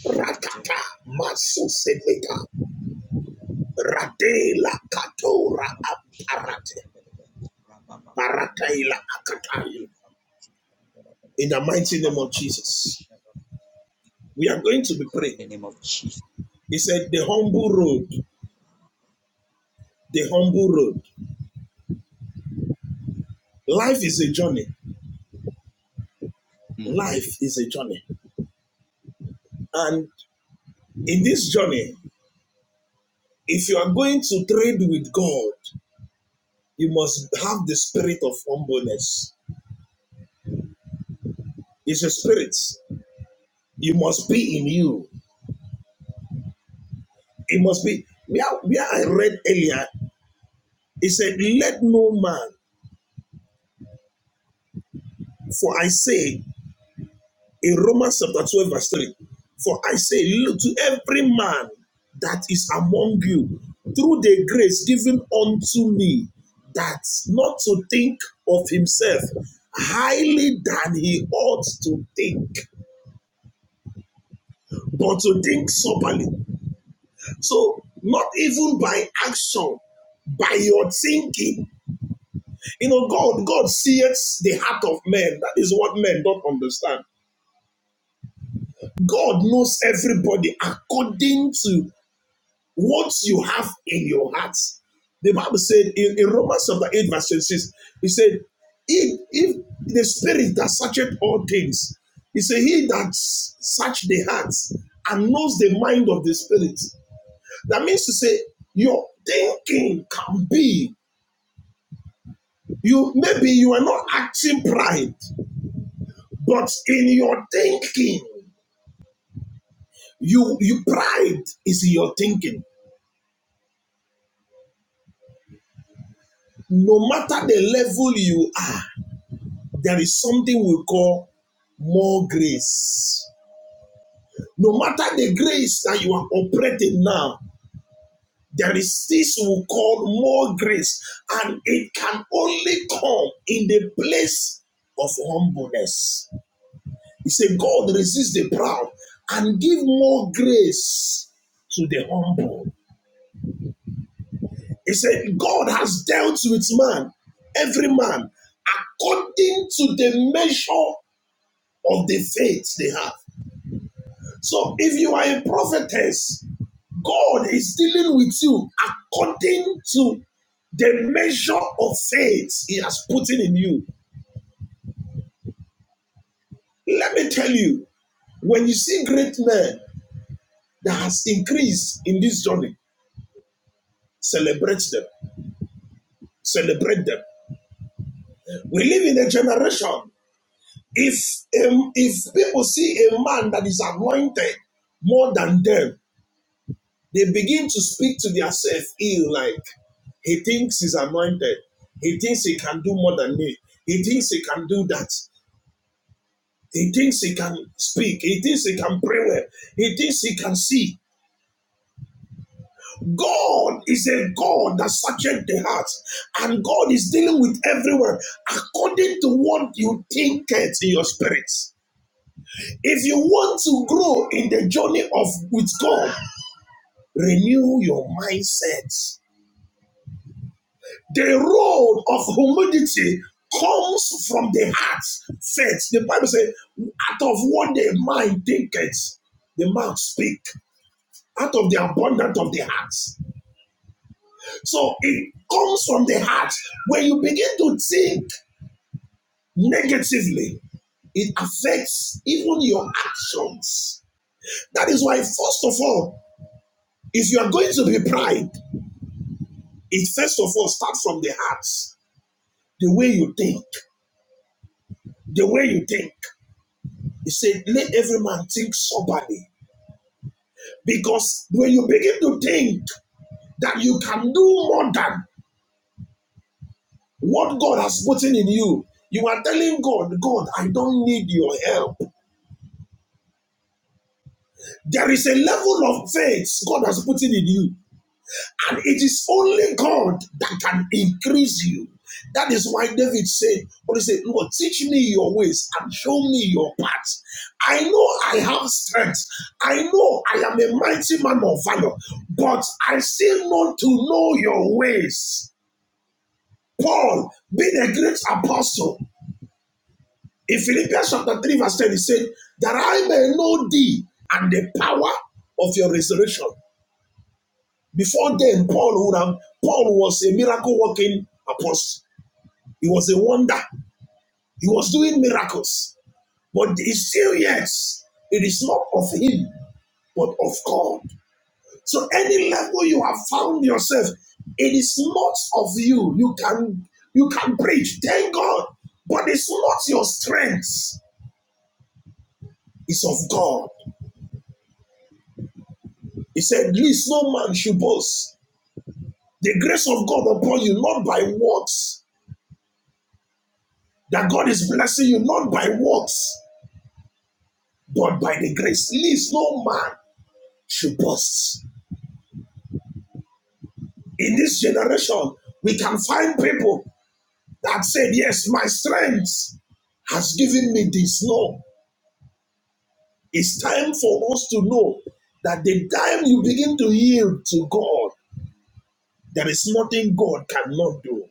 [SPEAKER 2] rakata masu semeka, Radela katora aparate parate. In the mighty name of Jesus, we are going to be
[SPEAKER 3] In
[SPEAKER 2] praying.
[SPEAKER 3] the name of Jesus.
[SPEAKER 2] He said, "The humble road, the humble road. Life is a journey.
[SPEAKER 3] Mm.
[SPEAKER 2] Life is a journey, and in this journey, if you are going to trade with God, you must have the spirit of humbleness. It's a spirit. It must be in you. It must be." Where, where I read earlier, it said, Let no man, for I say, in Romans chapter 12, verse 3. For I say, look to every man that is among you, through the grace given unto me, that not to think of himself highly than he ought to think, but to think soberly. So, not even by action, by your thinking. You know, God, God sees the heart of men. That is what men don't understand. God knows everybody according to what you have in your heart. The Bible said in, in Romans chapter 8, verse 26, he said, if, if the spirit that searcheth all things, he said, He that search the hearts and knows the mind of the spirit. That means to say, your thinking can be you maybe you are not acting pride, but in your thinking, you you pride is in your thinking. No matter the level you are, there is something we call more grace. No matter the grace that you are operating now, there is this we call more grace, and it can only come in the place of humbleness. He said, God resists the proud and give more grace to the humble. He said, God has dealt with man, every man, according to the measure of the faith they have. So if you are a prophetess, God is dealing with you according to the measure of faith He has put in you. Let me tell you, when you see great men that has increased in this journey, celebrate them. Celebrate them. We live in a generation. If um, if people see a man that is anointed more than them, they begin to speak to themselves ill like he thinks he's anointed. He thinks he can do more than me. He thinks he can do that. He thinks he can speak. He thinks he can pray well. He thinks he can see. God is a God that searches the heart, and God is dealing with everyone according to what you think it in your spirit. If you want to grow in the journey of with God, renew your mindset. The road of humility comes from the heart first. The Bible says, out of what the mind thinketh, the mouth speak. out of the abundance of the hearts, So it comes from the heart. When you begin to think negatively, it affects even your actions. That is why, first of all, if you are going to be pride, it first of all starts from the heart. The way you think, the way you think. He said, let every man think soberly. Because when you begin to think that you can do more than What God has put in you, you are telling God, God, I don't need your help. There is a level of faith God has put in you, and it is only God that can increase you. That is why David said, God said, Lord, teach me your ways and show me your paths. I know I have strength. I know I am a mighty man of valor, but I still want to know your ways. Paul, being a great apostle, In Philippians chapter 3, verse 10, he said, That I may know thee and the power of your resurrection. Before then, Paul would have Paul was a miracle working apostle. He was a wonder. He was doing miracles. But it's still yes, it is not of him, but of God. So any level you have found yourself, it is not of you. You can you can preach, thank God, but it's not your strength, it's of God. He said, Least no man should boast. The grace of God upon you, not by works, that God is blessing you, not by works, but by the grace. Least no man should boast. In this generation, we can find people that said, Yes, my strength has given me this. No, it's time for us to know that the time you begin to yield to God, there is nothing God cannot do.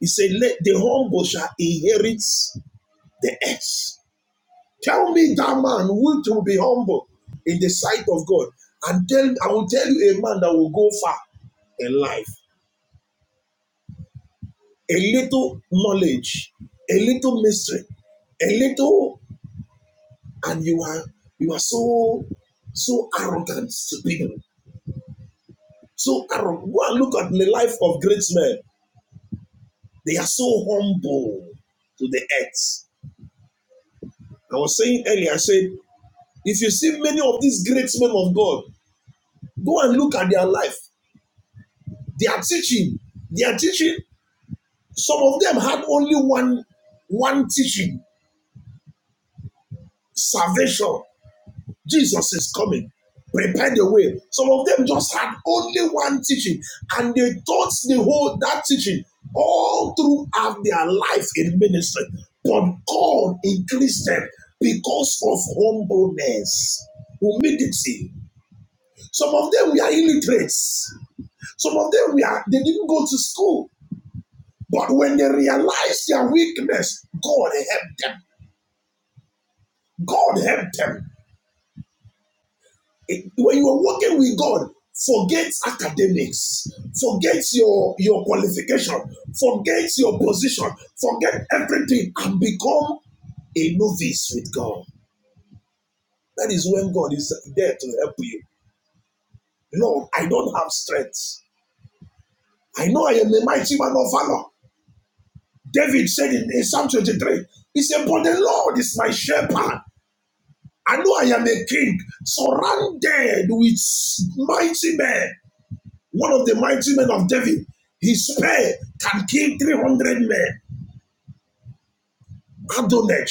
[SPEAKER 2] He said, Let the humble shall inherit the earth. Tell me that man which will be humble in the sight of God. And tell, I will tell you a man that will go far in life. A little knowledge, a little mystery, a little, and you are you are so so arrogant to people. So arrogant. Go and look at the life of great men. They are so humble to the earth. I was saying earlier, I said, if you see many of these great men of God, go and look at their life. They are teaching. They are teaching. Some of them had only one, one teaching salvation. Jesus is coming. Prepare the way. Some of them just had only one teaching and they taught the whole that teaching all throughout their life in ministry. But God increased them because of humbleness, humility. Some of them were illiterates. Some of them were they didn't go to school. But when they realize their weakness, God helped them. God helped them. It- when you are working with God, forget academics, forget your, your qualification, forget your position, forget everything, and become a novice with God. That is when God is there to help you. Lord, I don't have strength. I know I am a mighty man of valor. David said in, in Psalm 23, he said, But the Lord is my shepherd. I know I am a king surrounded with mighty men. One of the mighty men of David, his spear can kill 300 men. Adonai.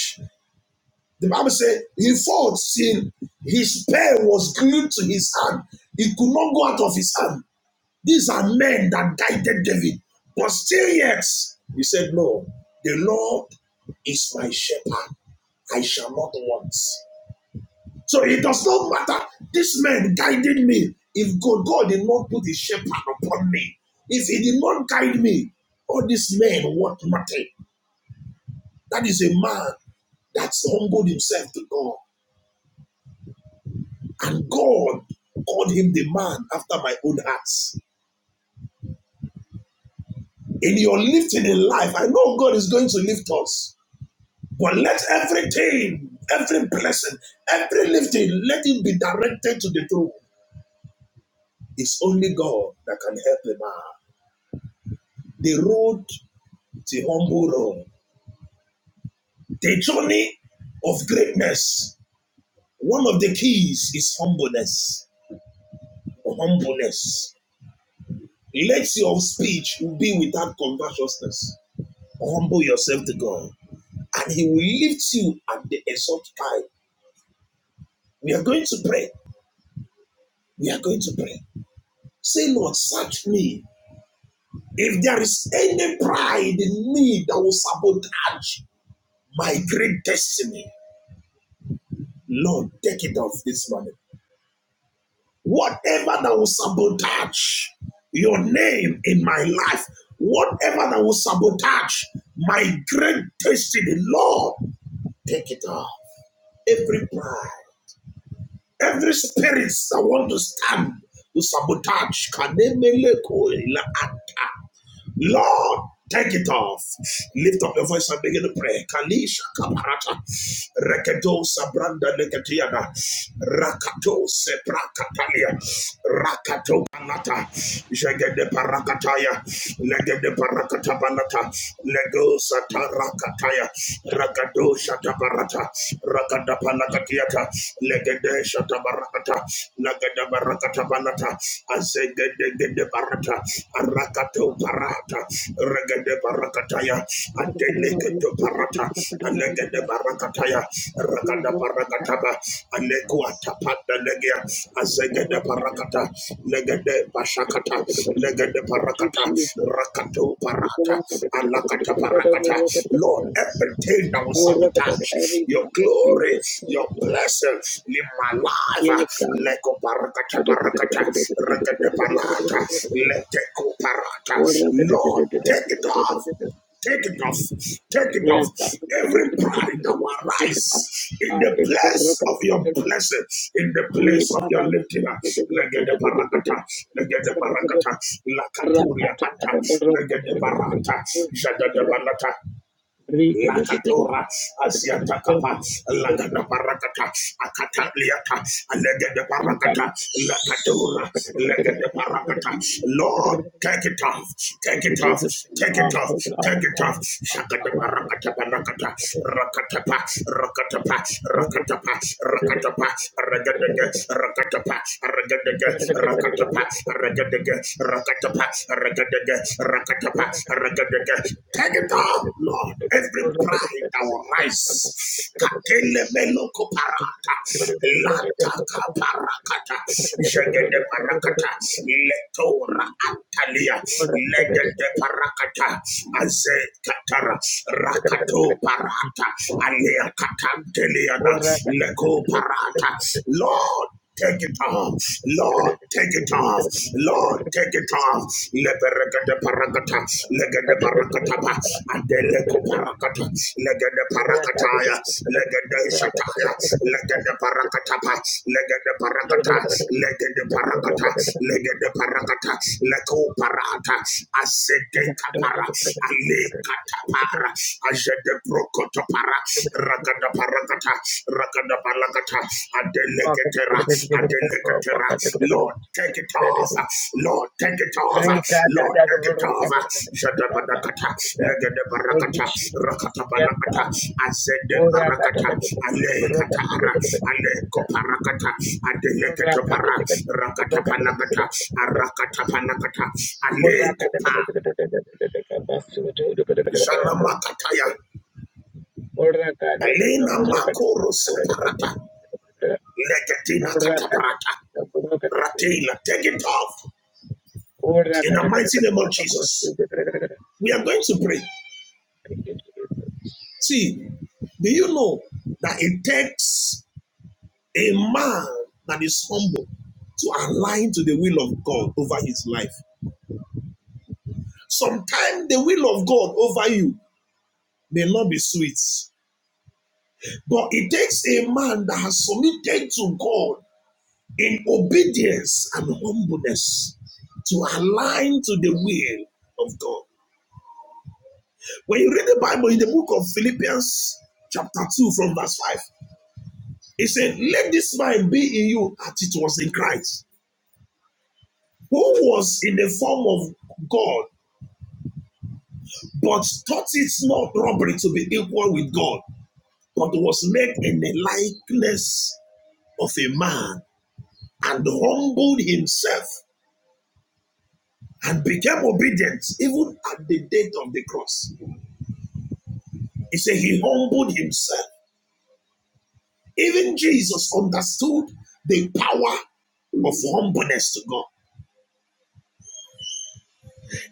[SPEAKER 2] The Bible says he fought till His spear was glued to his hand. He could not go out of his hand. These are men that guided David. But still yet, he said, no, the Lord is my shepherd. I shall not want. So it does not matter. This man guided me. If God, God did not put his shepherd upon me, if he did not guide me, all this man what matter? That is a man that's humbled himself to God. And God called him the man after my own heart. In your lifting in life, I know God is going to lift us. But let everything, the, the journey of greatness, one of the keys is humbleness. Humbleness. Let your speech will be without covetousness. Humble yourself to God, and He will lift you at the exalt time. We are going to pray. We are going to pray. Say, Lord, search me. If there is any pride in me that will sabotage my great destiny, Lord, take it off this morning. Whatever that will sabotage your name in my life, whatever that will sabotage my great destiny, Lord, take it off. every pride, every spirit that want to stand to sabotage. Kanemeleko ilaata. Lord, take it off. Lift up your voice and begin to pray. Kalisha kaparata. Reketo sabranda neketiana. Rakato seprakatalia. Rakato panata. Jagede parakataya. Legede parakatabanata. lego tarakataya. Ragado shatabarata. Ragada palakatiata. Legede shatabarakata. Lagada barakatabanata. Azegede gede barata. Arakato barata. Regede barakataya. Adelegeto barata. Alegede barakataya. Ragada barakataba. Anekua tapata legia. Azegede parakata. Legede pashakata. Legede parakata. Rakatu parata. Alakata parakata. Lord, everything that will sabotage your glory, your blessing in my life. Leko parakata parakata. Rakate palata. Leteko parata. Lord, take it off. Take it off. Take it off. Every pride that will rise in the place of your blessing, in the place of your lifting. up. Legede paragata, legede paragata, lakaturia anta, legede barata, jadada balata. Lakatora, Asiatakapa, Lagada Parakata, Akataliata, Legada Parakata, Lakatora, Legada Parakata. Lord, take it off, take it off, take it off, take it off. Shakata Parakata Parakata, Rakatapa, Rakatapa, Rakatapa, Rakatapa, Ragadaga, Rakatapa, Ragadaga, Rakatapa, Ragadaga, Rakatapa, Take it down, Lord. Every pride that will rise. Katele melo koparata. Lata kaparakata. Jagede parakata. Letora antalia. Legede parakata. Aze katara. Rakato parata. Alea katanteliana. Leko parata. Lord take it off. Lord, take it off. Lord, take it off. Leperakata parakata, legada parakataba. adeleko parakata, legada parakataya, legada shataya, legada parakataba. ba, legada parakata, legada parakata, legada parakata, leko parata, asete kapara, ale katapara, ajede prokotopa. Ragada parakata, ragada parakata, adeleketera, adeleketera. Lord, take it over. Lord, take it over. Lord, take it over. Jada legada parakata, rakata parakata, azede parakata, alekatara, aleko parakata, adelekete para, rakata parakata, arakata parakata, aleko pa, jana makataya. Makoro Soparata, Legetina katabrata. Ratela, take it off in the mighty name of Jesus. We are going to pray. See, do you know that it takes a man that is humble to align to the will of God over his life? Sometimes the will of God over you may not be sweet, but it takes a man that has submitted to God in obedience and humbleness to align to the will of God. When you read the Bible in the book of Philippians, chapter 2, from verse 5, it said, Let this mind be in you as it was in Christ, who was in the form of God, but thought it not robbery to be equal with God, but was made in the likeness of a man, and humbled himself and became obedient even at the death of the cross. He said, He humbled himself Even Jesus understood the power of humbleness to God.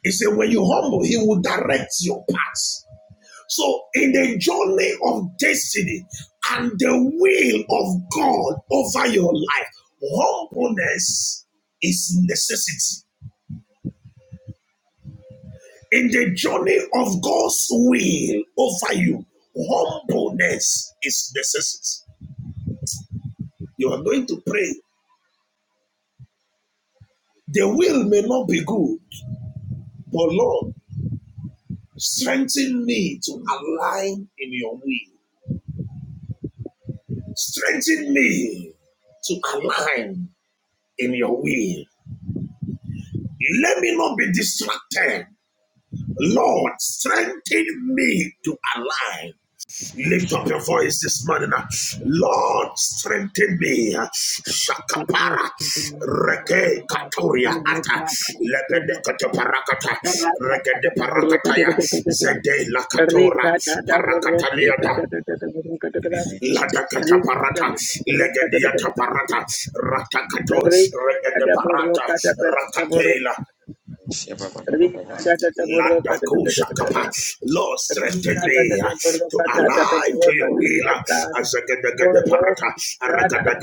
[SPEAKER 2] He said, when you humble, He will direct your paths. So, in the journey of destiny and the will of God over your life, humbleness is necessity. In the journey of God's will over you, humbleness is necessity. You are going to pray. The will may not be good, but Lord, Strengthen me to align in your will. Strengthen me to align in your will. Let me not be distracted. Lord, strengthen me to align. Lift up your voice this morning. Lord, strengthen me. Shakapara. Reke katoria ata. Lebede parakata. Regede parakataya. Zede la katora. Parakataliada.
[SPEAKER 3] Shake
[SPEAKER 2] Ladakata parata, legadiata parata, ratakato, regade parata, ratatela. Landakusha kapa. Lord, strengthen me uh, to align to your will. uh, As a parata, aragada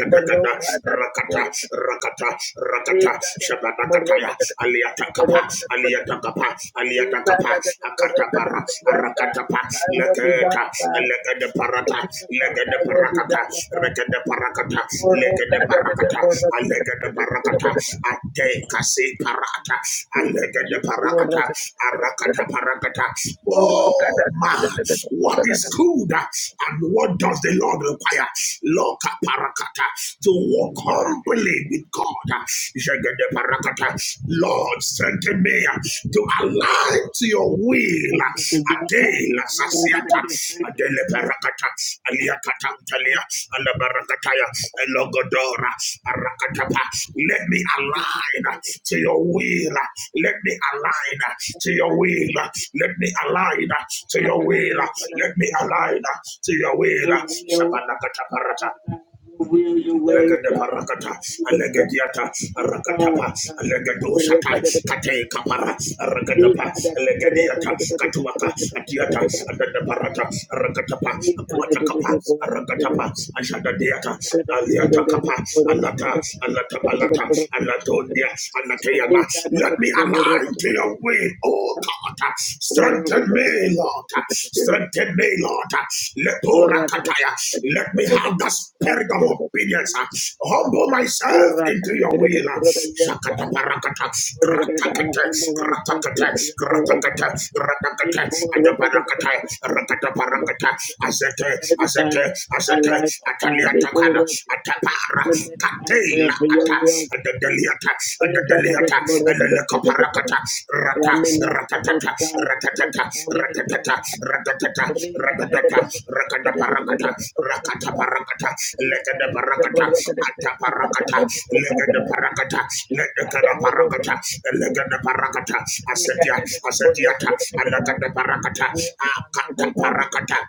[SPEAKER 2] rakata, rakata, rakata, shabadakataya, aliata kapa, aliata kapa, aliata kapa, akata para, arakata pa, leketa, legada parata, legada parakata, regade de parakata, lege de parakata, alege de parakata, ate kase parata, alege de parakata, arakata parakata. Oh man, what is good and what does the Lord require? Loka parakata, to walk humbly with God. Jege de parakata, Lord, strengthen me to align to your will. Adela sasiata, adele barakata, aliakata utalia, ala barakataya, elogodora, barakatapa. Let me align to your will. Let me align to your will. Let me align to your will. Let me align to your will.
[SPEAKER 1] Your will,
[SPEAKER 2] Shabalakata
[SPEAKER 1] Father
[SPEAKER 2] parata,
[SPEAKER 1] God, your will, your way,
[SPEAKER 2] Legade
[SPEAKER 1] God,
[SPEAKER 2] parakata, alegadiata,
[SPEAKER 1] your thoughts,
[SPEAKER 2] arakatapa,
[SPEAKER 1] God.
[SPEAKER 2] alegadoshata, kate kapara, arakadapa, alegadiata, katuaka, atiata, adadaparata, arakatapa, akuatakapa, arakatapa, ashadadiata, aliata kapa, alata, alatapalata, alatondia, anateyama. Let me align to your will, oh God. Strengthen me me, Lord. Strengthen me, Lord. Leporakataya. Let me have the spirit of obedience. Humble myself into your will. Shakataparakata. Gratakata. Gratakata. Gratakata. Gratakata. Adabarakata. Rakataparakata. Azete. Azete. Azete. Ataliatakana. Atapara. Katela. Atas, Adadeliata, Adadeliata, Elelekoparakata, Rata, Ratatata, Ratatata, Ratatata, Ratatata, Ratatata, Rakadaparakata, Rakataparakata, Lekadaparakata, Ataparakata, Lekadaparakata, Lekadaparakata, Lekadaparakata, Asetia, Asetiata, Alakadaparakata, Akataparakata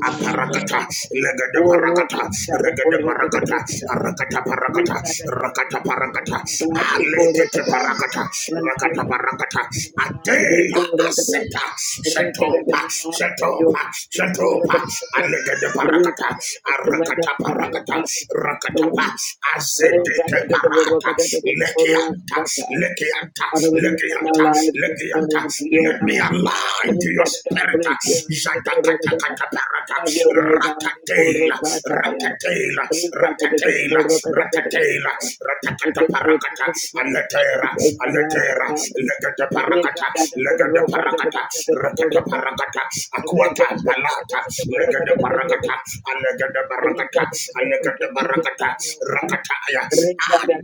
[SPEAKER 2] aparakata legede parakata regede parakata arakata parakata rakata parakata alekete parakata rakata parakata adela aseta shetopa shetopa shetopa alegede parakata arakata parakata rakatapa azedeke parata lekianta lekianta lekianta lekianta let me align to your spirit. Jadakatakaparata. Ratatail. Ratatail. Ratatail. ratatata, Ratatataparakata. Aletera. Aletera. Legataparakata. Legataparakata. Ratataparakata. Aquata. Balata. Legataparakata. Alegataparakata. Alegataparakata. Rakataya.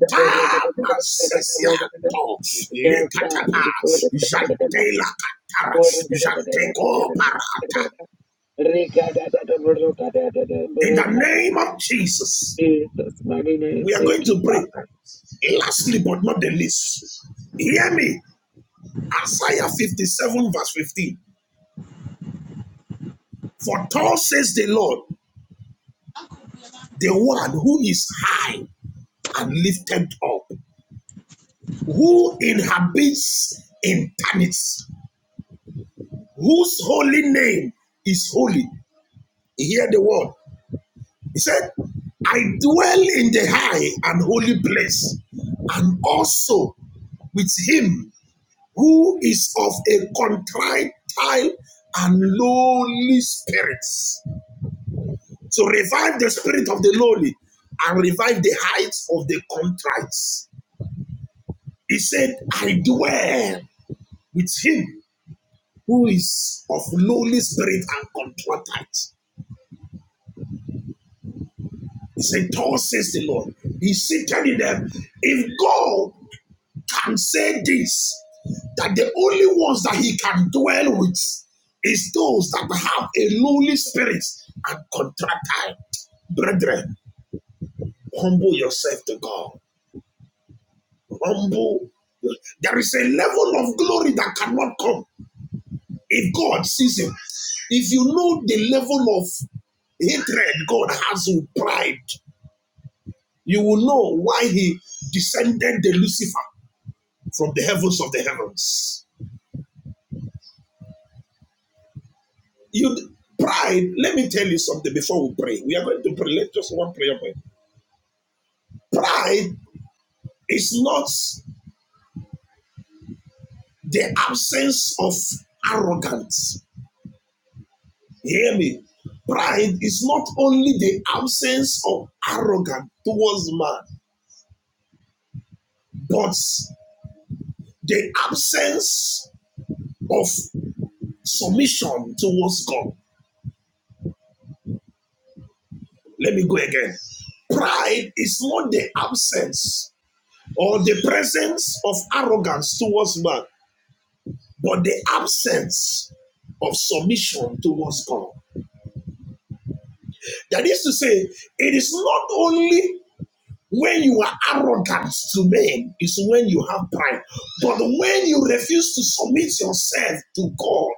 [SPEAKER 2] Tamasiato, Lekatapa, Jantela Katara, Janteko Parata. In the name of Jesus, we are going to pray. Lastly, but not the least, hear me. Isaiah 57, verse 15. For thus says the Lord, the one who is high and lifted up, who inhabits in eternity, whose holy name is holy. Hear the word. He said, I dwell in the high and holy place, and also with him who is of a contrite and lowly spirit, to revive the spirit of the lowly and revive the heights of the contrite. He said, I dwell with him who is of lowly spirit and contrite. He said, Thus says the Lord. He seated in them. If God can say this that the only ones that he can dwell with is those that have a lowly spirit and contrite, Brethren, humble yourself to God. Humble. There is a level of glory that cannot come if God sees him. If you know the level of hatred God has with pride, you will know why he descended the Lucifer from the heavens of the heavens. You pride. Let me tell you something before we pray. We are going to pray. Let's just one prayer point. Pride is not the absence of arrogance. Hear me. Pride is not only the absence of arrogance towards man, but the absence of submission towards God. Let me go again. Pride is not the absence or the presence of arrogance towards man, but the absence of submission towards God. That is to say, it is not only when you are arrogant to men, it's when you have pride. But when you refuse to submit yourself to God,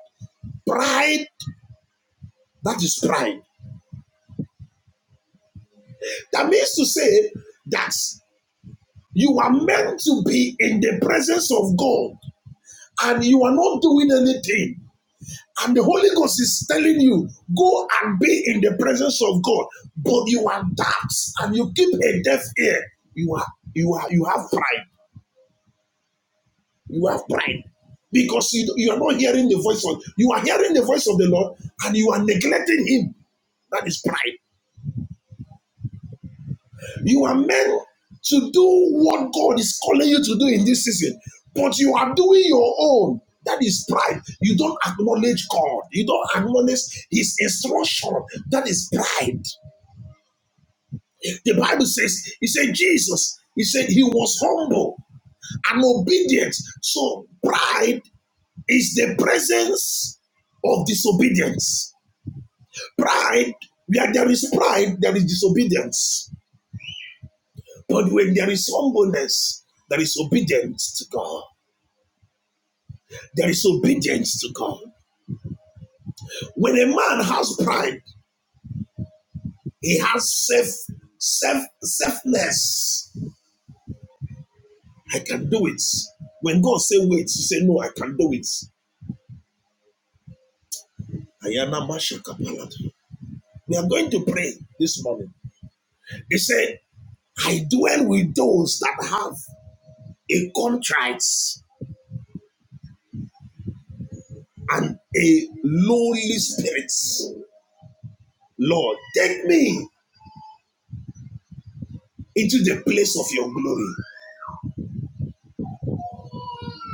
[SPEAKER 2] pride, that is pride. That means to say that you are meant to be in the presence of God and you are not doing anything And the Holy Ghost is telling you, go and be in the presence of God. But you are deaf and you keep a deaf ear. You are you are you have pride. You have pride. Because you, you are not hearing the voice of you are hearing the voice of the Lord and you are neglecting him. That is pride. You are meant to do what God is calling you to do in this season, but you are doing your own. That is pride. You don't acknowledge God. You don't acknowledge His instruction. That is pride. The Bible says, He said, Jesus, He said, He was humble and obedient. So pride is the presence of disobedience. Pride, where there is pride, there is disobedience. But when there is humbleness, there is obedience to God. There is obedience to God. When a man has pride, he has self, self, selfness. I can do it. When God say wait, he say no, I can do it. Ayana Mashakapalata. We are going to pray this morning. He said, I dwell with those that have a contrite and a lowly spirit. Lord, take me into the place of your glory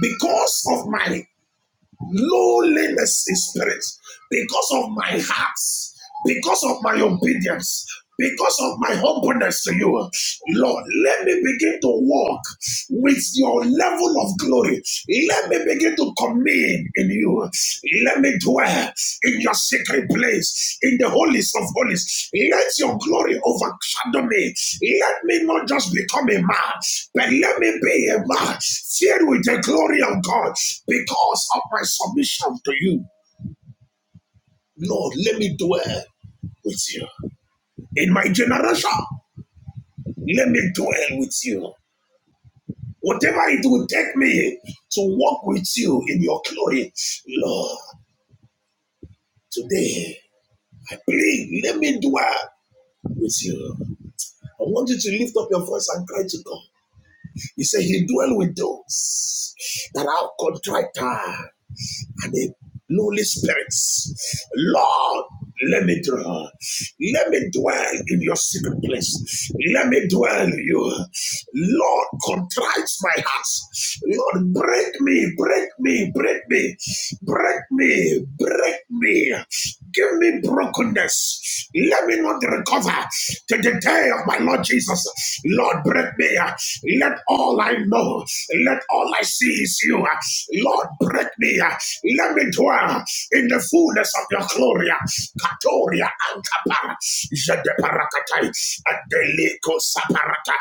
[SPEAKER 2] because of my lowliness in spirit because of my heart, because of my obedience, because of my humbleness to you. Lord, let me begin to walk with your level of glory. Let me begin to commune in you. Let me dwell in your sacred place, in the holiest of holies. Let your glory overshadow me. Let me not just become a man, but let me be a man filled with the glory of God because of my submission to you. Lord, let me dwell with you. In my generation, let me dwell with you. Whatever it will take me to walk with you in your glory, Lord, today I plead, let me dwell with you. I want you to lift up your voice and cry to God. He said, He dwells with those that are contrite and the lowly spirits. Lord, let me dwell. Let me dwell in your secret place. Let me dwell in you. Lord, contrite my heart. Lord, break me, break me, break me, break me, break me. Give me brokenness. Let me not recover to the day of my Lord Jesus. Lord, break me. Let all I know. Let all I see is you. Lord, break me. Let me dwell in the fullness of your glory. Katoria ankapara. Jedeparakatai. Adeliko saparata.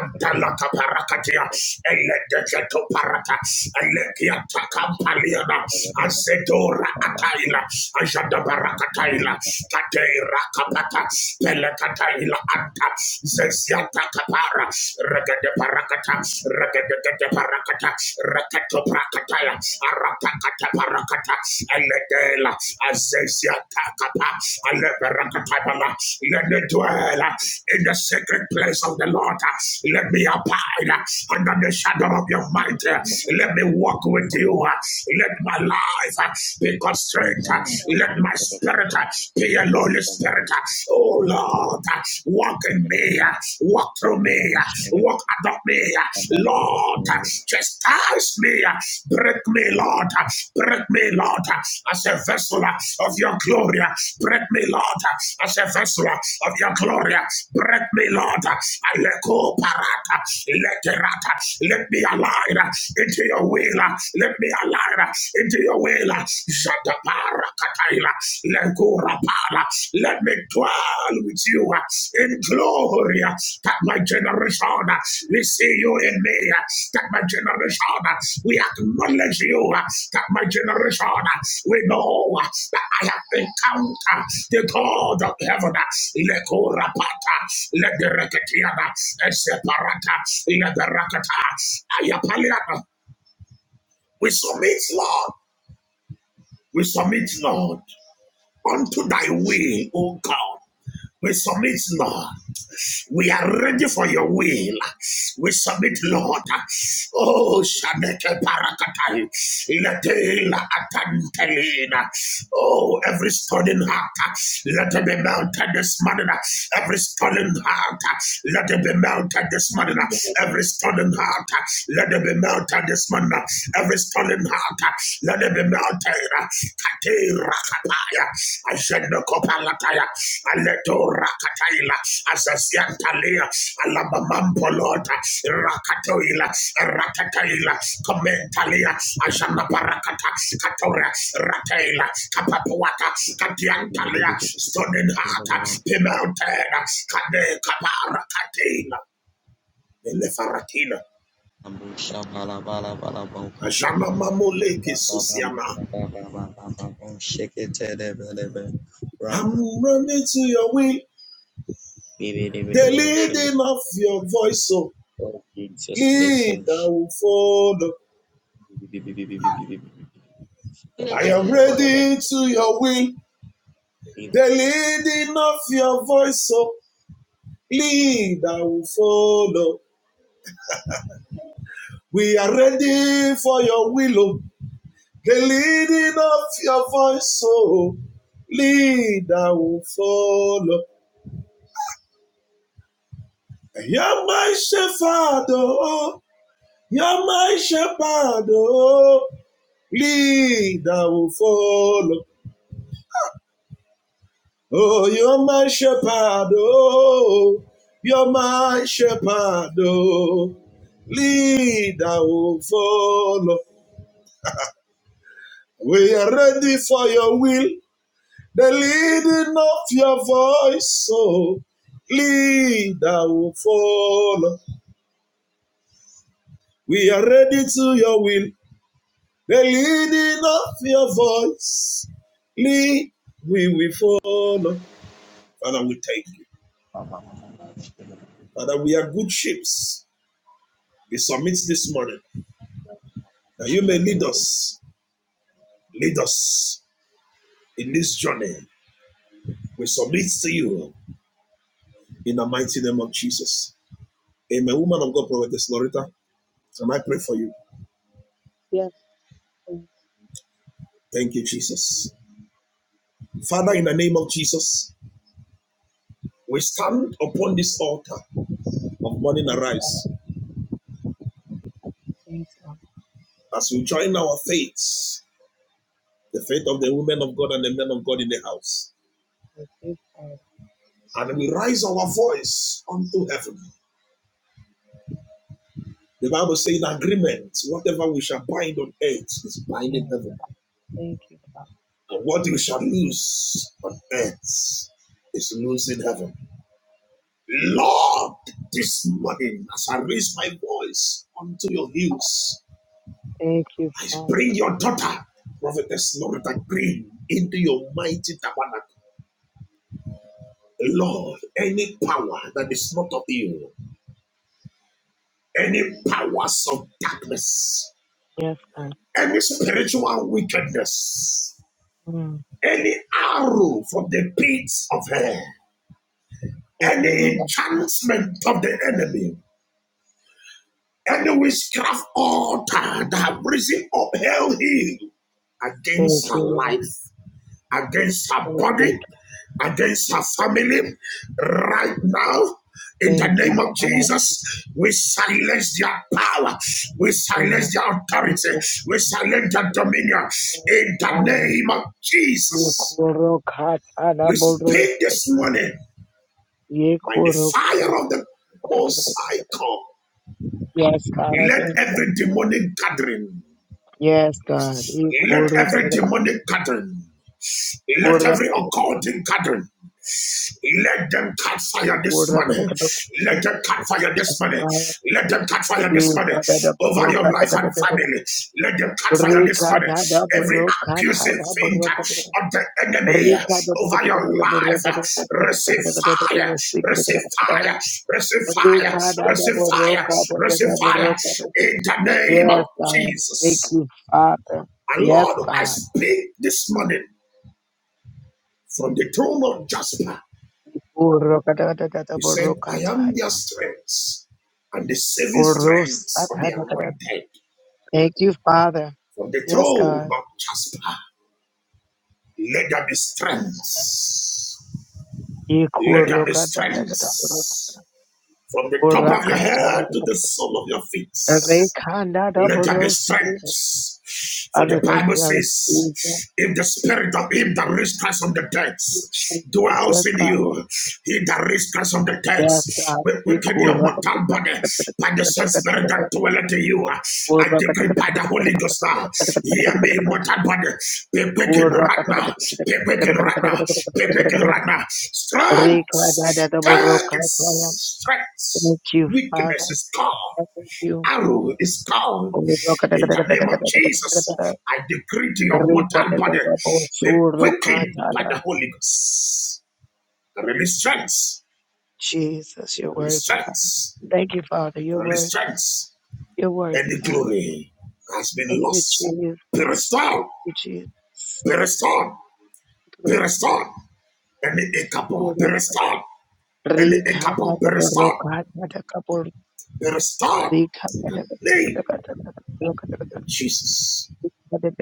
[SPEAKER 2] Adalaka parakatia. Eledeketo parata. Elekiata kampaliana. Azedora ataila. Ajadabarakataila. Kateira kapata. Pelekataila anta. Zezia Yatakapara, Regade Parakata, Regade Parakata, Recato Prakataya, Aratakata Parakata, Elegela, Azazia Takapa, Aleperakatapala, let me dwell uh, in the secret place of the Lord. uh, Let me abide uh, under the shadow of your might. uh, Let me walk with you. uh, Let my life uh, be constrained. uh, Let my spirit uh, be a lowly Spirit. Oh Lord, walk in me, walk through me, walk adopt me, Lord. Chastise me, break me, Lord, break me, Lord, as a vessel of your glory. Break me, Lord, as a vessel of your glory. Break me, Lord. Aleko parata, leterata. Let me align into your will. Let me align into your will. Jadabara Kataila, Lengura Para. Let me dwell with you uh, in glory uh, that my generation uh, we see you in me, uh, that my generation uh, we acknowledge you, uh, that my generation uh, we know uh, that I have encountered the God of heaven. uh, Lengura Pata, Lengereketiana, Separata, Lengerakata, Ayapaliana. We submit, Lord. We submit, Lord unto thy will, O God. We submit, Lord. We are ready for your will. We submit, Lord. Oh, Shaneke Parakatai. Letela Atantelina. Oh, every stolen heart. Let it be melted this morning. Every stolen heart. Let it be melted this morning. Every stolen heart. Let it be melted this morning. Every stolen heart. Let it be melted Katera, Katera Kataya, Ashendo Kopalataya, Aleto Rakataila, Alabamampolota, Rakatoila, Rakataila, Komentalia, Ashana Katora, Rataila, Kapapuata, Katiantalia, Stonen Hata, Pimeltena, Kade Kaparakatina, Faratina, Ashana Mamuleki Susiana. I'm running to your way. The
[SPEAKER 3] it,
[SPEAKER 2] leading of your voice, so
[SPEAKER 3] Oh, Jesus,
[SPEAKER 2] lead, I
[SPEAKER 3] Lekos.
[SPEAKER 2] will follow.
[SPEAKER 3] The
[SPEAKER 2] I am
[SPEAKER 3] is
[SPEAKER 2] ready to your will. The leading of your voice, so lead, I will follow. We are ready for your will. oh. The leading of your voice, so lead, I will follow. You're my shepherd, oh, you're my shepherd, oh, lead, I will follow. Oh, you're my shepherd, oh, you're my shepherd, oh. Lead, I will follow. We are ready for your will, the leading of your voice, oh. Lead, I will follow. We are ready to your will, the leading of your voice. Lead, we will follow. Father, we thank you. Father, we are good ships. We submit this morning. that you may lead us, lead us in this journey. We submit to you in the mighty name of Jesus. Amen. Woman of God, Prophetess Loretta, and I pray for you.
[SPEAKER 1] Yes,
[SPEAKER 2] Thank you, Jesus. Father, in the name of Jesus, we stand upon this altar of morning arise as we join our faiths, the faith of the women of God and the men of God in the house. And we raise our voice unto heaven. I raise my voice unto your hills. I prophetess My tower that is not of you. any powers of darkness, any spiritual wickedness, any arrow from the pits of hell, any enchantment of the enemy, any witchcraft altar that have risen up hell hill
[SPEAKER 1] thank
[SPEAKER 2] against her
[SPEAKER 1] you,
[SPEAKER 2] life against her body, against her family. Right now, in the name of Jesus, we silence their power, we silence their authority, we silence their dominion. In the name of Jesus, we speak this morning by the fire of the Most High God. Let every demonic gathering, let every demonic gathering, let every occult gathering Let them cut fire this morning. Let them cut fire this morning. Let them cut fire this morning over your life and family. Let them cut fire this morning. Every accusing finger of the enemy over your life, receive fire, receive fire, receive fire, receive fire, receive fire in the name of Jesus. And Lord, I speak this morning from the throne of Jasper.
[SPEAKER 1] Lord.
[SPEAKER 2] He said, I am their strength and the saving strength of the anointed from the throne of Jasper. Let there be strength. Let there be strength from the top of your head to the sole of your
[SPEAKER 1] Father,
[SPEAKER 2] feet. Let there be
[SPEAKER 1] thank you.
[SPEAKER 2] strength.
[SPEAKER 1] I
[SPEAKER 2] For the Bible says,
[SPEAKER 1] receive.
[SPEAKER 2] if the spirit of him that raised Christ from the dead
[SPEAKER 1] Yes,
[SPEAKER 2] dwells in
[SPEAKER 1] God.
[SPEAKER 2] you, he that raised Christ from the dead will quicken your mortal body by the same spirit that dwelleth in you. I decree by the Holy Ghost now, hear me, mortal body, be quickened right now, be quickened right now, be quickened right now. Strength, strength, strength,
[SPEAKER 1] Thank you, Father.
[SPEAKER 2] weakness is gone
[SPEAKER 1] Thank you.
[SPEAKER 2] arrow is gone.
[SPEAKER 1] Yes,
[SPEAKER 2] In the
[SPEAKER 1] God.
[SPEAKER 2] name of
[SPEAKER 1] Yes,
[SPEAKER 2] Jesus,
[SPEAKER 1] God. Thank
[SPEAKER 2] I decree to your mortal body
[SPEAKER 1] you, Father.
[SPEAKER 2] be
[SPEAKER 1] Yes,
[SPEAKER 2] quickened by the Holy Ghost. Release strength, release strength, release strength. Any glory has been lost. Be restored, be restored, be restored. Any acabon, be restored. Any acabon, be restored. God,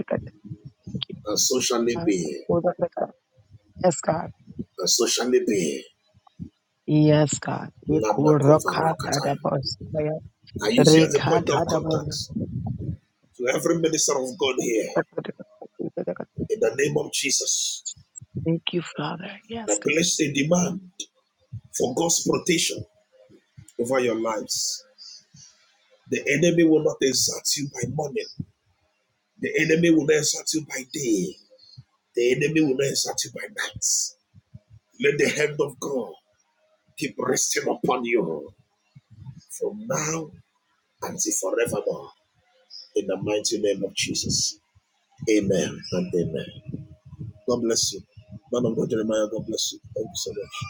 [SPEAKER 1] God.
[SPEAKER 2] I place a demand for God's protection over your lives. The enemy will not exalt you by money. The enemy will not insult you by day. The enemy will not insult you by night. Let the hand of God keep resting upon you from now until forevermore. In the mighty name of Jesus. Amen and amen. God bless you. Man of God, Jeremiah, God bless you. Thank you so much.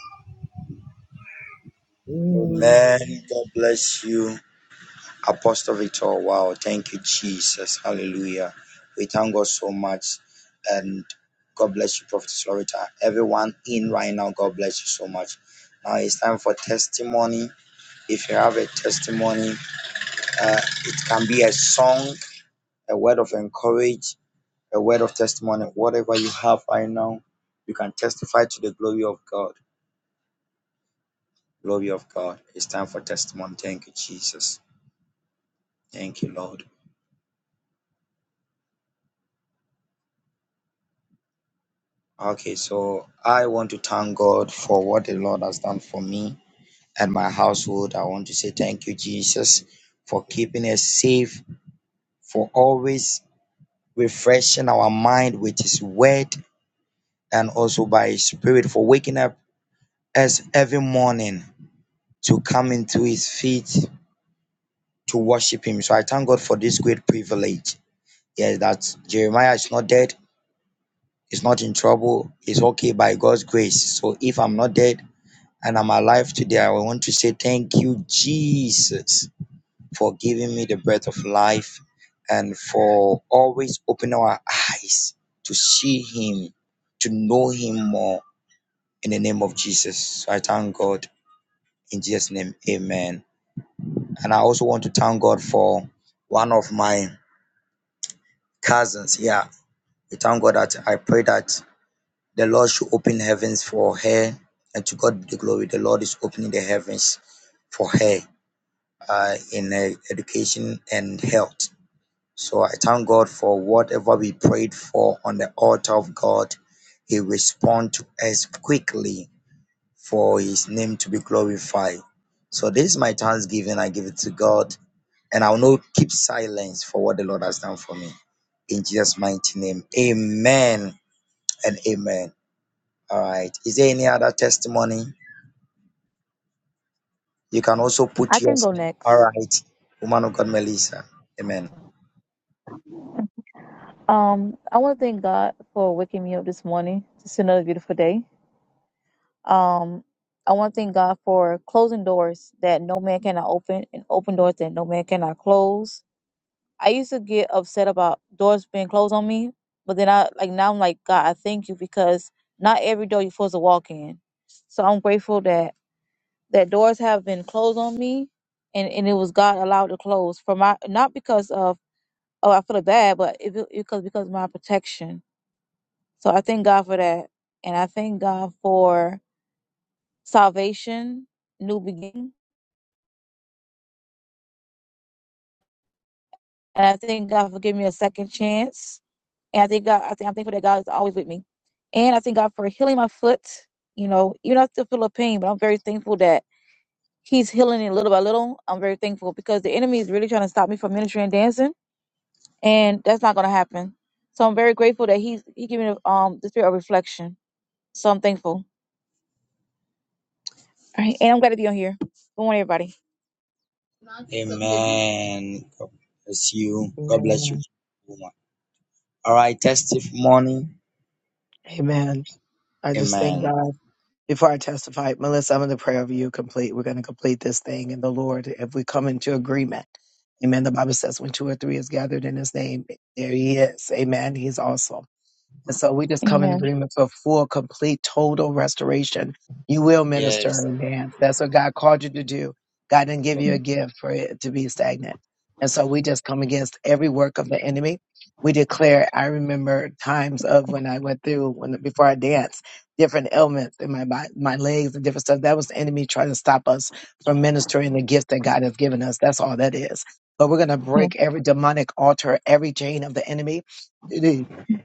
[SPEAKER 3] Amen. God bless you, Apostle Victor. Wow. Thank you, Jesus. Hallelujah. We thank God so much. And God bless you, Prophet Florita. Everyone in right now, God bless you so much. Now it's time for testimony. If you have a testimony, uh, it can be a song, a word of encourage. a word of testimony, whatever you have right now, you can testify to the glory of God. Glory of God. It's time for testimony. Thank you, Jesus. Thank you, Lord. Okay, so I want to thank God for what the Lord has done for me and my household. I want to say thank you, Jesus, for keeping us safe, for always refreshing our mind with His word and also by His Spirit, for waking up us every morning to come into His feet to worship him. So I thank God for this great privilege. Yes, that Jeremiah is not dead, he's not in trouble, he's okay by God's grace. So if I'm not dead and I'm alive today, I want to say thank you, Jesus, for giving me the breath of life and for always opening our eyes to see him, to know him more in the name of Jesus. So I thank God in Jesus' name. Amen. And I also want to thank God for one of my cousins. Yeah, We thank God that I pray that the Lord should open heavens for her and to God be the glory. The Lord is opening the heavens for her uh, in her education and health. So I thank God for whatever we prayed for on the altar of God. He responds to us quickly for his name to be glorified. So this is my thanksgiving. I give it to God and I will not keep silence for what the Lord has done for me. In Jesus' mighty name. Amen and amen. All right. Is there any other testimony? You can also put
[SPEAKER 4] I can
[SPEAKER 3] yours.
[SPEAKER 4] go
[SPEAKER 3] in. All
[SPEAKER 4] next.
[SPEAKER 3] right. Woman of God, Melissa. Amen.
[SPEAKER 4] Um, I want to thank God for waking me up this morning. It's another beautiful day. Um, I want to thank God for closing doors that no man cannot open and open doors that no man cannot close. I used to get upset about doors being closed on me, but then I like now I'm like God, I thank you because not every door you're supposed to walk in. So I'm grateful that that doors have been closed on me, and and it was God allowed to close for my not because of oh, I feel bad, but it, it- because because of my protection. So I thank God for that, and I thank God for salvation, new beginning, and I thank God for giving me a second chance. And I think God, I think I'm thankful that God is always with me, and I thank God for healing my foot. You know, even though I still feel a pain, but I'm very thankful that He's healing it little by little. I'm very thankful because the enemy is really trying to stop me from ministry and dancing, and that's not going to happen. So I'm very grateful that He's He gave me um the spirit of reflection. So I'm thankful. All right. And I'm glad to be on here. Good morning, everybody.
[SPEAKER 3] Amen. God bless you. God bless you, woman. All right. Testimony.
[SPEAKER 1] Amen. I just thank God.
[SPEAKER 3] Amen.
[SPEAKER 1] Before I testify, Melissa, I'm going to pray over you complete. We're going to complete this thing in the Lord if we come into agreement. Amen. The Bible says when two or three is gathered in his name, there he is. Amen. He's awesome. And so we just come in
[SPEAKER 4] Amen.
[SPEAKER 1] agreement for full, complete, total restoration. You will minister
[SPEAKER 3] Yes.
[SPEAKER 1] and dance. That's what God called you to do. God didn't give you a gift for it to be stagnant. And so we just come against every work of the enemy. We declare, I remember times of when I went through, when before I danced, different ailments in my body, my legs and different stuff. That was the enemy trying to stop us from ministering the gift that God has given us. That's all that is. But we're going to
[SPEAKER 4] Yes,
[SPEAKER 1] break every demonic altar, every chain of the enemy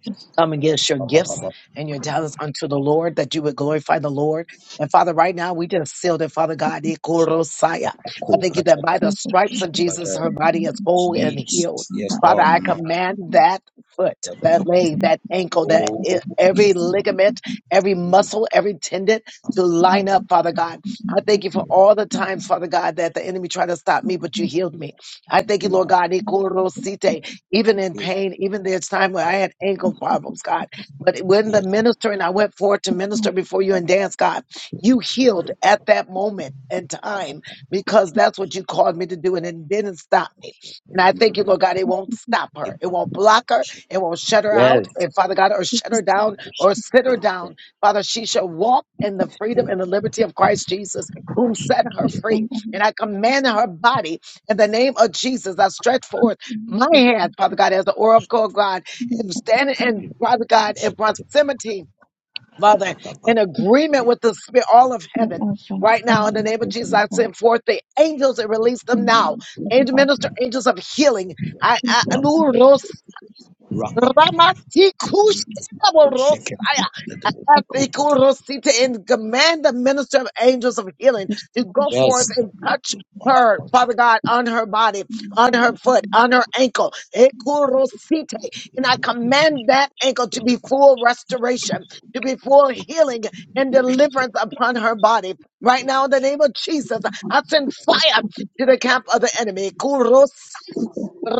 [SPEAKER 4] yes,
[SPEAKER 1] come against your gifts and your talents unto the Lord, that you would glorify the Lord. And Father, right now we just seal that, Father God, Ikorosaya. I thank you that by the
[SPEAKER 4] Jesus.
[SPEAKER 1] stripes of Jesus, her body is whole and healed.
[SPEAKER 3] Jesus. Yes,
[SPEAKER 1] Father,
[SPEAKER 3] Lord.
[SPEAKER 1] I
[SPEAKER 3] Much.
[SPEAKER 1] command that foot, that leg, that ankle, that e-
[SPEAKER 3] Oh,
[SPEAKER 1] every
[SPEAKER 3] yes. Lord.
[SPEAKER 1] ligament, every muscle, every tendon to line up, Father God. I thank you for all the times, Father God, that the enemy tried to stop me, but you healed me. I thank you, Lord God, Ikorosite, even in pain, even there's time where I had ankle problems, God. But when the minister and I went forward to
[SPEAKER 4] Yes,
[SPEAKER 1] minister before you and dance, God, you healed at that moment and time because that's what you called me to do and it didn't stop me. And I thank you, Lord God, it won't stop her. It
[SPEAKER 3] Yes.
[SPEAKER 1] won't block her. It won't shut her out.
[SPEAKER 3] Yes.
[SPEAKER 1] And Father God, or shut her
[SPEAKER 3] Jesus.
[SPEAKER 1] down
[SPEAKER 3] Akush.
[SPEAKER 1] or sit her down. Father, she shall walk in the freedom and the liberty of Christ Jesus, whom set her free. And
[SPEAKER 4] amen.
[SPEAKER 1] I command her body in the name of Jesus. I stretch forth
[SPEAKER 4] Amen.
[SPEAKER 1] my hands, Father God, as the oracle of God, and standing in, Father God, in proximity, Father,
[SPEAKER 3] Rapapapa.
[SPEAKER 1] in agreement with the Spirit, all of
[SPEAKER 4] Yeah,
[SPEAKER 1] heaven,
[SPEAKER 4] Okay.
[SPEAKER 1] right
[SPEAKER 4] I
[SPEAKER 1] now,
[SPEAKER 4] don't
[SPEAKER 1] in the
[SPEAKER 4] know
[SPEAKER 1] name
[SPEAKER 4] if
[SPEAKER 1] of
[SPEAKER 4] it's
[SPEAKER 1] Jesus,
[SPEAKER 4] about
[SPEAKER 1] I
[SPEAKER 4] that.
[SPEAKER 1] send forth the angels and release
[SPEAKER 4] You
[SPEAKER 1] them
[SPEAKER 4] know,
[SPEAKER 1] now.
[SPEAKER 4] if it's just
[SPEAKER 1] Angel
[SPEAKER 4] about
[SPEAKER 1] minister, angels of healing. I, I,
[SPEAKER 4] this.
[SPEAKER 3] Rapapapa. Jesus. Akush.
[SPEAKER 1] and command the minister of angels of healing
[SPEAKER 4] Just
[SPEAKER 1] to go forth
[SPEAKER 3] Yes.
[SPEAKER 1] and touch
[SPEAKER 3] One
[SPEAKER 1] her,
[SPEAKER 3] question.
[SPEAKER 1] Father God, on her body, on her foot, on her ankle. Ekorosite. And I command that ankle to be full restoration, to be full healing and deliverance upon her body. Right now, in the name of Jesus, I send fire
[SPEAKER 3] Wrap
[SPEAKER 1] to the camp of the enemy.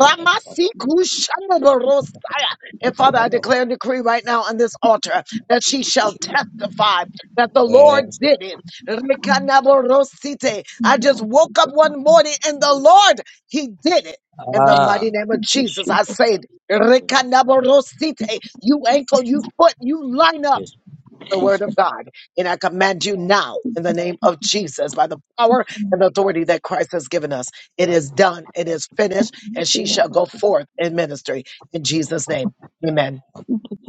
[SPEAKER 3] up, wrap up,
[SPEAKER 1] And
[SPEAKER 3] wrap up, wrap
[SPEAKER 1] Father, I
[SPEAKER 3] up, wrap up.
[SPEAKER 1] declare and decree right now on this altar that she shall testify that the Lord
[SPEAKER 3] Yes.
[SPEAKER 1] did it.
[SPEAKER 4] come.
[SPEAKER 1] Rikanaborosite.
[SPEAKER 4] You
[SPEAKER 1] I
[SPEAKER 4] know,
[SPEAKER 1] just
[SPEAKER 4] if it's
[SPEAKER 1] woke up
[SPEAKER 4] about
[SPEAKER 1] one
[SPEAKER 4] that.
[SPEAKER 1] morning and the Lord, He did it. In the mighty name of
[SPEAKER 4] Jesus,
[SPEAKER 1] Jesus,
[SPEAKER 4] show us
[SPEAKER 1] I said, Rikanaborosite.
[SPEAKER 4] the way.
[SPEAKER 1] You ankle,
[SPEAKER 4] It's
[SPEAKER 1] you
[SPEAKER 4] not
[SPEAKER 1] foot, you line up
[SPEAKER 3] Yes.
[SPEAKER 1] the word of
[SPEAKER 3] Jesus.
[SPEAKER 4] Jesus.
[SPEAKER 1] God. And I command you now in the name of Jesus by the power
[SPEAKER 4] It's gonna
[SPEAKER 1] and
[SPEAKER 4] be
[SPEAKER 1] authority that Christ has given us. It is done. It is finished.
[SPEAKER 4] on
[SPEAKER 1] And
[SPEAKER 4] the
[SPEAKER 1] she shall go forth in ministry in Jesus' name. Amen.
[SPEAKER 4] way. Thank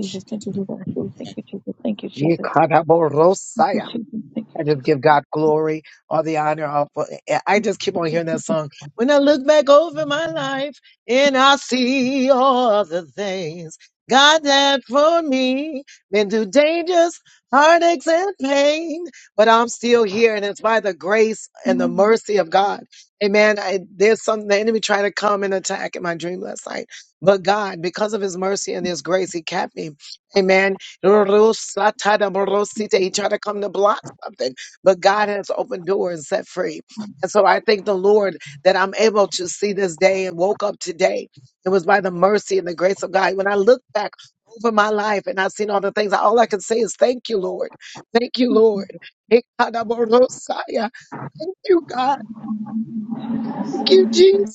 [SPEAKER 4] you, Jesus. Thank you, Jesus. Thank you, Jesus. Thank you, Jesus. Thank you, Jesus. Thank you,
[SPEAKER 1] I just
[SPEAKER 4] Jesus.
[SPEAKER 1] give God glory, all the honor. All, I just keep on hearing that song. When I look back over my life and I see all the things God had for me, been through dangers, heartaches, and pain, but I'm still here, and it's by the grace and the
[SPEAKER 4] Mm,
[SPEAKER 1] mercy of God. Amen. I, there's something the enemy tried to come and attack in my dream last night, but God, because of His mercy and His grace, He kept me. Amen. He tried to come to block something, but God has opened doors and set free. And so I thank the Lord that I'm able to see this day and woke up today. It was by the mercy and the grace of God. When I look back over my life and I've seen all the things, all I can say is thank you, Lord. Thank you, Lord. Thank you, God. Thank
[SPEAKER 4] Jesus,
[SPEAKER 1] you, Jesus.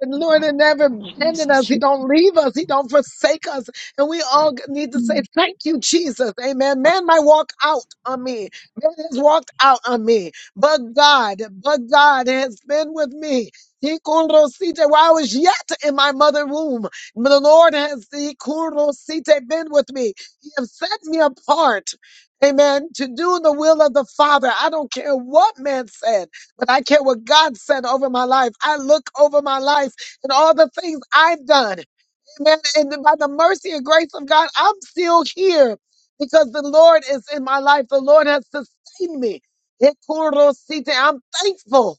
[SPEAKER 1] The Lord has never abandoned
[SPEAKER 4] Jesus,
[SPEAKER 1] us. He don't leave us. He don't forsake us. And we all g- need to
[SPEAKER 4] Jesus.
[SPEAKER 1] say, thank you, Jesus. Amen. Man might walk out on me. Man has walked out on me. But God, but God has been with me. He kurosite, While I was yet in my mother womb, the Lord has he kurosite, been with me. He has set me apart. Amen. To do the will of the Father. I don't care what man said but I care what God said over my life. I look over my life and all the things I've done. Amen. And then by the mercy and grace of God, I'm still here because the Lord is in my life. The Lord has sustained me. Ekorosite. I'm thankful.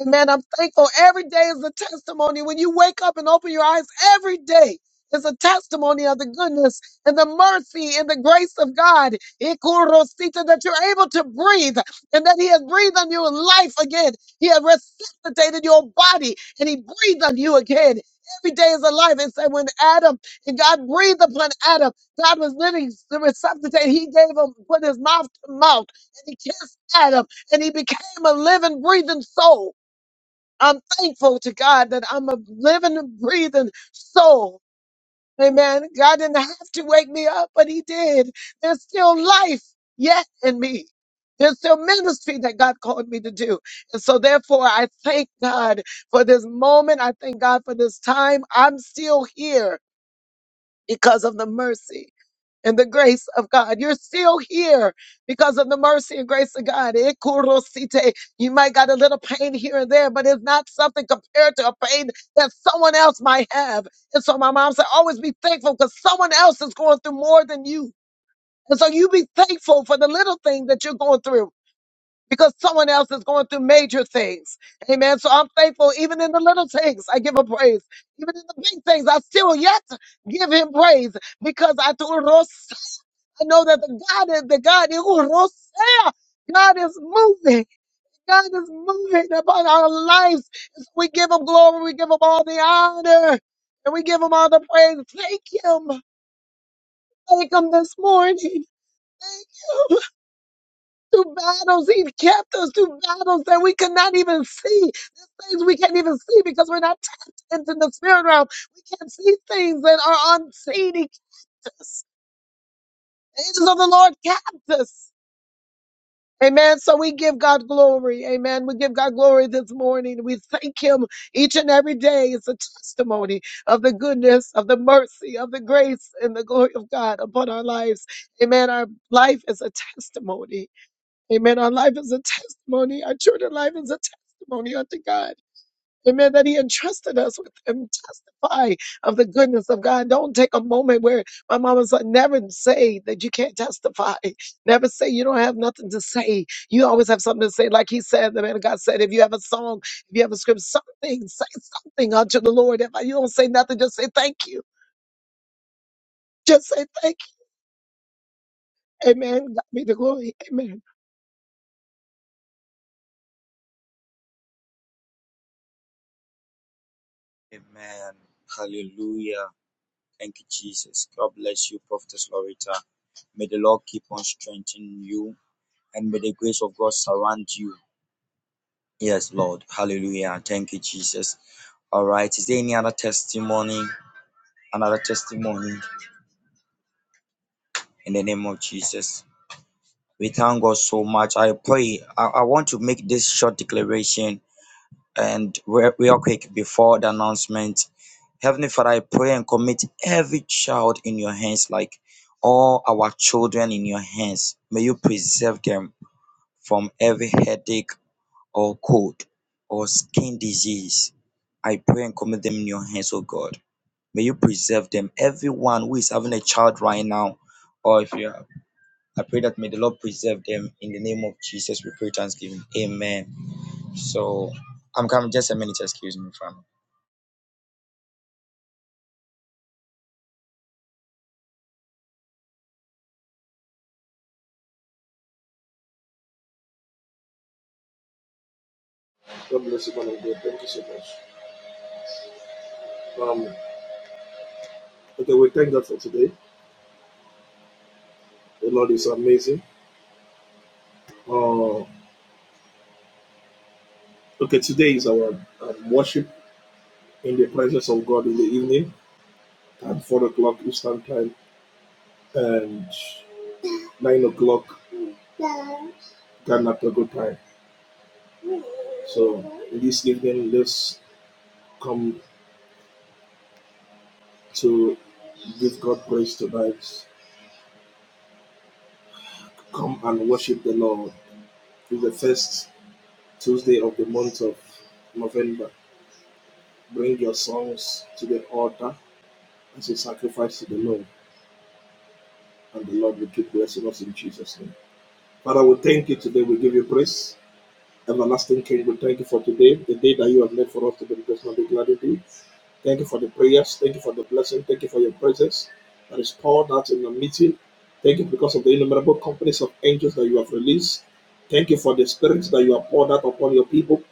[SPEAKER 1] Amen. I'm thankful. Every day is a testimony. When you wake up and open your eyes, every day is a testimony of the goodness and the mercy and the grace of God. Ekorosite, That you're able to breathe and that He has breathed on you in life again. He has resuscitated your body and He breathed on you again every day is alive. And said when Adam and God breathed upon Adam, God was living the resuscitate. He gave him put his mouth to mouth and he kissed Adam and he became a living, breathing soul. I'm thankful to God that I'm a living, breathing soul Amen. God didn't have to wake me up, but He did. There's still life yet in me. There's still ministry that God called me to do. And so therefore, I thank God for this moment. I thank God for this time. I'm still here because of the mercy and the grace of God. You're still here because of the mercy and grace of God. Eh, kurosite. You might got a little pain here and there, but it's not something compared to a pain that someone else might have. And so my mom said, always be thankful because someone else is going through more than you. And so you be thankful for the little thing that you're going through because someone else is going through major things. Amen. So I'm thankful even in the little things, I give him praise. Even in the big things, I still yet give him praise because I told Ros- I know that the God is the God is who Ros- God is moving. God is moving upon our lives. We give him glory. We give him all the honor and we give him all the praise. Thank him. Thank him this morning. Thank you through battles. He kept us through battles that we could not even see. There's things we can't even see because we're not tapped into the spirit realm. We can't see things that are unseen. He kept us. The angels of the Lord kept us. Amen. So we give God glory. Amen. We give God glory this morning. We thank Him each and every day. It's a testimony of the goodness, of the mercy, of the grace, and the glory of God upon our lives. Amen. Our life is a testimony. Amen. Our life is a testimony. Our children's life is a testimony unto God. Amen. That He entrusted us with Him. Testify of the goodness of God. Don't take a moment where my mama said, never say that you can't testify. Never say you don't have nothing to say. You always have something to say. Like He said, the man of God said, if you have a song, if you have a script, something, say something unto the Lord. If you don't say nothing, just say thank you. Just say thank you. Amen. God be the glory. Amen.
[SPEAKER 3] Amen. Hallelujah. Thank you, Jesus. God bless you, Prophetess Loretta. May the Lord keep on strengthening you. and may the grace of God surround you. Yes, Lord. Hallelujah. Thank you, Jesus. All right. Is there any other testimony? Another testimony in the name of Jesus. We thank God so much. I pray. I, I want to make this short declaration and re- real quick before the announcement. Heavenly Father, I pray and commit every child in your hands, like all our children in your hands. May you preserve them from every headache or cold or skin disease. I pray and commit them in your hands, oh God. May you preserve them. Everyone who is having a child right now, or if you are, I pray that may the Lord preserve them in the name of Jesus. We pray thanksgiving. Amen. So I'm coming just a minute, excuse me, family.
[SPEAKER 2] Okay, we thank God for today. Okay, today is our um, worship presence of God in the evening at 4 o'clock Eastern Time and 9 o'clock Ghana Togo time. So this evening, let's come to give God praise tonight. Come and worship the Lord. It's the first Tuesday of the month of November. To the, the spirit that you have poured out upon your people,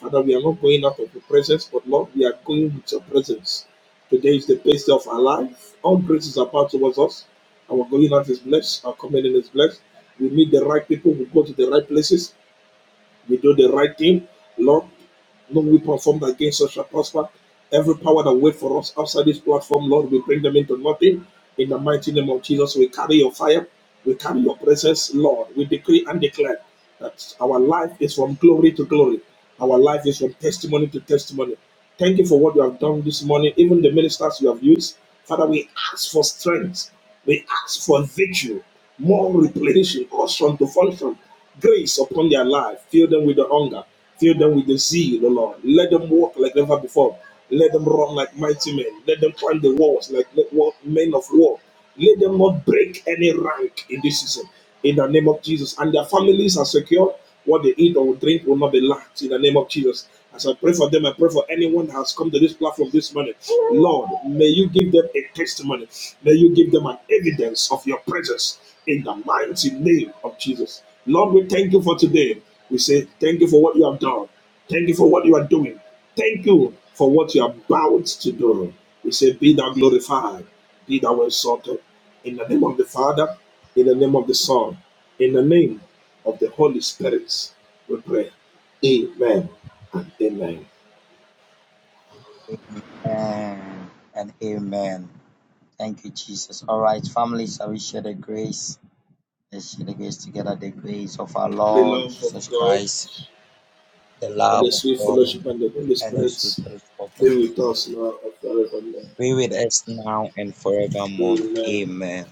[SPEAKER 2] Father, we are not going out of your presence, but Lord, we are going with your presence. Today is the best day of our life. All graces are poured towards us. Our going out is blessed. Our coming in is blessed. We meet the right people. We go to the right places. We do the right thing. Lord, no weapon formed against us shall prosper. Every power that wait for us outside this platform, Lord, we bring them into nothing. In the mighty name of Jesus, we carry your fire. We carry your presence, Lord. We decree and declare that our life is from glory to glory. Our life is from testimony to testimony. Thank you for what you have done this morning, even the ministers you have used. Father, we ask for strength. We ask for virtue, more replenishing, awesome to function, grace upon their life. Fill them with the hunger. Fill them with the zeal, O Lord. Let them walk like never before. Let them run like mighty men. Let them climb the walls like men of war. Let them not break any rank in this season. In the name of Jesus. And their families are secure. What they eat or drink will not be lacked in the name of Jesus. As I pray for them, I pray for anyone that has come to this platform this morning. Lord, may you give them a testimony. May you give them an evidence of your presence in the mighty name of Jesus. Lord, we thank you for today. We say thank you for what you have done. Thank you for what you are doing. Thank you for what you are about to do. We say, Be thou glorified. Be thou exalted. In the name of the Father, in the name of the Son, in the name of the Holy Spirit, we pray. Amen and amen.
[SPEAKER 3] Amen and amen. Thank you, Jesus. All right, family, shall we share the grace? Let's share the grace together. The grace of our Lord Jesus Christ, the love of God and his
[SPEAKER 2] Let's
[SPEAKER 3] church forever.
[SPEAKER 2] be with us now and forevermore.
[SPEAKER 3] Be with us now and forevermore.
[SPEAKER 2] Amen.
[SPEAKER 3] Amen.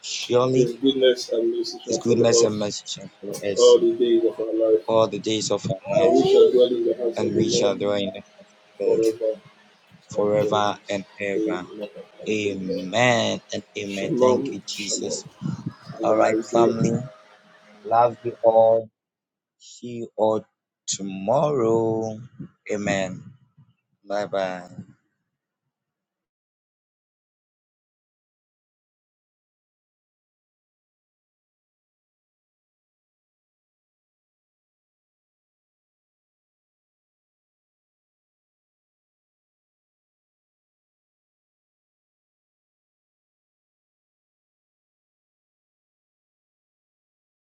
[SPEAKER 3] Surely
[SPEAKER 2] His goodness and mercy
[SPEAKER 3] his
[SPEAKER 2] shall
[SPEAKER 3] goodness
[SPEAKER 2] follow
[SPEAKER 3] and
[SPEAKER 2] us
[SPEAKER 3] mercy shall follow
[SPEAKER 2] all
[SPEAKER 3] us
[SPEAKER 2] the days of our life,
[SPEAKER 3] all the days of our
[SPEAKER 2] and
[SPEAKER 3] lives,
[SPEAKER 2] we shall dwell in the house of
[SPEAKER 3] and
[SPEAKER 2] the
[SPEAKER 3] we
[SPEAKER 2] Lord
[SPEAKER 3] shall dwell in the house of the Lord
[SPEAKER 2] forever and ever.
[SPEAKER 3] forever and ever.
[SPEAKER 2] Amen and amen.
[SPEAKER 3] Amen and amen. Thank
[SPEAKER 2] Shalom,
[SPEAKER 3] you,
[SPEAKER 2] shalom.
[SPEAKER 3] Jesus.
[SPEAKER 2] Have
[SPEAKER 3] All
[SPEAKER 2] a
[SPEAKER 3] right,
[SPEAKER 2] nice day.
[SPEAKER 3] family. Love you all. See you all tomorrow. Amen. Bye bye.